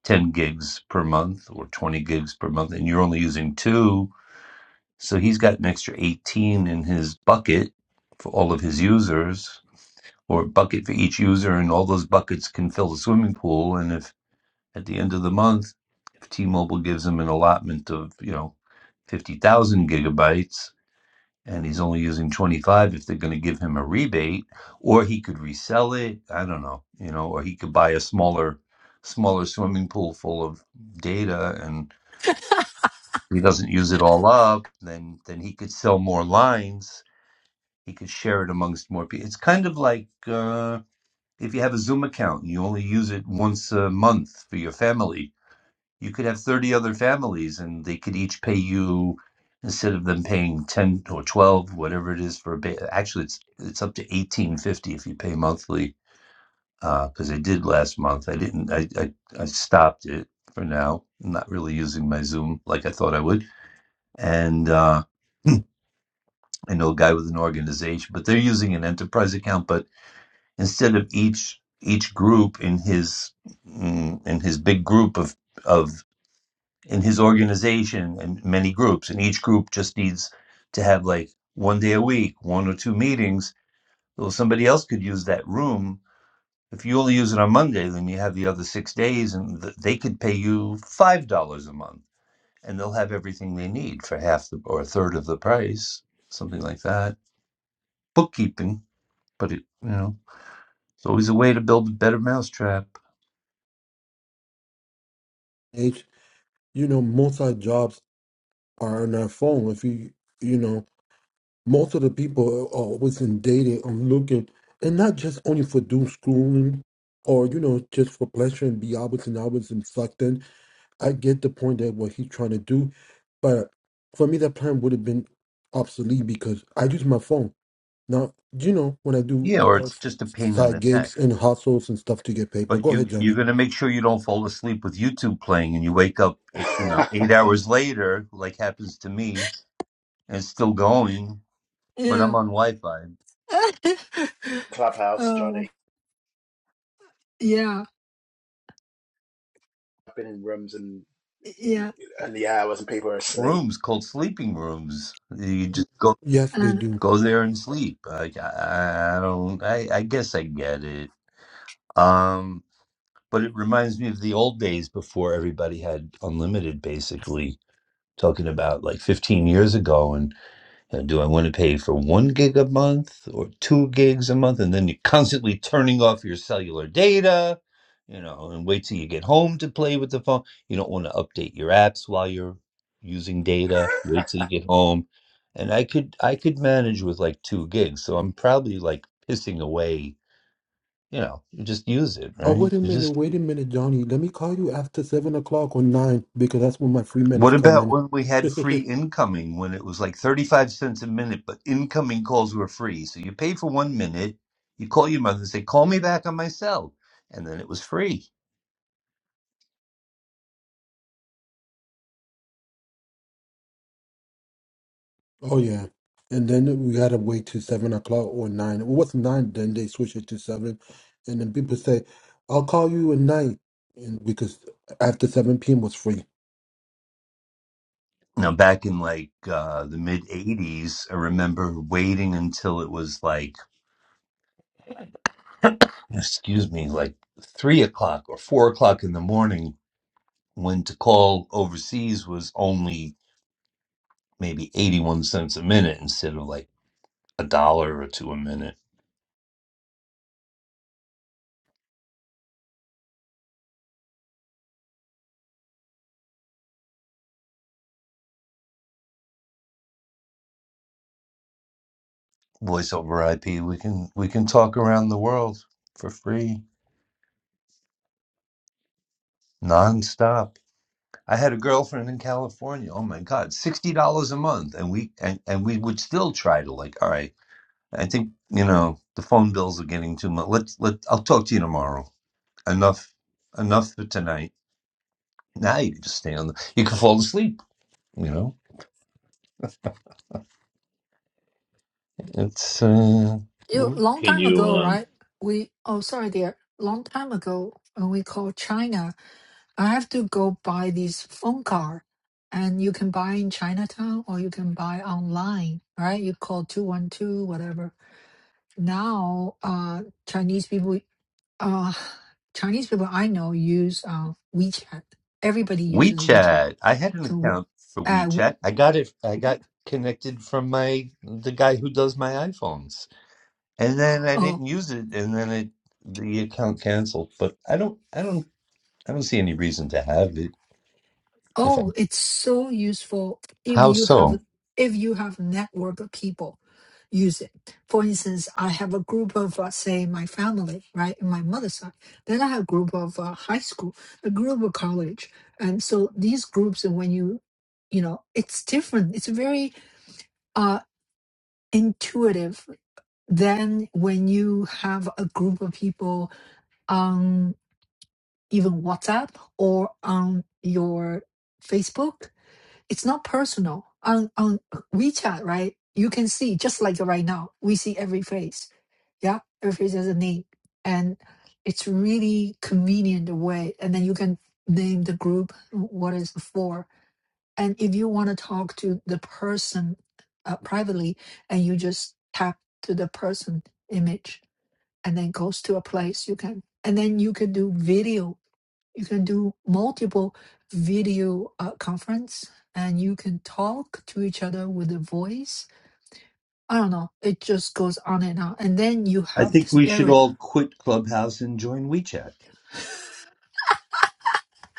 Speaker 8: ten gigs per month or twenty gigs per month, and you're only using two, so he's got an extra eighteen in his bucket for all of his users or a bucket for each user, and all those buckets can fill the swimming pool. And if at the end of the month, if T-Mobile gives him an allotment of you know fifty thousand gigabytes, and he's only using twenty-five, if they're going to give him a rebate, or he could resell it, I don't know, you know, or he could buy a smaller, smaller swimming pool full of data, and if he doesn't use it all up, then then he could sell more lines. He could share it amongst more people. It's kind of like. Uh, if you have a Zoom account and you only use it once a month for your family, you could have 30 other families and they could each pay you instead of them paying 10 or 12 whatever it is for a ba- actually it's it's up to 1850 if you pay monthly because uh, I did last month I didn't I, I I stopped it for now I'm not really using my Zoom like I thought I would and uh I know a guy with an organization but they're using an enterprise account but instead of each each group in his mm, in his big group of of in his organization and many groups and each group just needs to have like one day a week one or two meetings well somebody else could use that room if you only use it on monday then you have the other six days and th- they could pay you five dollars a month and they'll have everything they need for half the or a third of the price something like that bookkeeping but it you know It's always a way to build a better mousetrap.
Speaker 2: H, you know, multi jobs are on their phone. If you you know, most of the people are always in dating and looking, and not just only for doom scrolling or you know just for pleasure and be hours and hours and sucked in. I get the point that what he's trying to do, but for me that plan would have been obsolete because I use my phone now. You know when I do
Speaker 8: Yeah, or
Speaker 2: uh,
Speaker 8: it's just a pain in
Speaker 2: side
Speaker 8: the neck.
Speaker 2: gigs and hustles and stuff to get paid. But
Speaker 8: But
Speaker 2: go ahead,
Speaker 8: you you're
Speaker 2: Johnny.
Speaker 8: gonna make sure you don't fall asleep with YouTube playing, and you wake up eight, you know eight hours later, like happens to me, and it's still going. But I'm
Speaker 1: Yeah.
Speaker 8: on Wi-Fi.
Speaker 7: Clubhouse,
Speaker 1: Oh,
Speaker 7: Johnny.
Speaker 1: yeah,
Speaker 7: I've been in rooms and
Speaker 1: yeah.
Speaker 7: and the hours and people are asleep.
Speaker 8: Rooms called sleeping rooms. You just go
Speaker 2: Yes, they
Speaker 1: Uh,
Speaker 2: do.
Speaker 8: Go there and sleep. Like I, I don't. I, I guess I get it. Um, but it reminds me of the old days before everybody had unlimited, basically. Talking about like 15 years ago, and uh, do I want to pay for one gig a month or two gigs a month? And then you're constantly turning off your cellular data, you know, and wait till you get home to play with the phone. You don't want to update your apps while you're using data. Wait till you get home. And I could I could manage with like two gigs. So I'm probably like pissing away, you know, you just use it,
Speaker 2: Oh,
Speaker 8: right?
Speaker 2: wait a
Speaker 8: You
Speaker 2: minute,
Speaker 8: just
Speaker 2: wait a minute, Johnny. Let me call you after seven o'clock or nine because that's when my free minutes
Speaker 8: What
Speaker 2: come
Speaker 8: about
Speaker 2: in.
Speaker 8: when we had free incoming when it was like 35 cents a minute, but incoming calls were free? So you paid for one minute, you call your mother and say, call me back on my cell. And then it was free.
Speaker 2: oh yeah, and then we gotta wait till seven o'clock or nine. Well, What's nine? Then they switch it to seven, and then people say, "I'll call you at night," and because after seven p.m. was free.
Speaker 8: Now, back in like uh, the mid 80s, I remember waiting until it was like, excuse me, like three o'clock or four o'clock in the morning when to call overseas was only maybe 81 cents a minute instead of like a dollar or two a minute. voice over IP. We can we can talk around the world for free, nonstop. I had a girlfriend in California. Oh my God, sixty dollars a month, and we and, and we would still try to like. All right, I think you know the phone bills are getting too much. Let's let I'll talk to you tomorrow. Enough, enough for tonight. Now you can just stay on. The, you can fall asleep. You know, it's uh,
Speaker 1: you long
Speaker 5: Can
Speaker 1: time
Speaker 5: you
Speaker 1: ago,
Speaker 5: um,
Speaker 1: right? We oh sorry, dear. Long time ago, when we called China I have to go buy this phone card, and you can buy in Chinatown or you can buy online, right? You call 212, whatever. Now, uh, Chinese people, uh, Chinese people I know use uh, WeChat. Everybody uses WeChat.
Speaker 8: WeChat. I had an
Speaker 1: So,
Speaker 8: account for
Speaker 1: uh, w-
Speaker 8: WeChat. I got it. I got
Speaker 1: w-
Speaker 8: connected from my the guy who does my iPhones, and then I
Speaker 1: oh.
Speaker 8: didn't use it, and then it the account canceled. But I don't. I don't. I don't see any reason to have it. If I,
Speaker 1: Oh, it's so useful if
Speaker 8: how
Speaker 1: you have
Speaker 8: so?
Speaker 1: if you have network of people use it. For instance, I have a group of uh, say my family, right, in my mother's side. Then I have a group of uh, high school, a group of college, and so these groups. And when you, you know, it's different. It's very uh, intuitive than when you have a group of people on even WhatsApp or on your Facebook it's not personal on on WeChat, right? You can see just like right now, we see every face. Yeah, every face has a name, and it's really convenient way. And then you can name the group what is it for. And if you want to talk to the person uh, privately, and you just tap to the person image, and then goes to a place you can. And then you could do video you can do multiple video uh, conference and you can talk to each other with the voice i don't know it just goes on and on and then you
Speaker 8: I
Speaker 1: have
Speaker 8: think
Speaker 1: this
Speaker 8: we should
Speaker 1: area
Speaker 8: all quit Clubhouse and join WeChat.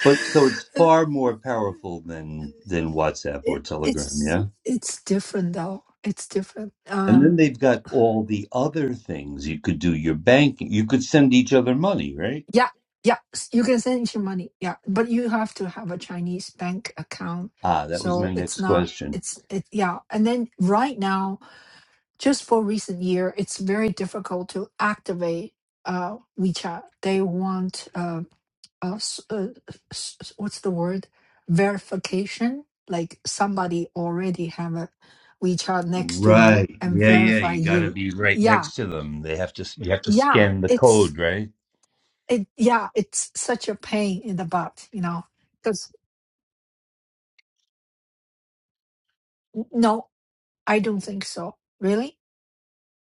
Speaker 8: But so it's far more powerful than than WhatsApp or
Speaker 1: it,
Speaker 8: Telegram.
Speaker 1: it's
Speaker 8: Yeah.
Speaker 1: it's different though it's different
Speaker 8: And then
Speaker 1: um
Speaker 8: they've got all the other things you could do. Your banking. You could send each other money, right?
Speaker 1: yeah yeah s- you can send your money yeah but you have to have a chinese bank account
Speaker 8: Ah, that was
Speaker 1: so
Speaker 8: my
Speaker 1: it's
Speaker 8: next
Speaker 1: not
Speaker 8: question.
Speaker 1: it's it yeah and then right now just for recent year, it's very difficult to activate uh, WeChat. They want uh, uh, s- uh, s- s- what's the word verification, like somebody already have a WeChat next to you
Speaker 8: Right.
Speaker 1: and
Speaker 8: Yeah, yeah.
Speaker 1: verify
Speaker 8: You got to
Speaker 1: you.
Speaker 8: be right
Speaker 1: Yeah,
Speaker 8: next to them. They have to. You have to
Speaker 1: yeah,
Speaker 8: scan the
Speaker 1: it's
Speaker 8: code, right?
Speaker 1: it. Yeah, it's such a pain in the butt, you know. Because no, I don't think so. Really?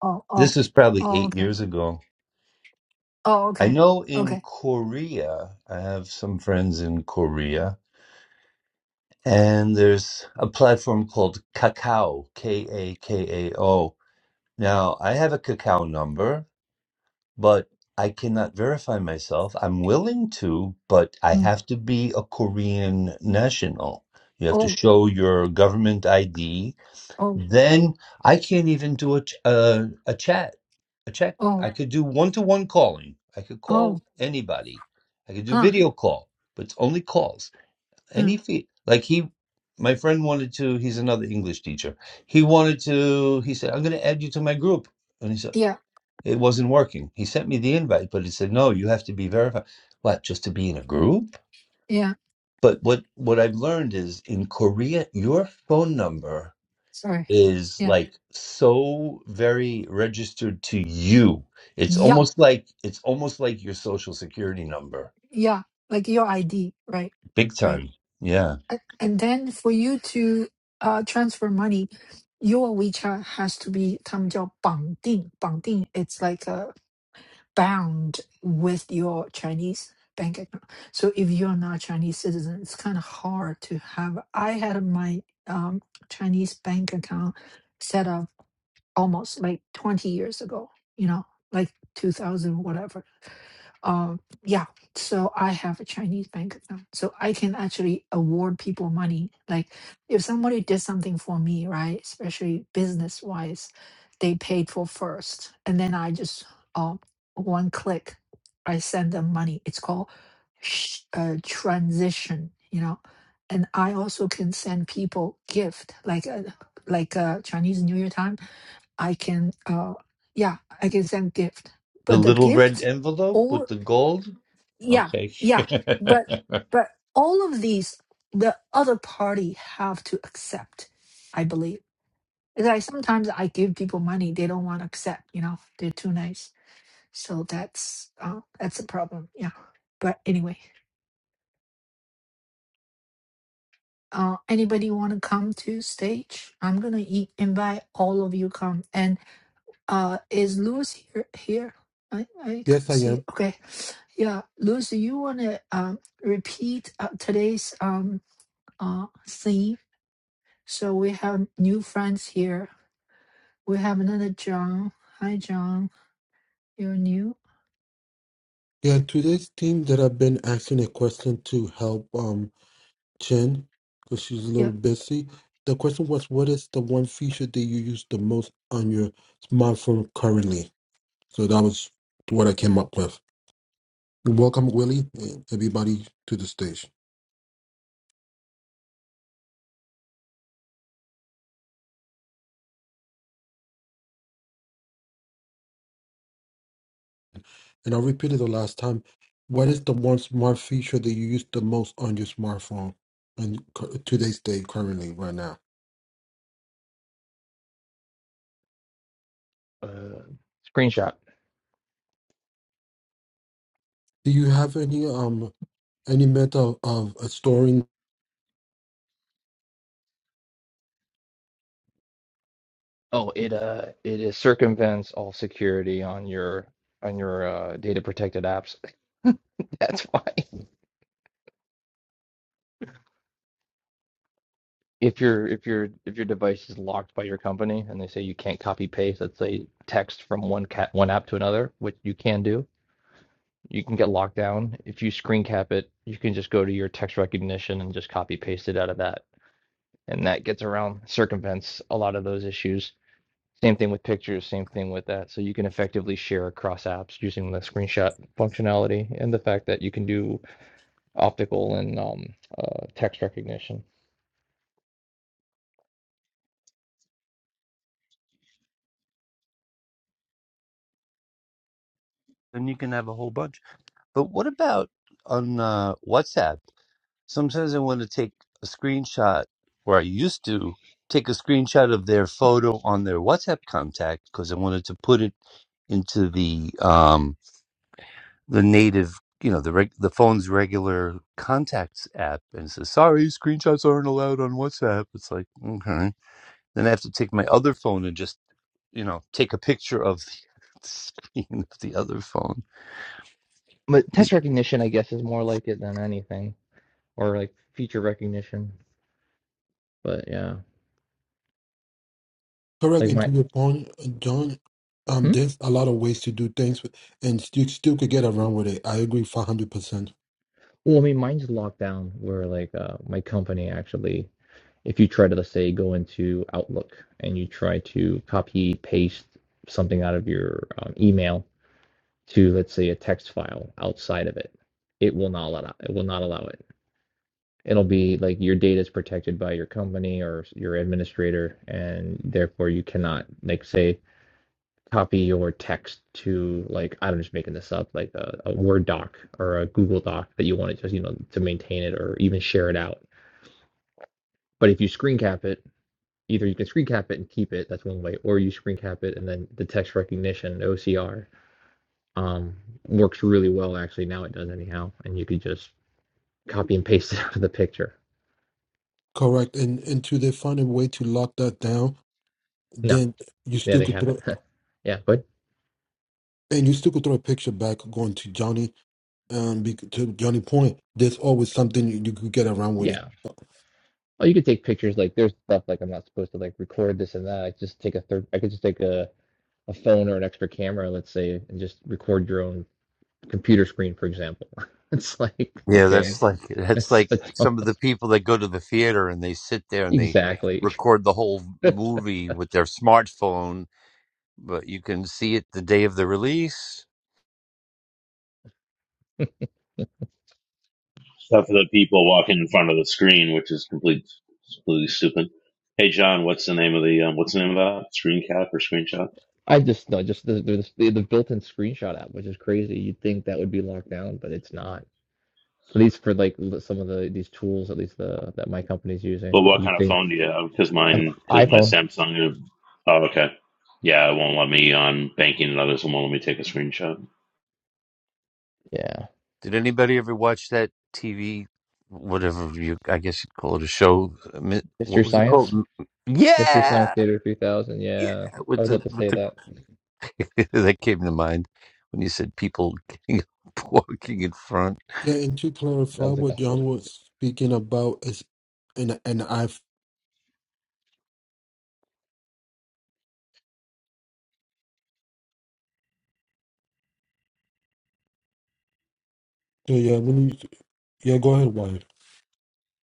Speaker 1: Oh, oh,
Speaker 8: This is probably
Speaker 1: oh,
Speaker 8: eight
Speaker 1: okay.
Speaker 8: years ago.
Speaker 1: Oh,
Speaker 8: I
Speaker 1: okay,
Speaker 8: know in
Speaker 1: okay.
Speaker 8: Korea, I have some friends in Korea, and there's a platform called Kakao, K A K A O. Now, I have a Kakao number, but I cannot verify myself. I'm willing to, but I
Speaker 1: Mm.
Speaker 8: have to be a Korean national. You have to
Speaker 1: Oh,
Speaker 8: show your government ID.
Speaker 1: oh,
Speaker 8: Then I can't even do a ch- uh, a chat, a chat.
Speaker 1: oh.
Speaker 8: I could do one to one calling. I could
Speaker 1: Oh,
Speaker 8: call anybody. I could do
Speaker 1: Huh.
Speaker 8: video call, but it's only calls.
Speaker 1: mm,
Speaker 8: Any fee, like he, my friend wanted to. He's another English teacher. He wanted to. He said, "I'm going to add you to my group." and he said.
Speaker 1: yeah,
Speaker 8: It wasn't working. He sent me the invite, but he said, no, you have to be verified. What, just to be in a group?
Speaker 1: yeah.
Speaker 8: But what, what I've learned is in Korea, your phone number
Speaker 1: Sorry.
Speaker 8: is
Speaker 1: Yeah.
Speaker 8: like so very registered to you. It's
Speaker 1: Yeah,
Speaker 8: almost like, it's almost like your social security number.
Speaker 1: yeah. Like your ID, right?
Speaker 8: Big
Speaker 1: Right.
Speaker 8: time. Yeah.
Speaker 1: A- And then for you to uh transfer money, your WeChat has to be 他们叫绑定，绑定 It's like a bound with your Chinese bank account. So if you're not a Chinese citizen, it's kind of hard to have. I had my um Chinese bank account set up almost like 20 years ago, you know, like 2000, whatever. Um, yeah. So I have a Chinese bank account. So I can actually award people money. Like if somebody did something for me, right, especially business wise, they paid for first. And then I just, um, one click, I send them money. It's called sh- uh, transition, you know. And I also can send people gift like a, like a Chinese New Year time. I can, uh, yeah, I can send gift.
Speaker 8: The
Speaker 1: But the
Speaker 8: little red
Speaker 1: gift,
Speaker 8: envelope with
Speaker 1: all,
Speaker 8: the gold.
Speaker 1: yeah,
Speaker 8: Okay.
Speaker 1: yeah. But,
Speaker 8: then
Speaker 1: but all of these, the other party have to accept, I believe. It's Like sometimes I give people money, they don't want to accept, you know, they're too nice. So that's, uh, that's a problem. Yeah. But anyway, uh, anybody want to come to stage? I'm going to e- invite all of you come. And, uh, is Louis here? Here? I, I can
Speaker 2: Yes, I
Speaker 1: see.
Speaker 2: am.
Speaker 1: Okay. Yeah, Lucy, you want to um, repeat uh, today's um, uh, theme? So we have new friends here. We have another John. Hi, John. You're new?
Speaker 2: Yeah, today's team that I've been asking a question to help. um, Jen, because she's a
Speaker 1: Yeah.
Speaker 2: little busy. The question was, what is the one feature that you use the most on your smartphone currently? So that was what I came up with. Welcome, Willie, and everybody to the stage. And I'll repeat it the last time. What is the one smart feature that you use the most on your smartphone on cu- today's day currently right now?
Speaker 9: uh, screenshot.
Speaker 2: Do you have any um any method of, of storing
Speaker 9: Oh, it uh it is circumvents all security on your on your uh, data protected apps. That's why if your if your if your device is locked by your company and they say you can't copy paste, let's say text from one cat one app to another, which you can do, you can get locked down. If you screen cap it, you can just go to your text recognition and just copy paste it out of that, and that gets around circumvents a lot of those issues Same thing with pictures, same thing with that. So you can effectively share across apps using the screenshot functionality and the fact that you can do optical and um, uh, text recognition.
Speaker 8: you can have a whole bunch. But what about on uh, WhatsApp? Sometimes I want to take a screenshot, or I used to take a screenshot of their photo on their WhatsApp contact because I wanted to put it into the um the native you know the reg- the phone's regular contacts app and it says sorry screenshots aren't allowed on whatsapp it's like okay then i have to take my other phone and just you know take a picture of the screen of the other phone
Speaker 9: But text recognition, I guess, is more like it than anything, or like feature recognition. But yeah,
Speaker 2: Correct.
Speaker 9: like
Speaker 2: And to
Speaker 9: my,
Speaker 2: your point, John, um,
Speaker 9: hmm?
Speaker 2: there's a lot of ways to do things, with- and you still could get around with it. I agree, five hundred percent.
Speaker 9: well, I mean, mine's locked down where like uh, my company actually, if you try to, let's say, go into Outlook and you try to copy paste something out of your um, email to let's say a text file outside of it, it will not allow it will not allow it. It'll be like your data is protected by your company or your administrator, and therefore you cannot like say copy your text to like I'm just making this up like a, a Word doc or a Google doc that you want to just you know to maintain it or even share it out. But if you screen cap it, either you can screen cap it and keep it that's one way, or you screen cap it and then the text recognition OCR Um, works really well actually. Now it does anyhow, and you could just copy and paste it out of the picture.
Speaker 2: Correct. And and to they find a way to lock that down,
Speaker 9: No,
Speaker 2: then you
Speaker 9: yeah,
Speaker 2: still
Speaker 9: they
Speaker 2: could
Speaker 9: have
Speaker 2: throw,
Speaker 9: it. yeah, but
Speaker 2: and you still could throw a picture back going to Johnny. Um, be, to Johnny point, there's always something you, you could get around with it.
Speaker 9: yeah. Oh, you could take pictures like there's stuff like I'm not supposed to like record this and that. I just take a third. I could just take a a phone or an extra camera, let's say, and just record your own computer screen, for example. It's like
Speaker 8: Yeah,
Speaker 9: okay,
Speaker 8: that's like that's
Speaker 9: that's
Speaker 8: like
Speaker 9: that's
Speaker 8: some of
Speaker 9: almost-
Speaker 8: the people that go to the theater and they sit there and they
Speaker 9: exactly.
Speaker 8: record the whole movie with their smartphone, but you can see it the day of the release.
Speaker 5: stuff the people walking in front of the screen, which is complete, completely stupid? Hey John, what's the name of the um, what's the name of that screen cap or screenshot?
Speaker 9: I just no, just the, the the built-in screenshot app, which is crazy. You'd think that would be locked down, but it's not. at least for like some of the these tools, at least the that my company's
Speaker 5: But
Speaker 9: using.
Speaker 5: what
Speaker 9: You
Speaker 5: kind of
Speaker 9: think
Speaker 5: phone do you have? Because
Speaker 9: an
Speaker 5: mine, because my
Speaker 9: iPhone?
Speaker 5: Samsung. Oh, okay. Yeah, it won't let me on banking and others. It won't let me take a screenshot
Speaker 9: Yeah,
Speaker 8: Did anybody ever watch that TV, whatever you, I guess you'd call it a show? uh, mi- What
Speaker 9: Mr.
Speaker 8: was it called?
Speaker 9: Science,
Speaker 8: M-
Speaker 9: Mr. Science
Speaker 8: Yeah,
Speaker 9: Gator 3000.
Speaker 8: yeah,
Speaker 9: Yeah, I
Speaker 8: with
Speaker 9: was
Speaker 8: the
Speaker 9: about to
Speaker 8: with
Speaker 9: say
Speaker 8: the
Speaker 9: that.
Speaker 8: that came to mind when you said people getting walking in front.
Speaker 2: Yeah. And to
Speaker 9: That
Speaker 2: clarify
Speaker 9: was like the
Speaker 2: what
Speaker 9: whole.
Speaker 2: John was speaking about is, and and I, so yeah, let me, yeah, go ahead, wife.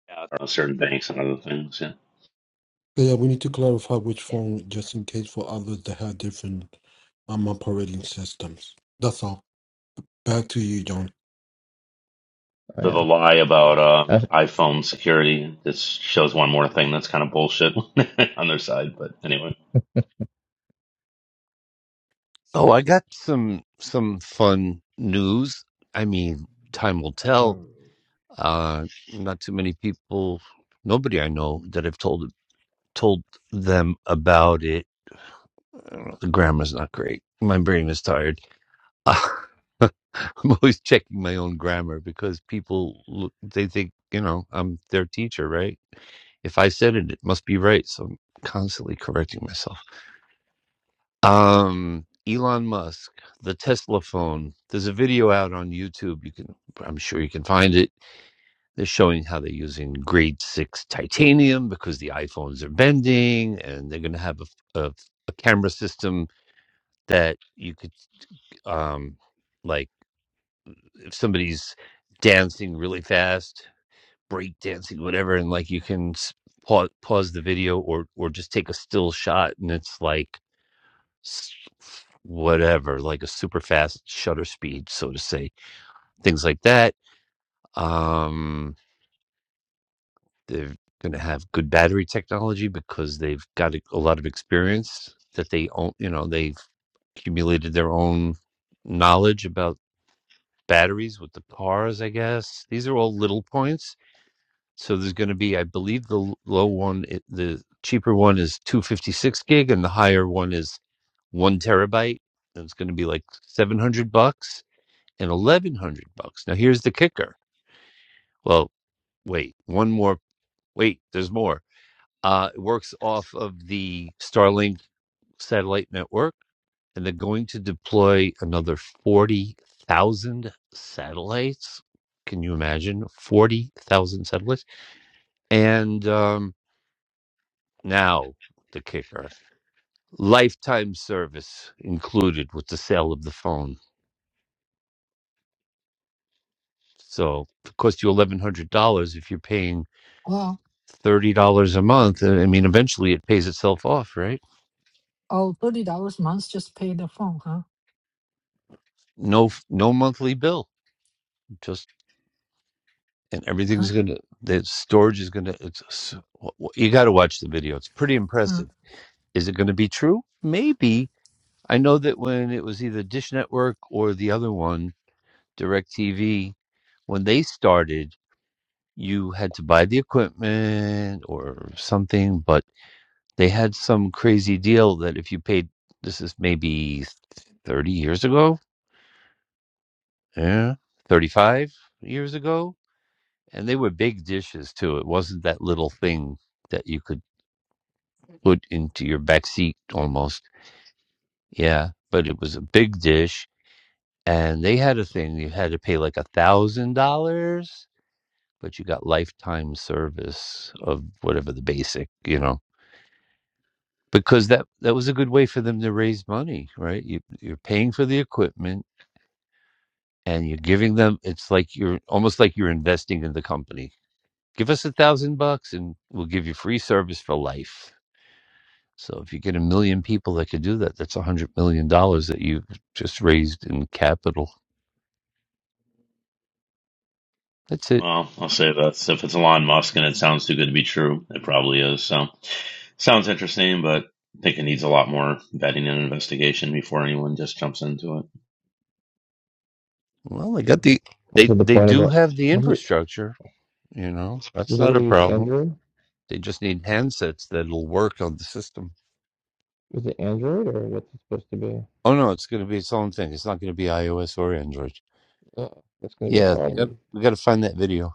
Speaker 5: Yeah, on certain banks and other things. Yeah.
Speaker 2: Yeah, we need to clarify which
Speaker 9: Yeah.
Speaker 2: phone, just in case for others that have different um operating systems. That's all. Back to you, John.
Speaker 9: Oh
Speaker 5: So the
Speaker 9: yeah.
Speaker 5: lie about uh,
Speaker 9: That's,
Speaker 5: iPhone security this shows one more thing that's kind of bullshit on their side. But anyway.
Speaker 8: Oh, I got some some fun news. I mean, time will tell.
Speaker 10: Um,
Speaker 8: Uh, not too many people, nobody I know that have told told them about it. Uh, The grammar's not great. My brain is tired. I'm always checking my own grammar because people look, they think you know I'm their teacher, right? If I said it, it must be right. So I'm constantly correcting myself. Um, Elon Musk, the Tesla phone. There's a video out on YouTube. You can, I'm sure you can find it. They're showing how they're using grade six titanium because the iPhones are bending, and they're going to have a, a, a camera system that you could, um, like, if somebody's dancing really fast, break dancing, whatever, and like you can pause, pause the video or or just take a still shot, and it's like s- whatever, like a super fast shutter speed, so to say, things like that. Um, they're going to have good battery technology because they've got a, a lot of experience that they own, you know, they've accumulated their own knowledge about batteries with the cars, I guess. These are all little points. So there's going to be, I believe, the l- low one, i- the cheaper one is 256 gig, and the higher one is one terabyte. and It's going to be like 700 bucks and 1100 bucks. Now here's the kicker. Well, wait, one more. Wait, there's more. Uh, it works off of the Starlink satellite network, and they're going to deploy another 40,000 satellites. Can you imagine 40,000 satellites? And um, now the kicker. Lifetime service included with the sale of the phone. So it costs you $1,100 if you're paying
Speaker 1: Wow.
Speaker 8: thirty dollars a month. uh, I mean, eventually it pays itself off, right?
Speaker 1: Oh, $30 a month just pay the phone, huh?
Speaker 8: No, no monthly bill. Just and
Speaker 1: Huh?
Speaker 8: everything's gonna. The storage is gonna. It's s- w- w- you got to watch the video. It's pretty
Speaker 1: Huh.
Speaker 8: impressive. Is it going to be true? Maybe. I know that when it was either Dish Network or the other one, DirecTV, when they started, you had to buy the equipment or something, but they had some crazy deal that if you paid. This is maybe 30 years ago yeah, 35 years ago. And they were big dishes too. It wasn't that little thing that you could put into your back seat almost. Yeah, but it was a big dish. And they had a thing you had to pay like a thousand dollars, but you got lifetime service of whatever the basic, you know, because that that was a good way for them to raise money, right? You, you're paying for the equipment and you're giving them. It's like you're almost like you're investing in the company give us a thousand bucks and we'll give you free service for life. So if you get a million people that could do that, that's a hundred million dollars that you've just raised in capital. That's it.
Speaker 5: Well, I'll say that If it's Elon Musk and it sounds too good to be true, it probably is. So, sounds interesting, but I think it needs a lot more vetting and investigation before anyone just jumps into it.
Speaker 8: Well, they got the
Speaker 9: that's
Speaker 8: they
Speaker 9: the
Speaker 8: they
Speaker 9: point
Speaker 8: do
Speaker 9: about.
Speaker 8: have the
Speaker 9: Was it?
Speaker 8: infrastructure. You know, that's
Speaker 9: Was it
Speaker 8: not
Speaker 9: going
Speaker 8: a
Speaker 9: to use
Speaker 8: problem.
Speaker 9: Android?
Speaker 8: They just need handsets that'll work on the system.
Speaker 9: Is it Android or what's it supposed to be?
Speaker 8: Oh no, it's going to be its own thing. It's not going to be iOS or Android.
Speaker 9: Oh, that's going to be a
Speaker 8: Yeah, yep,
Speaker 9: problem.
Speaker 8: we got to find that video.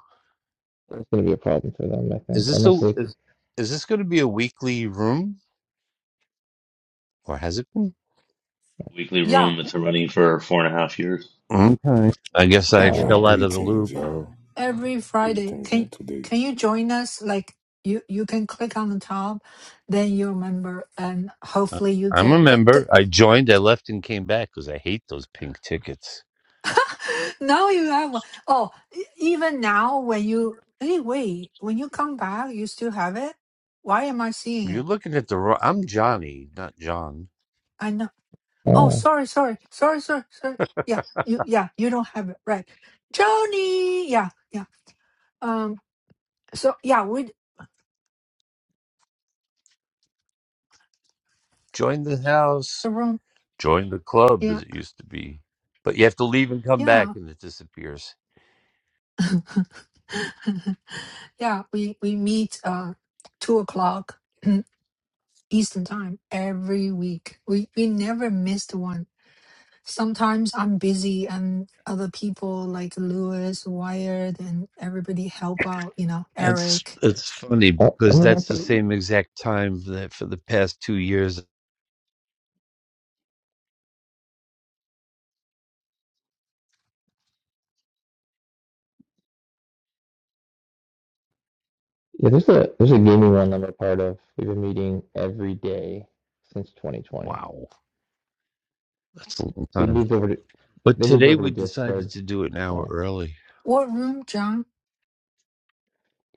Speaker 9: That's going to be a problem for them, I
Speaker 8: Is
Speaker 9: think.
Speaker 8: this
Speaker 9: Unless
Speaker 8: a
Speaker 9: they.
Speaker 8: is, is this going to be a weekly room or has it been?
Speaker 5: Weekly
Speaker 1: Yeah,
Speaker 5: room, it's been running for four and a half years.
Speaker 8: Okay. I guess I
Speaker 1: yeah.
Speaker 10: yeah,
Speaker 8: fell
Speaker 9: Oh.
Speaker 8: out of the
Speaker 10: greetings,
Speaker 8: loop.
Speaker 10: y'all.
Speaker 1: Every Friday.
Speaker 10: Greetings,
Speaker 1: Can
Speaker 10: and today,
Speaker 1: can you join us? Like you you can click on the top, then you remember and
Speaker 8: I-
Speaker 1: hopefully you
Speaker 8: I'm a
Speaker 1: get
Speaker 8: member. I joined. I left and came back because I hate those pink tickets.
Speaker 1: now you have one. Oh, e- even now when you hey wait, when you come back, you still have it. Why am I seeing
Speaker 8: You're
Speaker 1: it?
Speaker 8: looking at the wrong. I'm Johnny, not John.
Speaker 1: I know. Oh,
Speaker 9: Oh.
Speaker 1: sorry, sorry, sorry, sorry, sorry. Yeah, you yeah you don't have it right, Johnny Yeah, yeah. Um. So yeah, we
Speaker 8: Join the house.
Speaker 1: the room.
Speaker 8: Join the club,
Speaker 1: Yeah,
Speaker 8: as it used to be. But you have to leave and come back,
Speaker 1: yeah,
Speaker 8: and it disappears.
Speaker 1: yeah. We we meet uh two o'clock Eastern time every week. We we never missed one Sometimes I'm busy and other people like Lewis, Wired, and everybody help out, you know,
Speaker 8: That's
Speaker 1: Eric.
Speaker 8: it's funny
Speaker 9: Oh.
Speaker 8: because that's the
Speaker 9: oh,
Speaker 8: same exact time that for the past two years.
Speaker 9: Yeah, there's a there's a gaming one I'm a part of. We've been meeting every day since 2020.
Speaker 8: Wow, that's a long
Speaker 9: They
Speaker 8: time.
Speaker 9: moved over to
Speaker 8: But
Speaker 9: they moved
Speaker 8: today
Speaker 9: over to
Speaker 8: we decided
Speaker 9: Discord.
Speaker 8: to do it an hour
Speaker 9: So
Speaker 8: early.
Speaker 1: What room, John?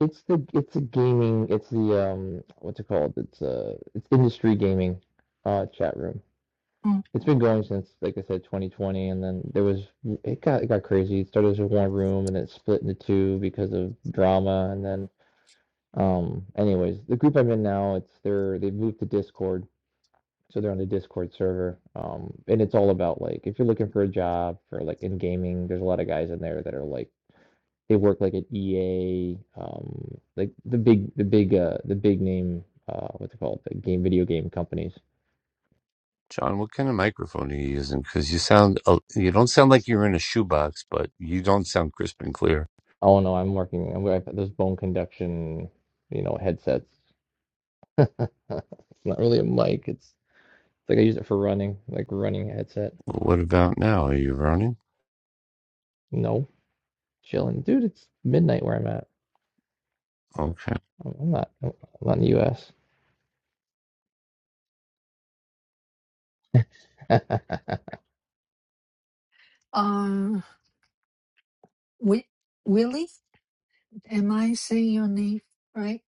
Speaker 9: it's the it's a gaming it's the um what's it called? It's uh it's industry gaming uh chat room.
Speaker 1: Mm.
Speaker 9: It's been going since like I said 2020 and then there was it got it got crazy. It started as one room and then it split into two because of drama and then um anyways, the group I'm in now, it's they're they've moved to Discord so they're on the discord server um and it's all about like if you're looking for a job for like in gaming there's a lot of guys in there that are like they work like at ea um like the big the big uh the big name uh what's it called the game video game companies
Speaker 8: John, what kind of microphone are you using? Because you sound, oh, you don't sound like you're in a shoebox, but you don't sound crisp and clear.
Speaker 9: oh no i'm working i'm I've got those bone conduction you know headsets it's not really a mic it's it's like i use it for running like running headset
Speaker 8: What about now? Are you running?
Speaker 9: no chilling dude it's midnight where i'm at
Speaker 8: Okay.
Speaker 9: i'm I'm not i'm not in the us
Speaker 1: Um, Wi- Willie, am I saying your name right?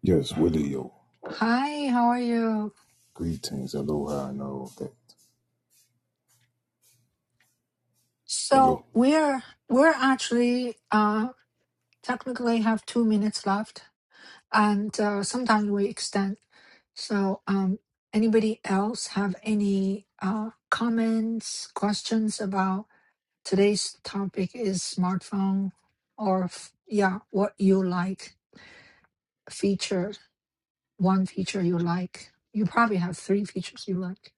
Speaker 10: yes, Willie, yo.
Speaker 1: Hi, how are you?
Speaker 10: Greetings, aloha, and all that.
Speaker 1: So
Speaker 10: Hello.
Speaker 1: we're we're actually uh technically have two minutes left, and uh, sometimes we extend. So, um, anybody else have any uh comments, questions about? Today's topic is smartphone or f- yeah, what you like feature, one feature you like. You probably have three features you like.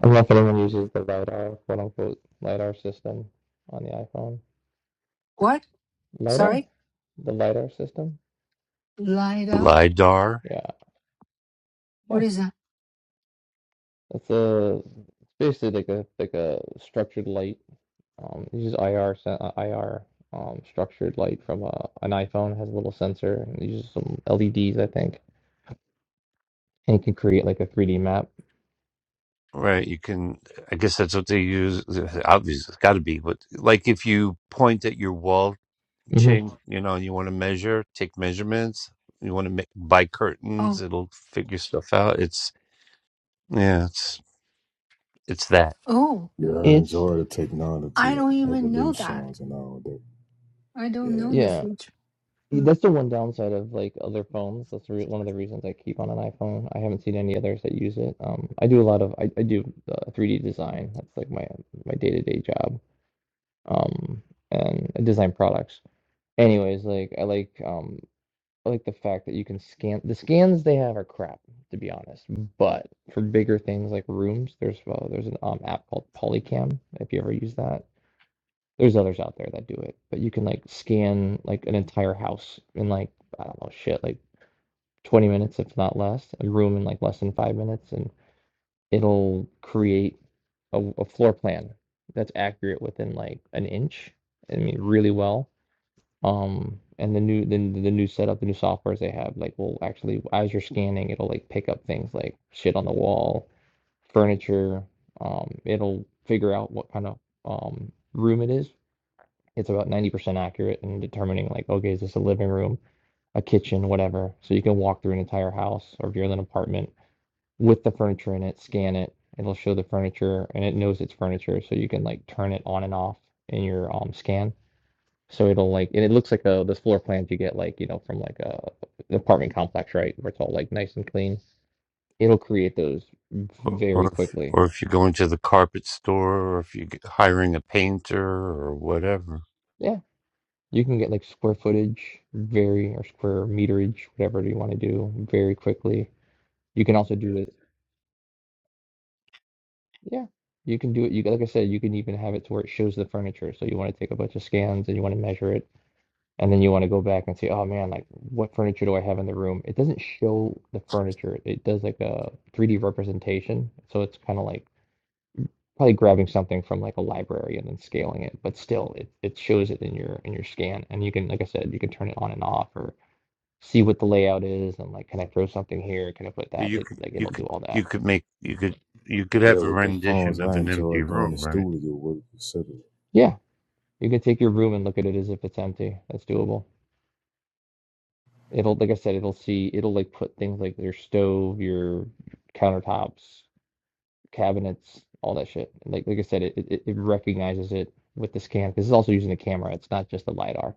Speaker 9: I don't know if anyone uses the LiDAR, quote unquote, LiDAR system on the iPhone.
Speaker 1: What?
Speaker 9: LiDAR?
Speaker 1: Sorry?
Speaker 9: The LiDAR system?
Speaker 1: Light up?
Speaker 8: LiDAR?
Speaker 9: Yeah.
Speaker 1: What
Speaker 9: Yeah.
Speaker 1: is that?
Speaker 9: It's a it's basically like a like a structured light. Um, it uses IR sen- uh, IR um structured light from a, an iPhone. It has a little sensor and it uses some LEDs, I think, and you can create like a 3D map.
Speaker 8: Right. You can, I guess that's what they use. Obviously, it's got to be, but like if you point at your wall,
Speaker 9: hmm
Speaker 8: Ching, you know, and you want to measure, take measurements, you want to make, buy
Speaker 1: Oh,
Speaker 8: curtains, it'll figure stuff out. It's, yeah, it's, it's that.
Speaker 1: oh,
Speaker 10: Yeah, I
Speaker 9: It's
Speaker 10: enjoy the
Speaker 1: I
Speaker 10: technology
Speaker 1: don't even know that.
Speaker 10: evolutions and all that.
Speaker 1: I don't know
Speaker 10: Yeah,
Speaker 1: the
Speaker 9: yeah.
Speaker 1: feature.
Speaker 9: Yeah,
Speaker 1: Mm.
Speaker 9: That's the one downside of like other phones. That's the re one of the reasons I keep on an iPhone. I haven't seen any others that use it. Um, I do a lot of I, I do uh, 3D design. That's like my my day-to-day job. Um, and I design products. Anyways, like I like um I like the fact that you can scan the scans they have are crap to be honest. But for bigger things like rooms, there's uh, there's an um app called Polycam if you ever use that. There's others out there that do it, but you can like scan like an entire house in like I don't know, shit, like 20 minutes, if not less, a room in like less than five minutes, and it'll create a, a floor plan that's accurate within like an inch. I mean, really well. Um, and the new then the new setup, the new softwares they have, like will actually as you're scanning, it'll like pick up things like shit on the wall, furniture. Um, it'll figure out what kind of um room it is. It's about 90% accurate in determining like, okay, is this a living room? a kitchen, whatever. So you can walk through an entire house, or if you're in an apartment with the furniture in it, scan it. It'll show the furniture, and it knows it's furniture, so you can like turn it on and off in your um scan. So it'll like, and it looks like a those floor plans you get like you know from like a an apartment complex, right? Where it's all like nice and clean. It'll create those
Speaker 8: Or
Speaker 9: very
Speaker 8: or if,
Speaker 9: quickly.
Speaker 8: or if you're going to the carpet store, or if you're g- hiring a painter or whatever,
Speaker 9: Yeah, you can get like square footage, very or square meterage, whatever you want to do, very quickly. You can also do Yeah, you can do it. You like I said, you can even have it to where it shows the furniture. So you want to take a bunch of scans and you want to measure it, and then you want to go back and say, oh man, like what furniture do I have in the room? It doesn't show the furniture. It does like a 3D representation. So it's kind of like probably grabbing something from like a library and then scaling it, but still it it shows it in your in your scan. And you can, like I said, you can turn it on and off or see what the layout is and like can I throw something here? Can I put that?
Speaker 8: you
Speaker 9: It
Speaker 8: could
Speaker 9: like
Speaker 8: you
Speaker 9: it'll do
Speaker 8: could
Speaker 9: all
Speaker 8: you
Speaker 9: that.
Speaker 8: could make you could you could
Speaker 10: yeah,
Speaker 8: have a
Speaker 10: with the phones,
Speaker 8: rendition of
Speaker 10: I
Speaker 8: an empty
Speaker 10: enjoy doing the
Speaker 8: room, right?
Speaker 10: studio work, etc.
Speaker 9: Yeah, you can take your room and look at it as if it's empty. That's doable. It'll, like I said, it'll see, it'll like put things like your stove, your countertops, cabinets, all that shit. Like like I said, it it, it recognizes it with the scan because it's also using the camera. It's not just the lidar.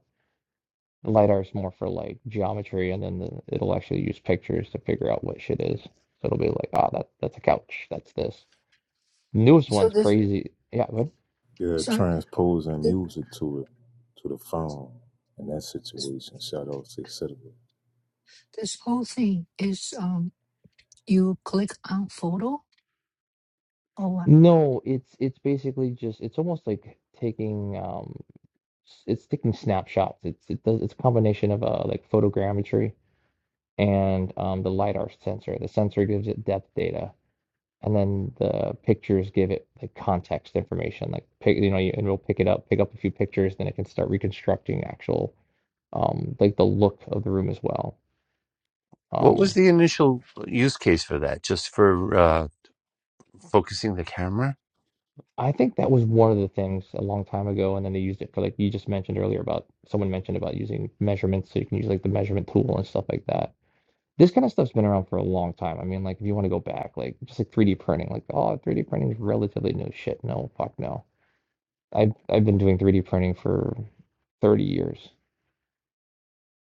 Speaker 9: The lidar is more for like geometry, and then the, it'll actually use pictures to figure out what shit is. So it'll be like, ah, oh, that that's a couch. That's this. Newest
Speaker 1: So
Speaker 9: one's
Speaker 1: this,
Speaker 9: crazy. Yeah, but
Speaker 10: Yeah,
Speaker 1: sorry,
Speaker 10: transposing
Speaker 1: this,
Speaker 10: music to it, to the phone, in that situation. Shout out to etc.
Speaker 1: this whole thing is um, you click on photo or what?
Speaker 9: no, it's it's basically just it's almost like taking um it's taking snapshots. It's it does it's a combination of uh like photogrammetry and um the lidar sensor. The sensor gives it depth data, and then the pictures give it like context information. Like pick you know you, and it'll pick it up, pick up a few pictures, then it can start reconstructing actual um like the look of the room as well.
Speaker 8: What was
Speaker 9: Um,
Speaker 8: the initial use case for that? Just for uh, focusing the camera?
Speaker 9: I think that was one of the things a long time ago, and then they used it for like you just mentioned earlier about someone mentioned about using measurements, so you can use like the measurement tool and stuff like that This kind of stuff's been around for a long time. I mean, like, if you want to go back, like, just like 3D printing, like, oh, 3D printing is relatively new shit. No, fuck no. I've I've been doing 3D printing for 30 years,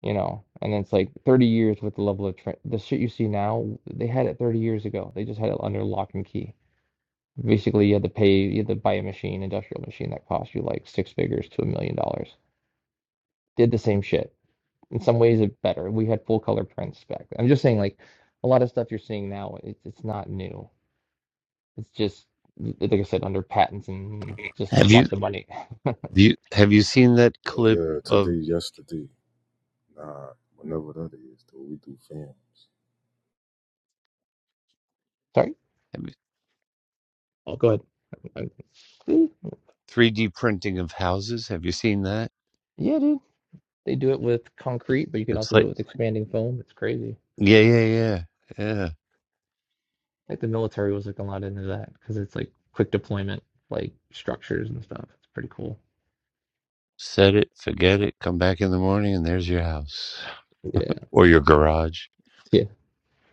Speaker 9: you know, and it's like 30 years with the level of tra- the shit you see now, they had it 30 years ago. They just had it under lock and key. Basically, you had to pay, you had to buy a machine, industrial machine that cost you like six figures to a million dollars. Did the same shit. In some ways, it better. We had full color prints back then. I'm just saying, like, a lot of stuff you're seeing now, it's it's not new. It's just, like I said, under patents and just
Speaker 8: Have you
Speaker 9: lots of money.
Speaker 8: have you have you seen that
Speaker 10: Oh
Speaker 8: clip
Speaker 10: yeah, today,
Speaker 8: of
Speaker 10: yesterday, nah, whenever that is, though, we do films.
Speaker 9: Sorry?
Speaker 8: have you-
Speaker 9: Oh, go ahead. I'm- See?
Speaker 8: three D printing of houses? Have you seen that?
Speaker 9: Yeah, dude. They do it with concrete, but you can
Speaker 8: It's
Speaker 9: also do
Speaker 8: like
Speaker 9: it with expanding foam. It's crazy.
Speaker 8: yeah yeah yeah yeah.
Speaker 9: Like the military was like a lot into that because it's like quick deployment, like structures and stuff. It's pretty cool.
Speaker 8: Set it, forget it, come back in the morning, and there's your house.
Speaker 9: Yeah.
Speaker 8: or your garage.
Speaker 9: Yeah.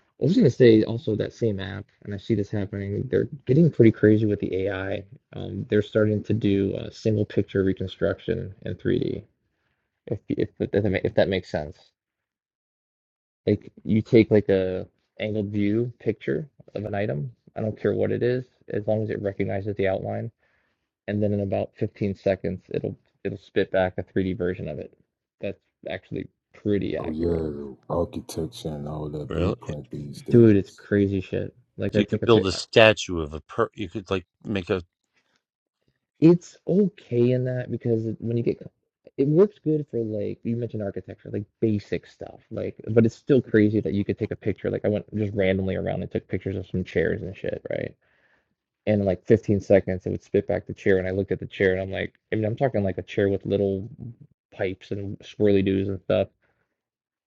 Speaker 9: I was gonna say also that same app, and I see this happening. They're getting pretty crazy with the AI. Um, they're starting to do uh, single picture reconstruction in 3D. If if if that ma- if that makes sense. Like you take like a angled view picture of an item. I don't care what it is, as long as it recognizes the outline, and then in about 15 seconds, it'll it'll spit back a 3D version of it. That's actually pretty
Speaker 10: Oh
Speaker 9: accurate.
Speaker 10: yeah, the architecture and all that
Speaker 8: Really?
Speaker 10: blueprint these
Speaker 9: Dude, it's
Speaker 10: days.
Speaker 9: crazy shit. Like
Speaker 8: So
Speaker 9: I
Speaker 8: you could
Speaker 9: take a
Speaker 8: build
Speaker 9: pic.
Speaker 8: a statue of a per. You could like make a,
Speaker 9: It's okay in that because it- when you get it works good for like you mentioned architecture, like basic stuff. Like, but it's still crazy that you could take a picture. Like I went just randomly around and took pictures of some chairs and shit, right? and in like 15 seconds it would spit back the chair and i looked at the chair and i'm like i mean i'm talking like a chair with little pipes and swirly doos and stuff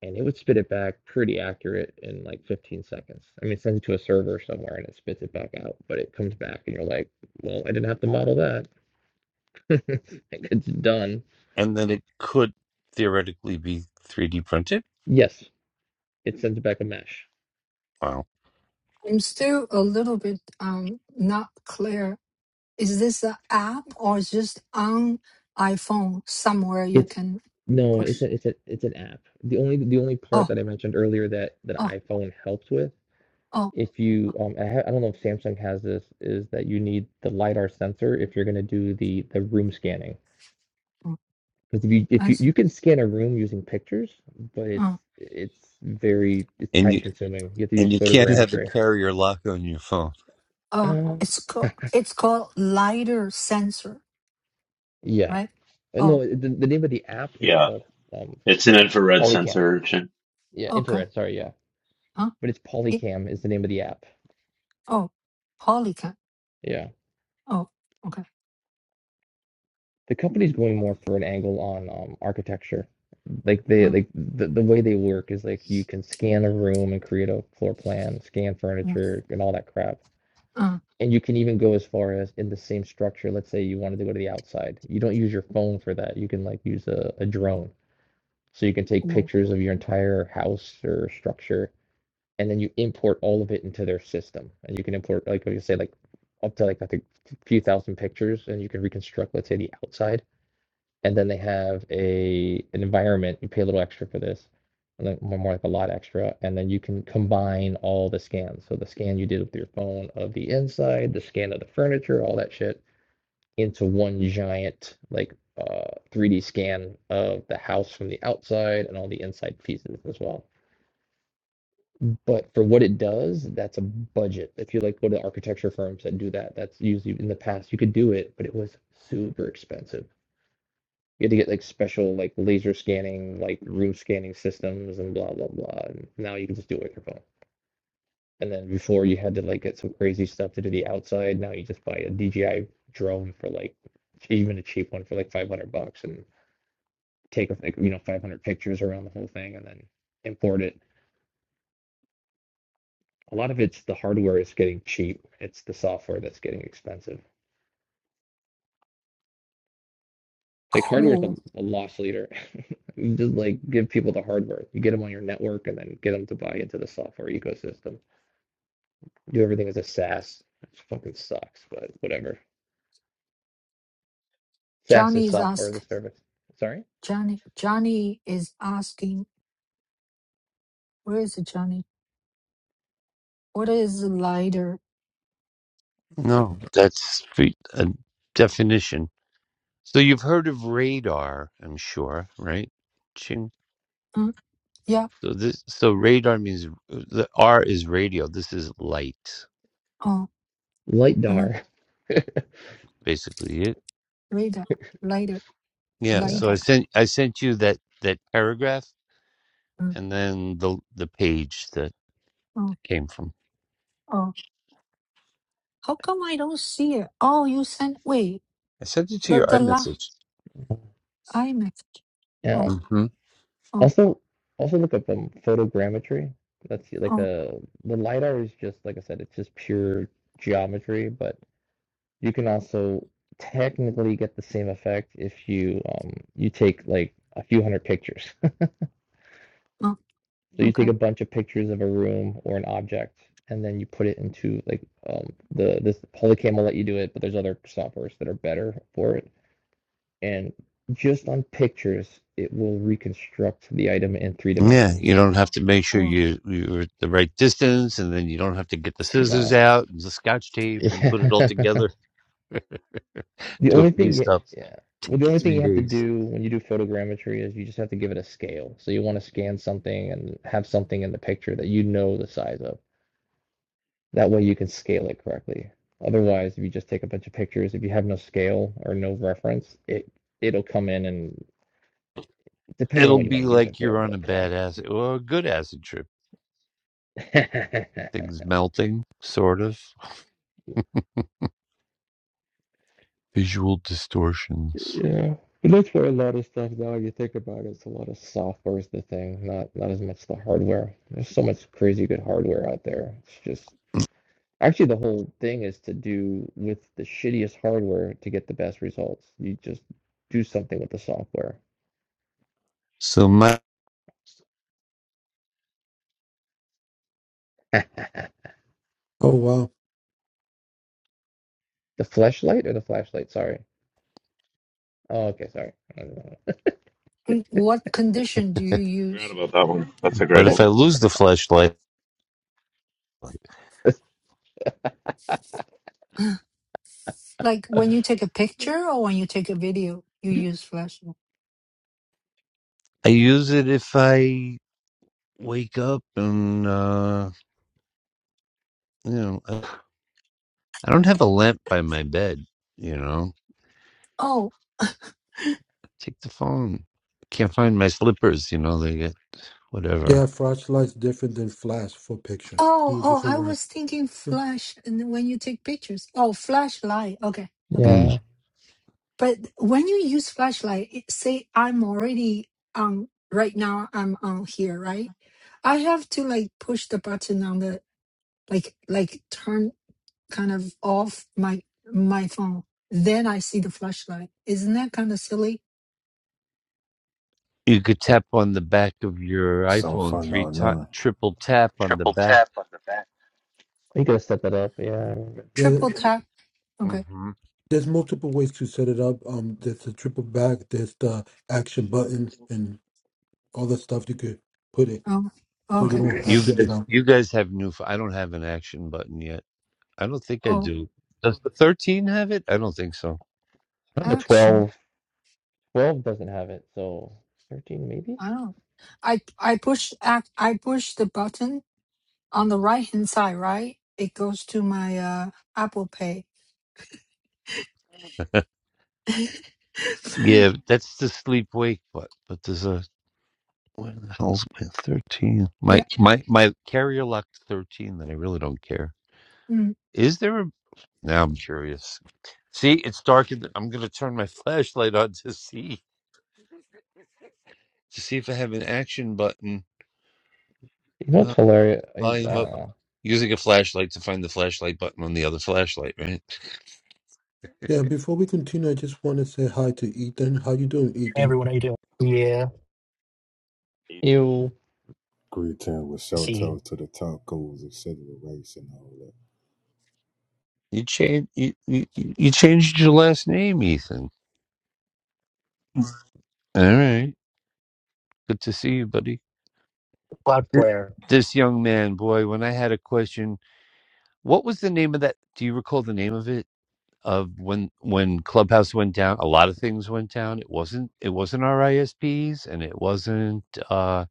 Speaker 9: and it would spit it back pretty accurate in like 15 seconds i mean it sends it to a server somewhere and it spits it back out but it comes back and you're like well i didn't have to model that it's done
Speaker 8: and then it could theoretically be 3D printed.
Speaker 9: yes it sends back a mesh
Speaker 8: Wow.
Speaker 1: I'm still a little bit um not clear Is this an app or is just on iPhone somewhere you
Speaker 9: it's
Speaker 1: can
Speaker 9: no it's
Speaker 1: push?
Speaker 9: a, it's a, it's an app the only the only part
Speaker 1: Oh,
Speaker 9: that i mentioned earlier that that
Speaker 1: oh,
Speaker 9: iphone helps with
Speaker 1: oh,
Speaker 9: if you um I, ha- I don't know if Samsung has this is that you need the lidar sensor if you're going to do the the room scanning
Speaker 1: mm,
Speaker 9: because if you if
Speaker 1: I
Speaker 9: you you
Speaker 1: see.
Speaker 9: can scan a room using pictures but it's
Speaker 1: Uh,
Speaker 9: it's very it's
Speaker 8: And
Speaker 9: time
Speaker 8: you
Speaker 9: consuming you have to
Speaker 8: and
Speaker 9: use
Speaker 8: you can't have a
Speaker 9: photogrammetry
Speaker 8: carrier lock on your phone.
Speaker 1: uh,
Speaker 9: um
Speaker 1: it's called it's called lidar sensor,
Speaker 9: yeah
Speaker 1: right?
Speaker 9: Uh, no
Speaker 1: Oh,
Speaker 9: it- the, the name of the app is
Speaker 5: Yeah,
Speaker 9: called um
Speaker 5: it's an infrared
Speaker 9: Polycam
Speaker 5: sensor. Chin.
Speaker 9: yeah
Speaker 1: okay.
Speaker 9: infrared sorry yeah
Speaker 1: Huh?
Speaker 9: but it's
Speaker 1: It,
Speaker 9: Polycam is the name of the app
Speaker 1: oh, Polycat.
Speaker 9: yeah
Speaker 1: Oh, okay.
Speaker 9: the company's going more for an angle on um architecture Like they
Speaker 1: Uh,
Speaker 9: like the, the way they work is like you can scan a room and create a floor plan, scan
Speaker 1: uh,
Speaker 9: furniture and all that crap.
Speaker 1: uh,
Speaker 9: And you can even go as far as in the same structure, let's say you wanted to go to the outside. You don't use your phone for that. You can like use a, a drone. So you can take
Speaker 1: cool.
Speaker 9: pictures of your entire house or structure and then you import all of it into their system. And you can import like like you say like up to like I think a few thousand pictures and you can reconstruct let's say the outside and then they have a an environment. You pay a little extra for this, and then more, like a lot extra, and then you can combine all the scans. So the scan you did with your phone of the inside, the scan of the furniture, all that shit, into one giant like uh, 3D scan of the house from the outside and all the inside pieces as well. But for what it does, that's a budget. If you like go to architecture firms that do that, that's usually in the past you could do it, but it was super expensive you had to get like special like laser scanning, like room scanning systems and blah blah blah. And now you can just do it with your phone. And then before you had to like get some crazy stuff to do the outside. Now you just buy a DJI drone for like even a cheap one for like 500 bucks and take like you know 500 pictures around the whole thing and then import it. A lot of it's the hardware is getting cheap. It's the software that's getting expensive. Like hardware's a,
Speaker 1: Cool.
Speaker 9: a loss leader. You just like give people the hardware. You get them on your network and then get them to buy into the software ecosystem. do everything as a SaaS. Which fucking sucks, but whatever. SaaS is
Speaker 1: Johnny is
Speaker 9: software as a
Speaker 1: ask.
Speaker 9: service. Sorry?
Speaker 1: Johnny. Johnny is asking. Where is Johnny? What is lidar?
Speaker 8: No, that's fe- a definition. So you've heard of radar, I'm sure, right? Ching.
Speaker 1: Uh, yeah.
Speaker 8: So this, so radar means the R is radio. This is light,
Speaker 1: Oh, uh,
Speaker 9: LightDAR.
Speaker 8: basically. It.
Speaker 1: radar. Lidar.
Speaker 8: Yeah.
Speaker 9: Yeah.
Speaker 8: So I
Speaker 1: LIDAR.
Speaker 8: sent I sent you that that paragraph.
Speaker 1: Mm.
Speaker 8: and then the the page that
Speaker 1: Oh,
Speaker 8: it came from.
Speaker 1: oh. How come I don't see it? Oh, you sent, wait,
Speaker 8: I sent it to
Speaker 1: the,
Speaker 8: your
Speaker 1: the last
Speaker 8: iMessage.
Speaker 1: iMessage.
Speaker 9: Yeah.
Speaker 1: Oh,
Speaker 8: hmm
Speaker 1: oh,
Speaker 9: Also also look up um photogrammetry. That's like
Speaker 1: oh,
Speaker 9: a the LiDAR is just like I said, it's just pure geometry, but you can also technically get the same effect if you um you take like a few hundred pictures.
Speaker 1: oh,
Speaker 9: So you take
Speaker 1: okay.
Speaker 9: a bunch of pictures of a room or an object, and then you put it into like um, the this Polycam will let you do it, but there's other softwares that are better for it. And just on pictures, it will reconstruct the item in three
Speaker 8: Yeah,
Speaker 9: dimensions.
Speaker 8: you don't have to make sure
Speaker 1: Well,
Speaker 8: you you're at the right distance, and then you don't have to get the scissors
Speaker 9: No.
Speaker 8: out and the scotch tape
Speaker 9: Yeah.
Speaker 8: and put it all together.
Speaker 9: the
Speaker 8: Do a
Speaker 9: only thing you
Speaker 8: paste up.
Speaker 9: yeah. Well,
Speaker 8: Take
Speaker 9: the
Speaker 8: you
Speaker 9: only thing
Speaker 8: three
Speaker 9: you have to
Speaker 8: days.
Speaker 9: do when you do photogrammetry is you just have to give it a scale. So you want to scan something and have something in the picture that you know the size of. That way you can scale it correctly. Otherwise, if you just take a bunch of pictures, if you have no scale or no reference, it it'll come in and depending on
Speaker 8: It'll
Speaker 9: what you want
Speaker 8: be
Speaker 9: to use it
Speaker 8: like you're
Speaker 9: for,
Speaker 8: on a
Speaker 9: but
Speaker 8: bad acid or a good acid trip.
Speaker 9: yeah.
Speaker 8: Things melting, sort of visual distortions.
Speaker 9: Yeah. But that's where a lot of stuff now if you think about it, it's a lot of software is the thing, not not as much the hardware. There's so much crazy good hardware out there. It's just actually the whole thing is to do with the shittiest hardware to get the best results. You just do something with the software.
Speaker 8: So my,
Speaker 2: Oh wow.
Speaker 9: The flashlight or the flashlight? Sorry. Oh, okay, sorry. I don't know.
Speaker 1: mm, what condition do you
Speaker 5: Forgot
Speaker 1: use?
Speaker 5: about that one. That's a
Speaker 8: but
Speaker 5: great
Speaker 9: Eh,
Speaker 8: if I
Speaker 5: one.
Speaker 8: lose the flashlight,
Speaker 9: eh,
Speaker 1: Like when you take a picture or when you take a video, you use flash. mode?
Speaker 8: I use it if I wake up and. uh, You know, I I don't have a lamp by my bed. You know,
Speaker 1: Oh,
Speaker 8: take the phone. Can't find my slippers. You know, they get whatever.
Speaker 2: Yeah, flashlight's different than flash for pictures.
Speaker 1: oh,
Speaker 2: Two
Speaker 1: oh,
Speaker 2: different
Speaker 1: I
Speaker 2: word.
Speaker 1: was thinking
Speaker 2: Mm.
Speaker 1: flash and then when you take pictures. Oh, flashlight. Okay, okay.
Speaker 9: Yeah,
Speaker 8: Mm.
Speaker 1: But when you use flashlight, it- say I'm already on right now I'm on here, right? I have to like push the button on the like like turn kind of off my my phone. Then I see the flashlight. Isn't that kind of silly?
Speaker 8: You could tap on the back of your
Speaker 10: Some
Speaker 8: iPhone
Speaker 10: fun
Speaker 8: three
Speaker 10: or
Speaker 8: ti
Speaker 10: none.
Speaker 8: triple tap on the
Speaker 9: Triple
Speaker 8: back.
Speaker 9: tap on the back. you gotta set that up. Yeah, I
Speaker 2: Yeah,
Speaker 1: Triple
Speaker 2: th-
Speaker 1: tap. Okay.
Speaker 8: hmm
Speaker 2: there's multiple ways to set it up. Um, there's the triple back, there's the action button, and all the stuff you could put it
Speaker 1: Oh.
Speaker 2: so you
Speaker 1: Okay.
Speaker 2: don't have to
Speaker 8: You
Speaker 2: get
Speaker 8: guys,
Speaker 2: out.
Speaker 8: you guys have new. ph- I don't have an action button yet. I don't think I
Speaker 1: Oh,
Speaker 8: do. Does the thirteen have it? I don't think so.
Speaker 9: have a
Speaker 1: action.
Speaker 9: 12. 12 doesn't have it, so 13 maybe?
Speaker 1: I don't. I I push act. I push the button on the right hand side. Right. It goes to my uh Apple Pay.
Speaker 8: Yeah, that's the sleep wake button. But there's a Where the hell's my thirteen? My
Speaker 1: yeah.
Speaker 8: my my carrier locked thirteen. That I really don't care.
Speaker 1: Mm.
Speaker 8: Is there a? Now I'm curious. See, it's dark. In the, I'm gonna turn my flashlight on to see to see if I have an action button.
Speaker 9: You know
Speaker 8: No
Speaker 9: what's hilarious? I,
Speaker 8: volume
Speaker 2: Mm.
Speaker 8: up.
Speaker 9: uh,
Speaker 8: Using a flashlight to find the flashlight button on the other flashlight. Right?
Speaker 2: Yeah, before we continue, I just want to say hi to Ethan. How you doing,
Speaker 11: Hey
Speaker 2: Ethan?
Speaker 11: everyone, how you doing? Yeah,
Speaker 5: You,
Speaker 9: ew,
Speaker 10: Greeting with
Speaker 11: let's
Speaker 10: shout
Speaker 11: see
Speaker 10: out to the tacos, etc. rice and all that.
Speaker 8: You change you, you you you changed your last name, Ethan. All right. Good to see you, buddy. Th-
Speaker 11: Cloudflare
Speaker 8: This young man, boy, when I had a question What was the name of that? Do you recall the name of it? Of when when Clubhouse went down, a lot of things went down. It wasn't it wasn't our ISPs and it wasn't uh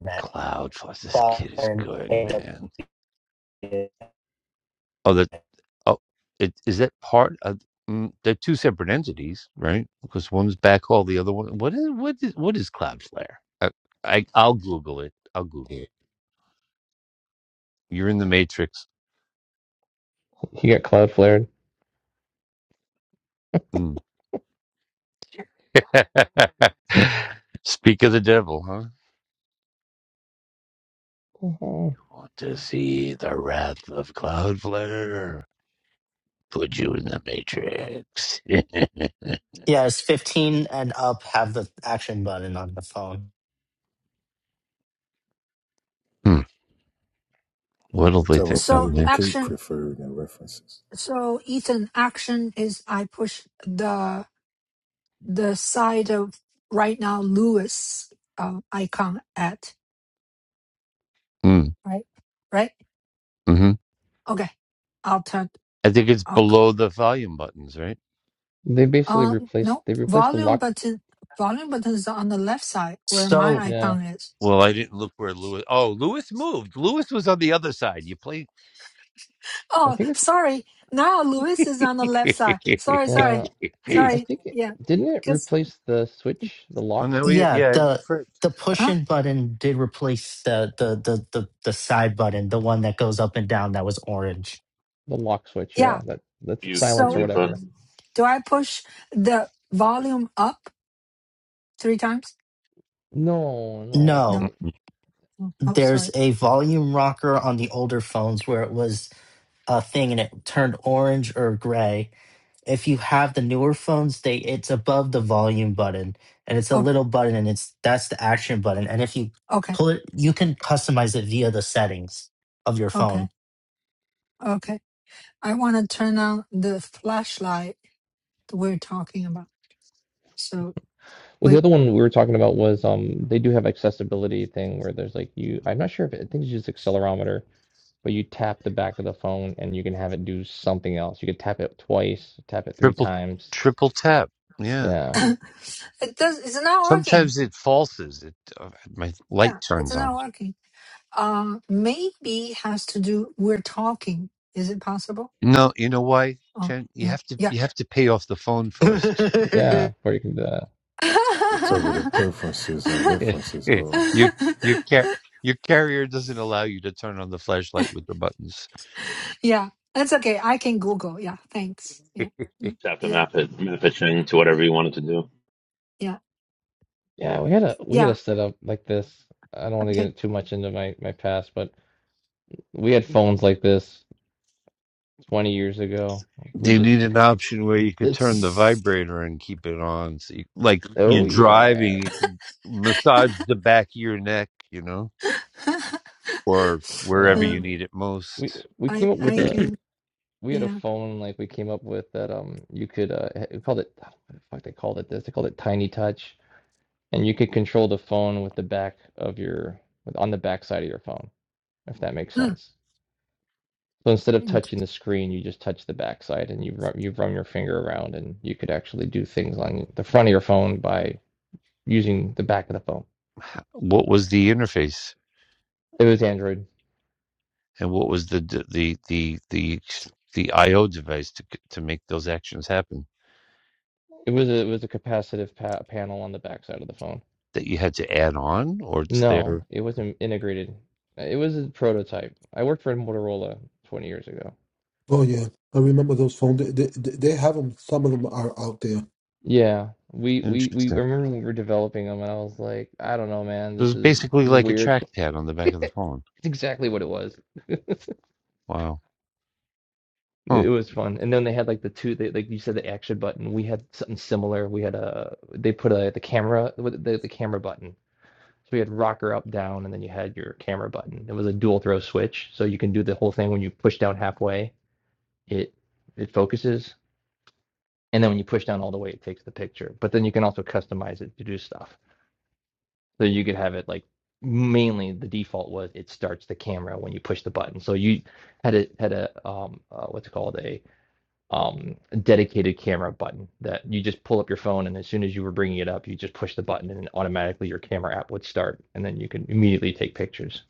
Speaker 11: Net
Speaker 8: CloudFloss. This
Speaker 11: Cloud
Speaker 8: kid is
Speaker 11: and
Speaker 8: good,
Speaker 11: AWS.
Speaker 8: man.
Speaker 11: Yeah,
Speaker 8: Oh, that oh, it is that part of. mm, They're two separate entities, right? Because one's backhaul, the other one. What is what is what is Cloudflare? I, I I'll Google it. I'll Google it. You're in the Matrix.
Speaker 9: he got cloud flared.
Speaker 8: Mm. Speak of the devil, huh?
Speaker 9: Uh-huh.
Speaker 8: Want to see the wrath of Cloudflare? Put you in the Matrix.
Speaker 11: it's fifteen and up have the action button on the phone.
Speaker 8: hmm. What'll they
Speaker 10: Whichever
Speaker 8: think of
Speaker 1: So
Speaker 10: flavor
Speaker 8: next?
Speaker 10: cake
Speaker 1: action.
Speaker 10: preferred and references.
Speaker 1: So Ethan, action is I push the the side of right now Lewis uh, icon at
Speaker 8: Mm.
Speaker 1: right, right.
Speaker 8: hmm
Speaker 1: Okay, I'll turn.
Speaker 8: I think it's
Speaker 1: I'll go.
Speaker 8: below the volume buttons, right?
Speaker 9: They basically
Speaker 1: Uh,
Speaker 9: replaced,
Speaker 1: no
Speaker 9: they replaced the
Speaker 1: volume
Speaker 9: lock.
Speaker 1: button. Volume button is on the left side where my
Speaker 11: So
Speaker 9: Yeah,
Speaker 1: icon is.
Speaker 8: Well, I didn't look where Lewis. Oh, Lewis moved. Lewis was on the other side. You play.
Speaker 9: I
Speaker 1: Oh,
Speaker 9: think it's,
Speaker 1: sorry. Now Lewis is on the left side. Sorry, sorry,
Speaker 9: yeah, I
Speaker 1: sorry.
Speaker 9: think it,
Speaker 1: Yeah,
Speaker 9: didn't it
Speaker 1: cause
Speaker 9: replace the switch, the
Speaker 8: oh
Speaker 9: lock
Speaker 8: no, we,
Speaker 9: switch?
Speaker 11: yeah,
Speaker 8: yeah,
Speaker 11: the
Speaker 8: first
Speaker 11: the push
Speaker 1: huh?
Speaker 11: in button did replace the the, the the the side button, the one that goes up and down that was orange.
Speaker 9: The lock switch, yeah,
Speaker 1: Yeah.
Speaker 9: that, that's it,
Speaker 5: you,
Speaker 9: silence or
Speaker 1: So
Speaker 5: you
Speaker 9: whatever.
Speaker 5: fun.
Speaker 1: do I push the volume up? Three times?
Speaker 9: No, no,
Speaker 1: No.
Speaker 11: No,
Speaker 9: they,
Speaker 8: Mm-mm.
Speaker 1: Oh, oh,
Speaker 11: there's
Speaker 1: sorry.
Speaker 11: a volume rocker on the older phones where it was a thing and it turned orange or gray. if you have the newer phones they it's above the volume button and it's a
Speaker 1: Okay.
Speaker 11: little button and it's that's the action button and if you
Speaker 1: Okay.
Speaker 11: pull it you can customize it via the settings of your phone
Speaker 1: Okay. Okay. I want to turn on the flashlight that we're talking about. So
Speaker 9: Well,
Speaker 1: we.
Speaker 9: the other one we were talking about was um they do have accessibility thing where there's like you I'm not sure if it, I think it's just accelerometer, but you tap the back of the phone and you can have it do something else. You could tap it twice, tap it three
Speaker 8: triple
Speaker 9: times.
Speaker 8: triple tap. Yeah.
Speaker 9: Yeah,
Speaker 1: it does. It's not working.
Speaker 8: Sometimes it falses. It uh, my light
Speaker 1: Yeah, it's
Speaker 8: turns on.
Speaker 1: not working. Uh, maybe has to do. We're talking. Is it possible?
Speaker 8: No, you know why,
Speaker 1: Oh,
Speaker 8: Jen? You
Speaker 1: yeah,
Speaker 8: have to
Speaker 1: yeah,
Speaker 8: you have to pay off the phone first.
Speaker 9: yeah, or you can do that.
Speaker 10: Whatever the preferences and references are.
Speaker 8: your your car your carrier doesn't allow you to turn on the flashlight with the buttons.
Speaker 1: yeah. That's okay. I can Google. Yeah. Thanks. Yeah. mm,
Speaker 8: they
Speaker 5: Just have to
Speaker 1: Yeah.
Speaker 5: map it, map it Ching, to whatever you want it to do.
Speaker 1: Yeah.
Speaker 9: Yeah, we had a we had a
Speaker 1: Yeah.
Speaker 9: setup like this. I don't want to
Speaker 1: Okay.
Speaker 9: get too much into my my past, but we had phones like this 20 years ago. We
Speaker 8: need
Speaker 9: just
Speaker 8: an option where you could turn the vibrator and keep it on. So you, like you're
Speaker 9: oh
Speaker 8: driving,
Speaker 9: yeah.
Speaker 8: you can massage the back of your neck, you know, or wherever
Speaker 9: Yeah.
Speaker 8: you
Speaker 1: um,
Speaker 8: need it
Speaker 9: We
Speaker 8: most.
Speaker 9: we
Speaker 1: I
Speaker 9: came up with
Speaker 1: I
Speaker 9: a
Speaker 1: can
Speaker 9: we had a
Speaker 1: yeah.
Speaker 9: phone like we came up with that um you could uh we called it what the fuck they called it this they called it Tiny Touch and you could control the phone with the back of your with on the back side of your phone if that makes
Speaker 1: Huh,
Speaker 9: sense. So instead of touching
Speaker 1: interesting.
Speaker 9: the screen, you just touch the back side and you run you run your finger around and you could actually do things on the front of your phone by using the back of the phone.
Speaker 8: What was the interface
Speaker 9: It was Android.
Speaker 8: and what was the the the the the, the IO device to to make those actions happen?
Speaker 9: It was a, it was a capacitive pa- panel on the back side of the phone.
Speaker 8: that you had to add on, or it's
Speaker 9: No,
Speaker 8: there.
Speaker 9: it wasn't integrated. Uh, It was a prototype. I worked for Motorola 20 years ago.
Speaker 2: Oh yeah, I remember those phones. They, they, they have them. Some of them are out there.
Speaker 9: Yeah, we we we I
Speaker 8: Interesting.
Speaker 9: remember when we were developing them, and I was like, I don't know, man,
Speaker 8: It
Speaker 9: this
Speaker 8: was
Speaker 9: is
Speaker 8: basically
Speaker 9: this is
Speaker 8: like a
Speaker 9: weird.
Speaker 8: trackpad on the back of the phone.
Speaker 9: It's exactly what it was.
Speaker 8: Wow. Huh.
Speaker 9: It was fun. And then they had like the two, they, like you said, the action button. We had something similar. We had a they put a the camera with the, the camera button. So we had rocker up, down, and then you had your camera button. It was a dual throw switch, so you can do the whole thing when you push down halfway. It it focuses. And then when you push down all the way, it takes the picture. But then you can also customize it to do stuff. So you could have it like mainly the default was it starts the camera when you push the button. So you had a had a um uh, what's it called a um dedicated camera button that you just pull up your phone and as soon as you were bringing it up, you just push the button and automatically your camera app would start and then you could immediately take pictures,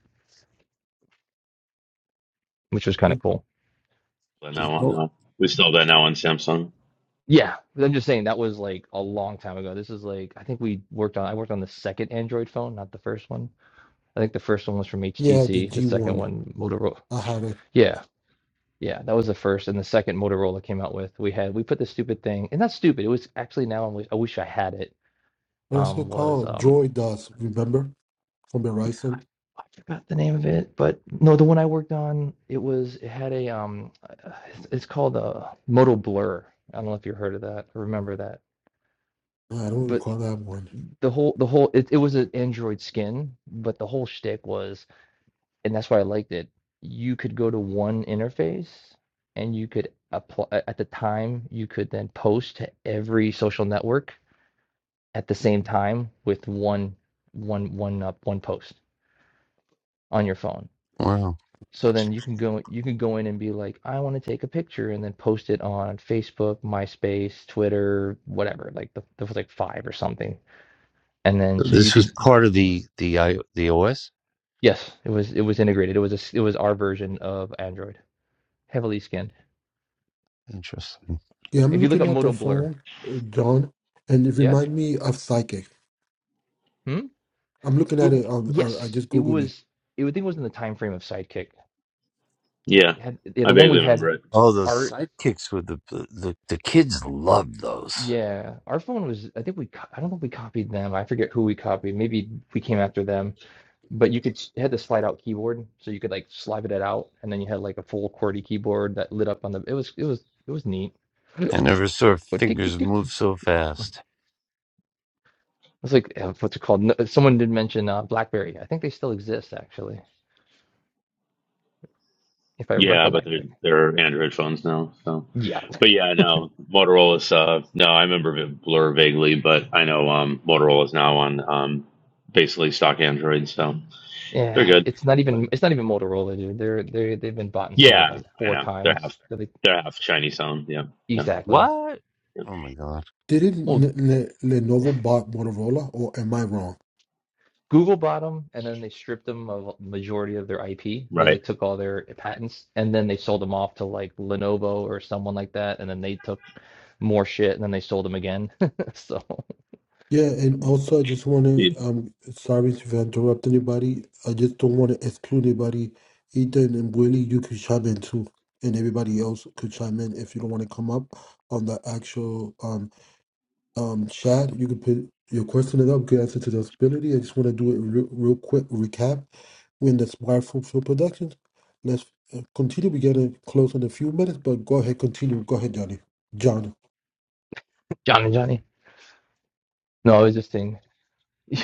Speaker 9: which was kind of cool.
Speaker 5: That now
Speaker 8: There's
Speaker 5: on,
Speaker 8: no-
Speaker 5: uh, we still have that now on Samsung.
Speaker 9: Yeah, I'm just saying that was like a long time ago. This is like I think we worked on I worked on the second Android phone, not the first one I think the first one was from
Speaker 2: Yeah, the
Speaker 9: HTC. The
Speaker 2: G
Speaker 9: second
Speaker 2: one.
Speaker 9: one, Motorola.
Speaker 2: I had it.
Speaker 9: Yeah, yeah, that was the first, and the second Motorola came out with. We had we put the stupid thing, and not stupid. It was actually now I wish I, wish I had it.
Speaker 2: What else
Speaker 9: Um,
Speaker 2: it
Speaker 9: was
Speaker 2: called?
Speaker 9: um,
Speaker 2: Droid does. Remember from
Speaker 9: yeah,
Speaker 2: Verizon?
Speaker 9: I forgot the name of it, but no, the one I worked on, it was it had a um, uh, it's it's called a Moto Blur. I don't know if you heard of that or remember that,
Speaker 2: Nah, I don't
Speaker 9: but
Speaker 2: recall that one.
Speaker 9: the whole the whole it, it was an Android skin, but the whole shtick was and that's why I liked it. You could go to one interface and you could apply at the time, you could then post to every social network at the same time with one one one up one post on your phone.
Speaker 8: Wow.
Speaker 9: So then you can go you can go in and be like, I want to take a picture and then post it on Facebook, MySpace, Twitter, whatever, like the, there was like five or something. And then
Speaker 8: So
Speaker 9: so you
Speaker 8: This
Speaker 9: could
Speaker 8: was part of the the I, the OS.
Speaker 9: yes, it was it was integrated. It was a it was our version of Android, heavily skinned.
Speaker 8: Interesting.
Speaker 2: Yeah, I'm
Speaker 9: If you look
Speaker 2: looking
Speaker 9: up
Speaker 2: at the
Speaker 9: Moto Blur,
Speaker 2: phone, uh, John, and it
Speaker 9: Yeah?
Speaker 2: reminds me of Psychic.
Speaker 9: Hmm?
Speaker 2: I'm looking
Speaker 9: It
Speaker 2: at it. On, on I
Speaker 9: yes,
Speaker 2: just
Speaker 9: it
Speaker 2: googled it.
Speaker 9: was. It would think it was in the time frame of Sidekick.
Speaker 5: Yeah,
Speaker 9: had yeah,
Speaker 5: I
Speaker 9: the one we
Speaker 5: vaguely remember
Speaker 9: had
Speaker 5: it.
Speaker 8: Oh, those
Speaker 9: our
Speaker 8: sidekicks with the the the kids loved those.
Speaker 9: yeah our phone was I think we co- I don't know if we copied them. I forget who we copied. Maybe we came after them. But you could s- it had the slide out keyboard, so you could like slide it out, and then you had like a full QWERTY keyboard that lit up on the. It was it was it was neat.
Speaker 8: I never saw
Speaker 9: But tick tick
Speaker 8: fingers
Speaker 9: tick.
Speaker 8: move so fast.
Speaker 9: It's like uh, what's it called? No, someone did mention uh, BlackBerry. I think they still exist actually, if I
Speaker 5: Yeah, but
Speaker 9: recollect.
Speaker 5: they're
Speaker 9: Like
Speaker 5: they're Android phones now. So,
Speaker 9: yeah,
Speaker 5: but yeah, no, Motorola's. Uh, no, I remember it Blur vaguely, but I know um, Motorola's now on um, basically stock Android, so they're
Speaker 9: Yeah,
Speaker 5: good.
Speaker 9: it's not
Speaker 5: But
Speaker 9: even it's not even Motorola, dude. They're they they've been bought and sold
Speaker 5: yeah,
Speaker 9: like
Speaker 5: I
Speaker 9: four
Speaker 5: know they're
Speaker 9: times.
Speaker 5: half
Speaker 9: Really,
Speaker 5: they're half Chinese owned. Yeah, yeah,
Speaker 9: exactly.
Speaker 8: What?
Speaker 5: yeah.
Speaker 8: Oh my god.
Speaker 2: Didn't
Speaker 9: Well,
Speaker 2: N- N- Lenovo bought Motorola, or am I wrong?
Speaker 9: Google bought them, and then they stripped them of majority of their IP. They
Speaker 5: right.
Speaker 9: like took all their patents, and then they sold them off to like Lenovo or someone like that, and then they took more shit, and then they sold them again. So,
Speaker 2: Yeah, and also I just want to,
Speaker 5: It-
Speaker 2: um, sorry if I interrupt anybody. I just don't want to exclude anybody. Ethan and Willie, you could chime in too, and everybody else could chime in if you don't want to come up on the actual um um chat. You could put your question in up, good answer to the possibility. I just want to do it real, real quick recap. When the Smartphone Film Productions, let's uh, continue. We're gonna close in a few minutes, but go ahead, continue. Go ahead, Johnny. John.
Speaker 9: John and Johnny. No, I was just saying.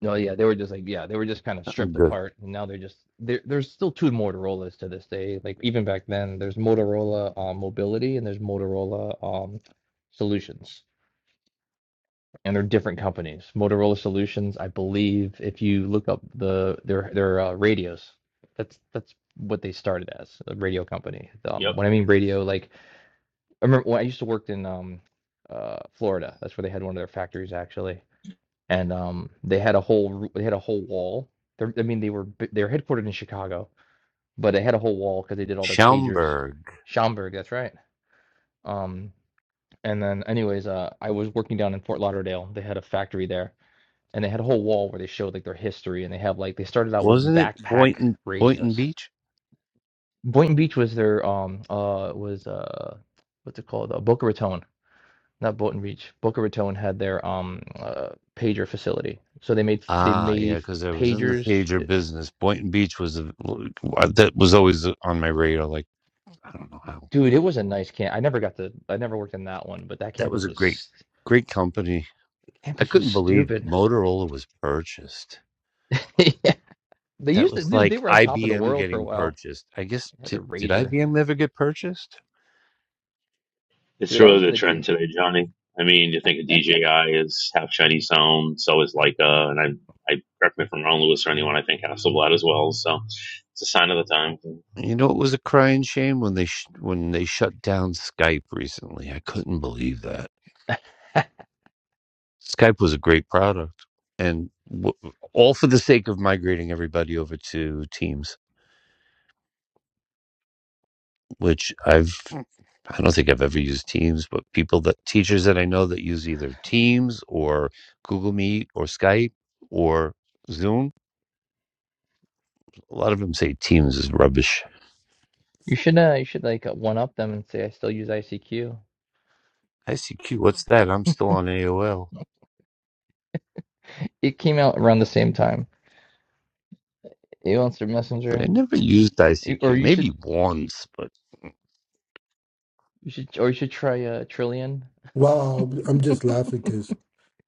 Speaker 9: No, yeah, they were just like, yeah, they were just kind of
Speaker 8: I'm
Speaker 9: stripped
Speaker 8: good.
Speaker 9: apart, and now they're just there. There's still two Motorola's to this day. Like even back then, there's Motorola um, Mobility and there's Motorola um, Solutions, and they're different companies. Motorola Solutions, I believe, if you look up the their their uh, radios, that's that's what they started as a radio company.
Speaker 5: yep,
Speaker 9: Um, when I mean radio, like I remember when I used to work in um, uh, Florida. That's where they had one of their factories actually and um, they had a whole they had a whole wall. They're, I mean, they were they were headquartered in Chicago, but they had a whole wall because they did all their pagers.
Speaker 8: Schaumburg.
Speaker 9: Schaumburg, that's right. Um, and then, anyways, uh, I was working down in Fort Lauderdale. They had a factory there, and they had a whole wall where they showed like their history, and they have like they started out with
Speaker 8: Wasn't it
Speaker 9: backpack
Speaker 8: Boynton Boynton
Speaker 9: radios.
Speaker 8: Beach?
Speaker 9: Boynton Beach was their um uh was uh what's it called uh, Boca Raton not Bolton Beach, Boca Raton had their um uh, pager facility. So they made they
Speaker 8: Ah, yeah,
Speaker 9: made
Speaker 8: because I was in the
Speaker 9: pagers.
Speaker 8: pager business. Boynton Beach was a, that was always uh, on my radar. Like I don't know how
Speaker 9: Dude, it was a nice camp. I never got the I never worked in that one, but that
Speaker 8: that
Speaker 9: campus
Speaker 8: was a
Speaker 9: was
Speaker 8: great, great company. I
Speaker 9: campus was
Speaker 8: couldn't believe
Speaker 9: stupid.
Speaker 8: Motorola was purchased.
Speaker 9: Yeah. They
Speaker 8: That
Speaker 9: used to
Speaker 8: was
Speaker 9: dude, they
Speaker 8: like
Speaker 9: were on top of the
Speaker 8: IBM
Speaker 9: world for a
Speaker 8: getting
Speaker 9: while.
Speaker 8: purchased. I guess
Speaker 9: They had the
Speaker 8: did, did
Speaker 9: razor.
Speaker 8: IBM ever get purchased?
Speaker 5: it's
Speaker 9: Dude, I was
Speaker 5: really
Speaker 9: in
Speaker 5: the
Speaker 9: the d-
Speaker 5: trend today, Johnny. I mean, you think of DJI is half Chinese owned, so is Leica, and I I correct me if I'm wrong, Lewis or anyone. I think Hasselblad as well. So it's a sign of the time.
Speaker 8: You know, it was a crying shame when they sh- when they shut down Skype recently. I couldn't believe that Skype was a great product, and w- all for the sake of migrating everybody over to Teams, which I've I don't think I've ever used Teams, but people that teachers that I know that use either Teams or Google Meet or Skype or Zoom, a lot of them say Teams is rubbish.
Speaker 9: You should uh you should like one up them and say I still use ICQ.
Speaker 8: ICQ, what's that? I'm still on AOL,
Speaker 9: It came out around the same time. Answer
Speaker 8: but I
Speaker 9: Messenger.
Speaker 8: never used
Speaker 9: You- Or
Speaker 8: ICQ.
Speaker 9: you
Speaker 8: Maybe
Speaker 9: should
Speaker 8: once, but.
Speaker 9: you should or you should try uh Trillion.
Speaker 2: Wow, I'm just laughing because.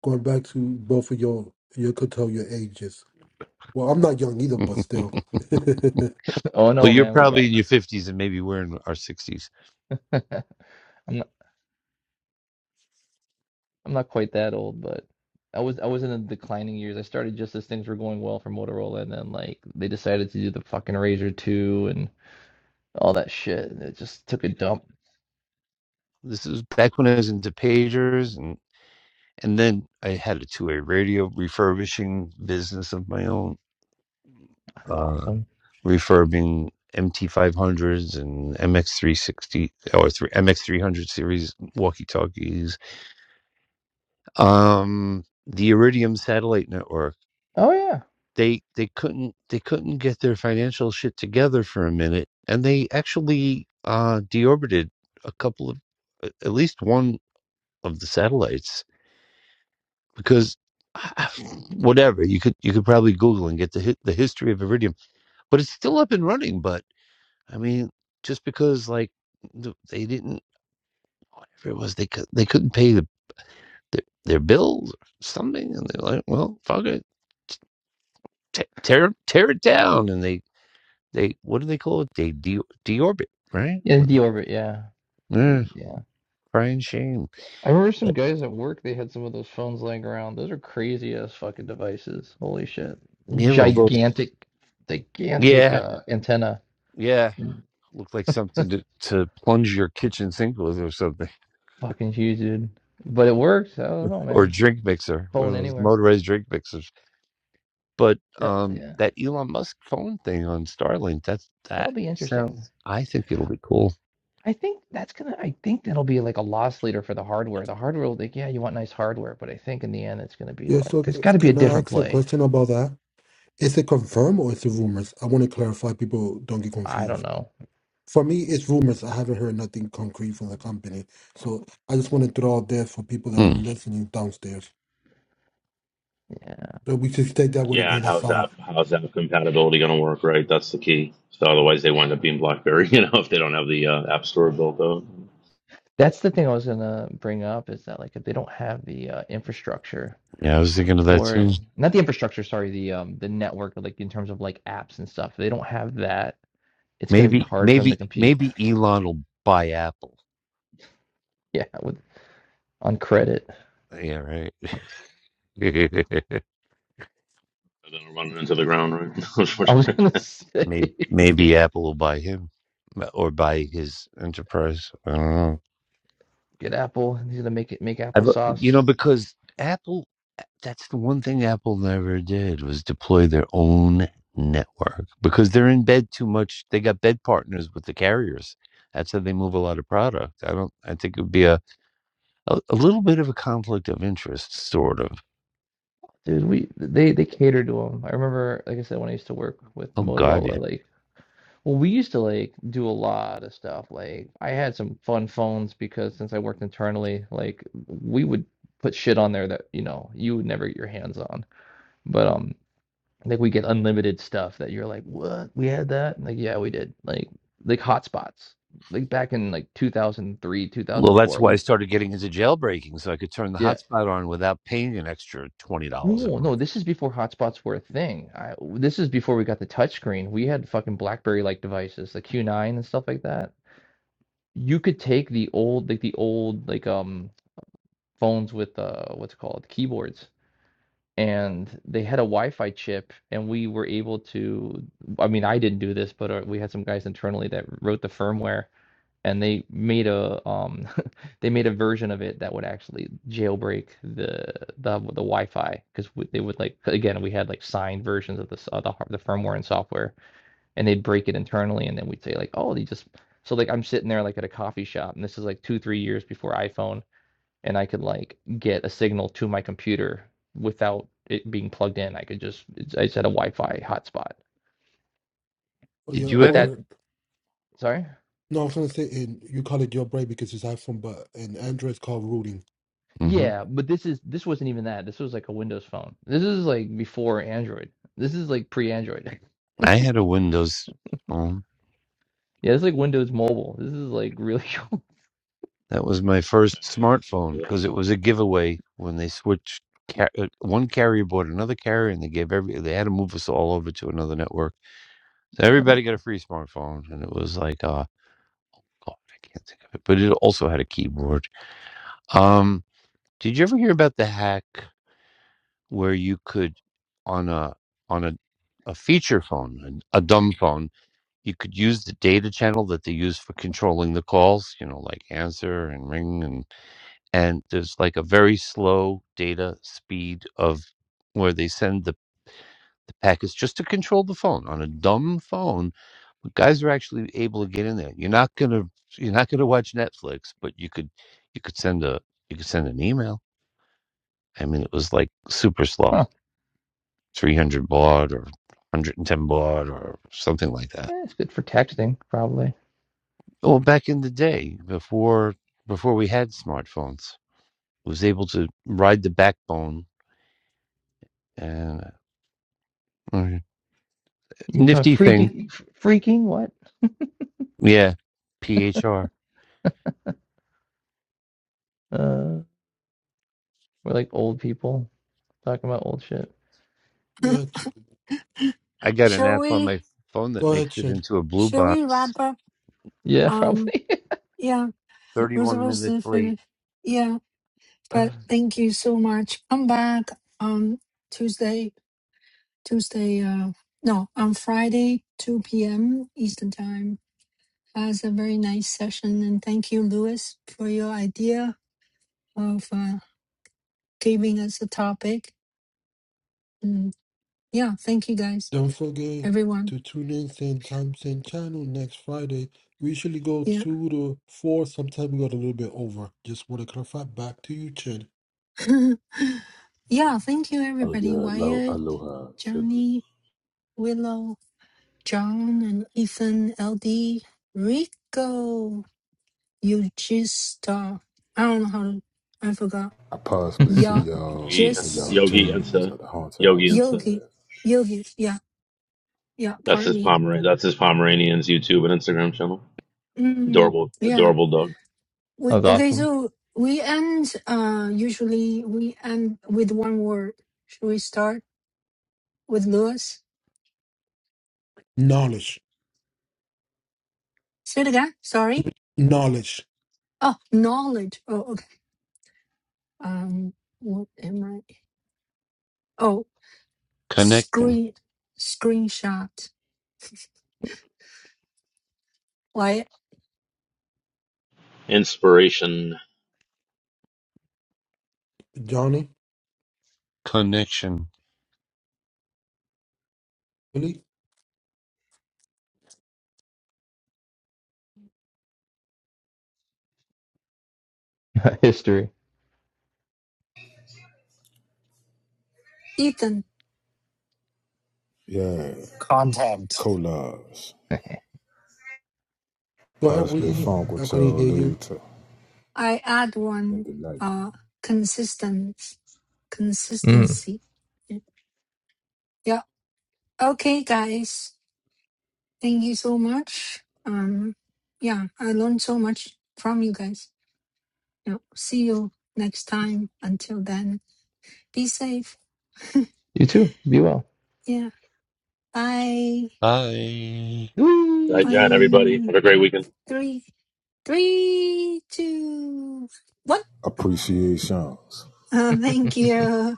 Speaker 2: Going back to both of your your could tell your ages. Well, I'm not young either, but still.
Speaker 8: Well,
Speaker 9: Oh no,
Speaker 8: you're
Speaker 9: man, we
Speaker 8: probably
Speaker 9: got
Speaker 8: in your 50s and maybe we're in our 60s.
Speaker 9: I'm I'm not quite that old, but I was I was in the declining years. I started just as things were going well for Motorola, and then like they decided to do the fucking Razor 2 and all that shit, and it just took a dump.
Speaker 8: This is back when I was into pagers and and then I had a two-way radio refurbishing business of my own,
Speaker 9: That's
Speaker 8: uh
Speaker 9: awesome.
Speaker 8: refurbing MT500s and MX360 or three, MX300 series walkie-talkies. Um the Iridium satellite network
Speaker 9: Oh yeah,
Speaker 8: they they couldn't they couldn't get their financial shit together for a minute, and they actually uh, deorbited a couple of at least one of the satellites because whatever you could you could probably Google and get the hi- the history of Iridium, but it's still up and running. But I mean, just because like th- they didn't whatever it was they could they couldn't pay the their, their bills or something, and they're like, well, fuck it. Te- Tear, tear it down, and they They what do they call it? They de- deorbit, right?
Speaker 9: yeah, the
Speaker 8: Well,
Speaker 9: deorbit, yeah, they,
Speaker 8: eh,
Speaker 9: yeah.
Speaker 8: crying shame.
Speaker 9: I remember some
Speaker 8: But
Speaker 9: guys at work. They had some of those phones laying around. Those are crazy ass fucking devices. Holy shit,
Speaker 8: yeah, well, those
Speaker 9: gigantic, gigantic
Speaker 8: yeah,
Speaker 9: uh, antenna,
Speaker 8: yeah, look like something to, to plunge your kitchen sink with or something,
Speaker 9: fucking huge, dude. But it works. I don't know,
Speaker 8: or a
Speaker 9: man.
Speaker 8: drink mixer, one
Speaker 9: Phone
Speaker 8: of those
Speaker 9: anywhere.
Speaker 8: motorized drink mixers. But
Speaker 9: Yeah,
Speaker 8: um,
Speaker 9: yeah.
Speaker 8: that Elon Musk phone thing on Starlink, that's that
Speaker 9: That'll be interesting.
Speaker 8: sounds. I think it'll be cool.
Speaker 9: I think that's gonna, I think that'll be like a loss leader for the hardware. The hardware will think, yeah, you want nice hardware, but I think in the end it's gonna be
Speaker 2: yeah.
Speaker 9: like
Speaker 2: So
Speaker 9: there's gotta be a
Speaker 2: can I
Speaker 9: different
Speaker 2: ask a
Speaker 9: play.
Speaker 2: question about that? Is it confirmed or is it rumors? I want to clarify. People don't get
Speaker 9: I don't
Speaker 2: confused.
Speaker 9: know.
Speaker 2: For me, it's rumors. I haven't heard nothing concrete from the company, so I just want to throw out there for people that are
Speaker 8: Hmm.
Speaker 2: listening downstairs
Speaker 9: Yeah.
Speaker 2: that we should take that with a
Speaker 5: Yeah, and
Speaker 2: grain of
Speaker 5: how's
Speaker 2: salt.
Speaker 5: that? How's that compatibility going to work? Right, that's the key. So otherwise, they wind up being BlackBerry. You know, if they don't have the uh, App Store built out,
Speaker 9: That's the thing I was gonna bring up is that like if they don't have the uh, infrastructure
Speaker 8: Yeah, I was thinking of that
Speaker 9: for
Speaker 8: too.
Speaker 9: not the infrastructure, sorry, the um the network like in terms of like apps and stuff, if they don't have that, it's gonna be
Speaker 8: Maybe,
Speaker 9: hard for them to
Speaker 8: maybe,
Speaker 9: compete.
Speaker 8: maybe Elon will buy Apple.
Speaker 9: Yeah, with on credit.
Speaker 8: Yeah, right.
Speaker 5: they're going to run into the ground. Right.
Speaker 9: I
Speaker 5: Unfortunately,
Speaker 9: was gonna say
Speaker 8: Maybe, maybe Apple will buy him or buy his enterprise. I don't know.
Speaker 9: get Apple, he's gonna make it make
Speaker 8: I've, uh, you
Speaker 9: applesauce
Speaker 8: know, because Apple, that's the one thing Apple never did was deploy their own network because they're in bed too much. They got bed partners with the carriers. That's how they move a lot of product. I don't, I think it would be a, a, a little bit of a conflict of interest, sort of.
Speaker 9: Dude, we they they cater to them. I remember, like I said, when I used to work with
Speaker 8: Oh, God,
Speaker 9: Motorola,
Speaker 8: yeah.
Speaker 9: like well, we used to like do a lot of stuff. Like I had some fun phones because since I worked internally, like we would put shit on there that, you know, you would never get your hands on. But um like we get unlimited stuff that you're like, "What? We had that?" Like, yeah, we did. Like like hotspots. Like back in like 2003,
Speaker 8: Well, that's
Speaker 9: 2004.
Speaker 8: why I
Speaker 9: We
Speaker 8: started getting into jailbreaking so I could turn the
Speaker 9: yeah.
Speaker 8: hotspot on without paying an extra $20 a
Speaker 9: Whoa, no,
Speaker 8: month.
Speaker 9: this is before hotspots were a thing. I, this is before we got the touchscreen. We had fucking BlackBerry like devices, the Q9 and stuff like that. You could take the old like the old like um phones with uh what's it called keyboards and they had a Wi-Fi chip and we were able to I mean I didn't do this but uh, we had some guys internally that wrote the firmware and they made a um they made a version of it that would actually jailbreak the the the Wi-Fi because they would like again we had like signed versions of the s- the, the firmware and software and they'd break it internally and then we'd say like oh they just so like I'm sitting there like at a coffee shop and this is like two three years before iPhone and I could like get a signal to my computer without it being plugged in I could just I just had a Wi-Fi hotspot
Speaker 2: Or yeah,
Speaker 8: Did you
Speaker 9: but
Speaker 8: ever?
Speaker 9: that
Speaker 2: or
Speaker 9: sorry
Speaker 2: no, I was going to say, and you call it your brain because it's iPhone, but in Android it's called rooting.
Speaker 8: Mm-hmm.
Speaker 9: Yeah, but this is this wasn't even that. This was like a Windows phone. This is like before Android. This is like pre-Android.
Speaker 8: I had a Windows phone.
Speaker 9: Yeah, it's like Windows Mobile. This is like really cool.
Speaker 8: That was my first
Speaker 5: yeah.
Speaker 8: smartphone
Speaker 5: Remember
Speaker 8: because
Speaker 5: those.
Speaker 8: it was a giveaway when they switched car- uh, one carrier bought another carrier and they gave every they had to move us all over to another network. So
Speaker 9: Yeah.
Speaker 8: everybody got a free smartphone and it was like uh God, I can't think of it, but it also had a keyboard. Um did you ever hear about the hack where you could on a on a a feature phone, an- a dumb phone, you could use the data channel that they use for controlling the calls, you know, like answer and ring and and there's like a very slow data speed of where they send the, the packets just to control the phone on a dumb phone but guys are actually able to get in there you're not gonna you're not gonna watch netflix but you could you could send a you could send an email i mean it was like super slow
Speaker 9: Huh.
Speaker 8: 300 baud or 110 baud or something like that
Speaker 9: Yeah, it's good for texting, probably.
Speaker 8: well back in the day before before we had smartphones was able to ride the backbone and uh,
Speaker 9: You can try
Speaker 8: nifty thing.
Speaker 9: freaking f- freaking what?
Speaker 8: Yeah, PHR.
Speaker 9: Uh, we're like old people talking about old shit.
Speaker 2: Yeah, Ch-
Speaker 8: I got an
Speaker 1: Shall
Speaker 8: app on
Speaker 1: we
Speaker 8: my phone that
Speaker 2: go
Speaker 8: makes
Speaker 2: ahead,
Speaker 8: it
Speaker 2: Shin.
Speaker 8: into a blue
Speaker 1: shall we
Speaker 8: box.
Speaker 1: wrap up?
Speaker 9: Yeah,
Speaker 1: Um
Speaker 9: probably.
Speaker 1: yeah, we're
Speaker 8: 31
Speaker 1: supposed
Speaker 8: minutes
Speaker 1: to
Speaker 8: late.
Speaker 1: finish. Yeah, but thank you so much. Come back on Tuesday Tuesday uh no on Friday two PM Eastern time. That's a very nice session and thank you, Lewis, for your idea of uh, giving us a topic. And yeah, thank you guys,
Speaker 2: Don't forget
Speaker 1: everyone.
Speaker 2: to tune in same time, same channel next Friday. We usually go
Speaker 1: Yeah.
Speaker 2: two to four. Sometimes we go a little bit over. Just want to clarify. Back to you, Chen.
Speaker 1: yeah, thank you,
Speaker 10: Oh yeah,
Speaker 1: everybody.
Speaker 10: alo-
Speaker 1: Wyatt,
Speaker 10: aloha, etc.
Speaker 1: Johnny, Willow, John, and Ethan, LD, Rico, Yujista. I don't know how to, I forgot.
Speaker 10: I possibly see
Speaker 1: Yeah,
Speaker 9: that
Speaker 10: y'all
Speaker 5: Yogi
Speaker 10: in
Speaker 5: Insta,
Speaker 10: y'all
Speaker 1: just
Speaker 5: Yogi
Speaker 10: dreams
Speaker 5: Insta,
Speaker 10: at the haunted
Speaker 5: Yogi
Speaker 10: house
Speaker 5: Insta.
Speaker 1: Yogi,
Speaker 10: somewhere.
Speaker 1: Yogi. Yeah, yeah,
Speaker 5: That's
Speaker 1: pardon
Speaker 5: his
Speaker 1: me.
Speaker 5: Pomeran. That's his Pomeranian's YouTube and Instagram channel.
Speaker 1: Mm,
Speaker 5: Adorable,
Speaker 1: yeah.
Speaker 5: adorable dog.
Speaker 1: We,
Speaker 9: was
Speaker 1: okay,
Speaker 9: awesome.
Speaker 1: so we end, uh, usually we end with one word. Should we start with Lewis?
Speaker 2: Knowledge,
Speaker 1: Say it again. Sorry.
Speaker 2: knowledge.
Speaker 1: Oh, knowledge. Oh, Um, what am I? Oh,
Speaker 8: Connection.
Speaker 1: screen screenshot. Why,
Speaker 5: Inspiration.
Speaker 2: Johnny,
Speaker 8: Connection.
Speaker 2: Willie,
Speaker 9: History.
Speaker 1: Ethan?
Speaker 10: Yeah,
Speaker 11: Content.
Speaker 10: collage.
Speaker 2: go ahead,
Speaker 10: Possibly
Speaker 2: Willie.
Speaker 9: Yeah.
Speaker 10: funk
Speaker 2: I
Speaker 10: with
Speaker 2: couldn't
Speaker 10: y'all
Speaker 2: hear you.
Speaker 10: later
Speaker 1: I add
Speaker 10: in
Speaker 1: one.
Speaker 10: the night.
Speaker 1: Uh, consistent
Speaker 9: Mm.
Speaker 1: consistency. Yeah. Okay, guys. Thank you so much. Um, yeah, I learned so much from you guys. Yeah. See you next time. Until then, be safe.
Speaker 9: You too. Be well.
Speaker 1: yeah. Bye.
Speaker 8: Hi.
Speaker 5: Hi,
Speaker 9: Whee!
Speaker 5: John.
Speaker 1: Bye.
Speaker 5: Everybody, have a great weekend.
Speaker 1: three, three, two, one.
Speaker 10: Appreciations.
Speaker 1: Oh, thank you.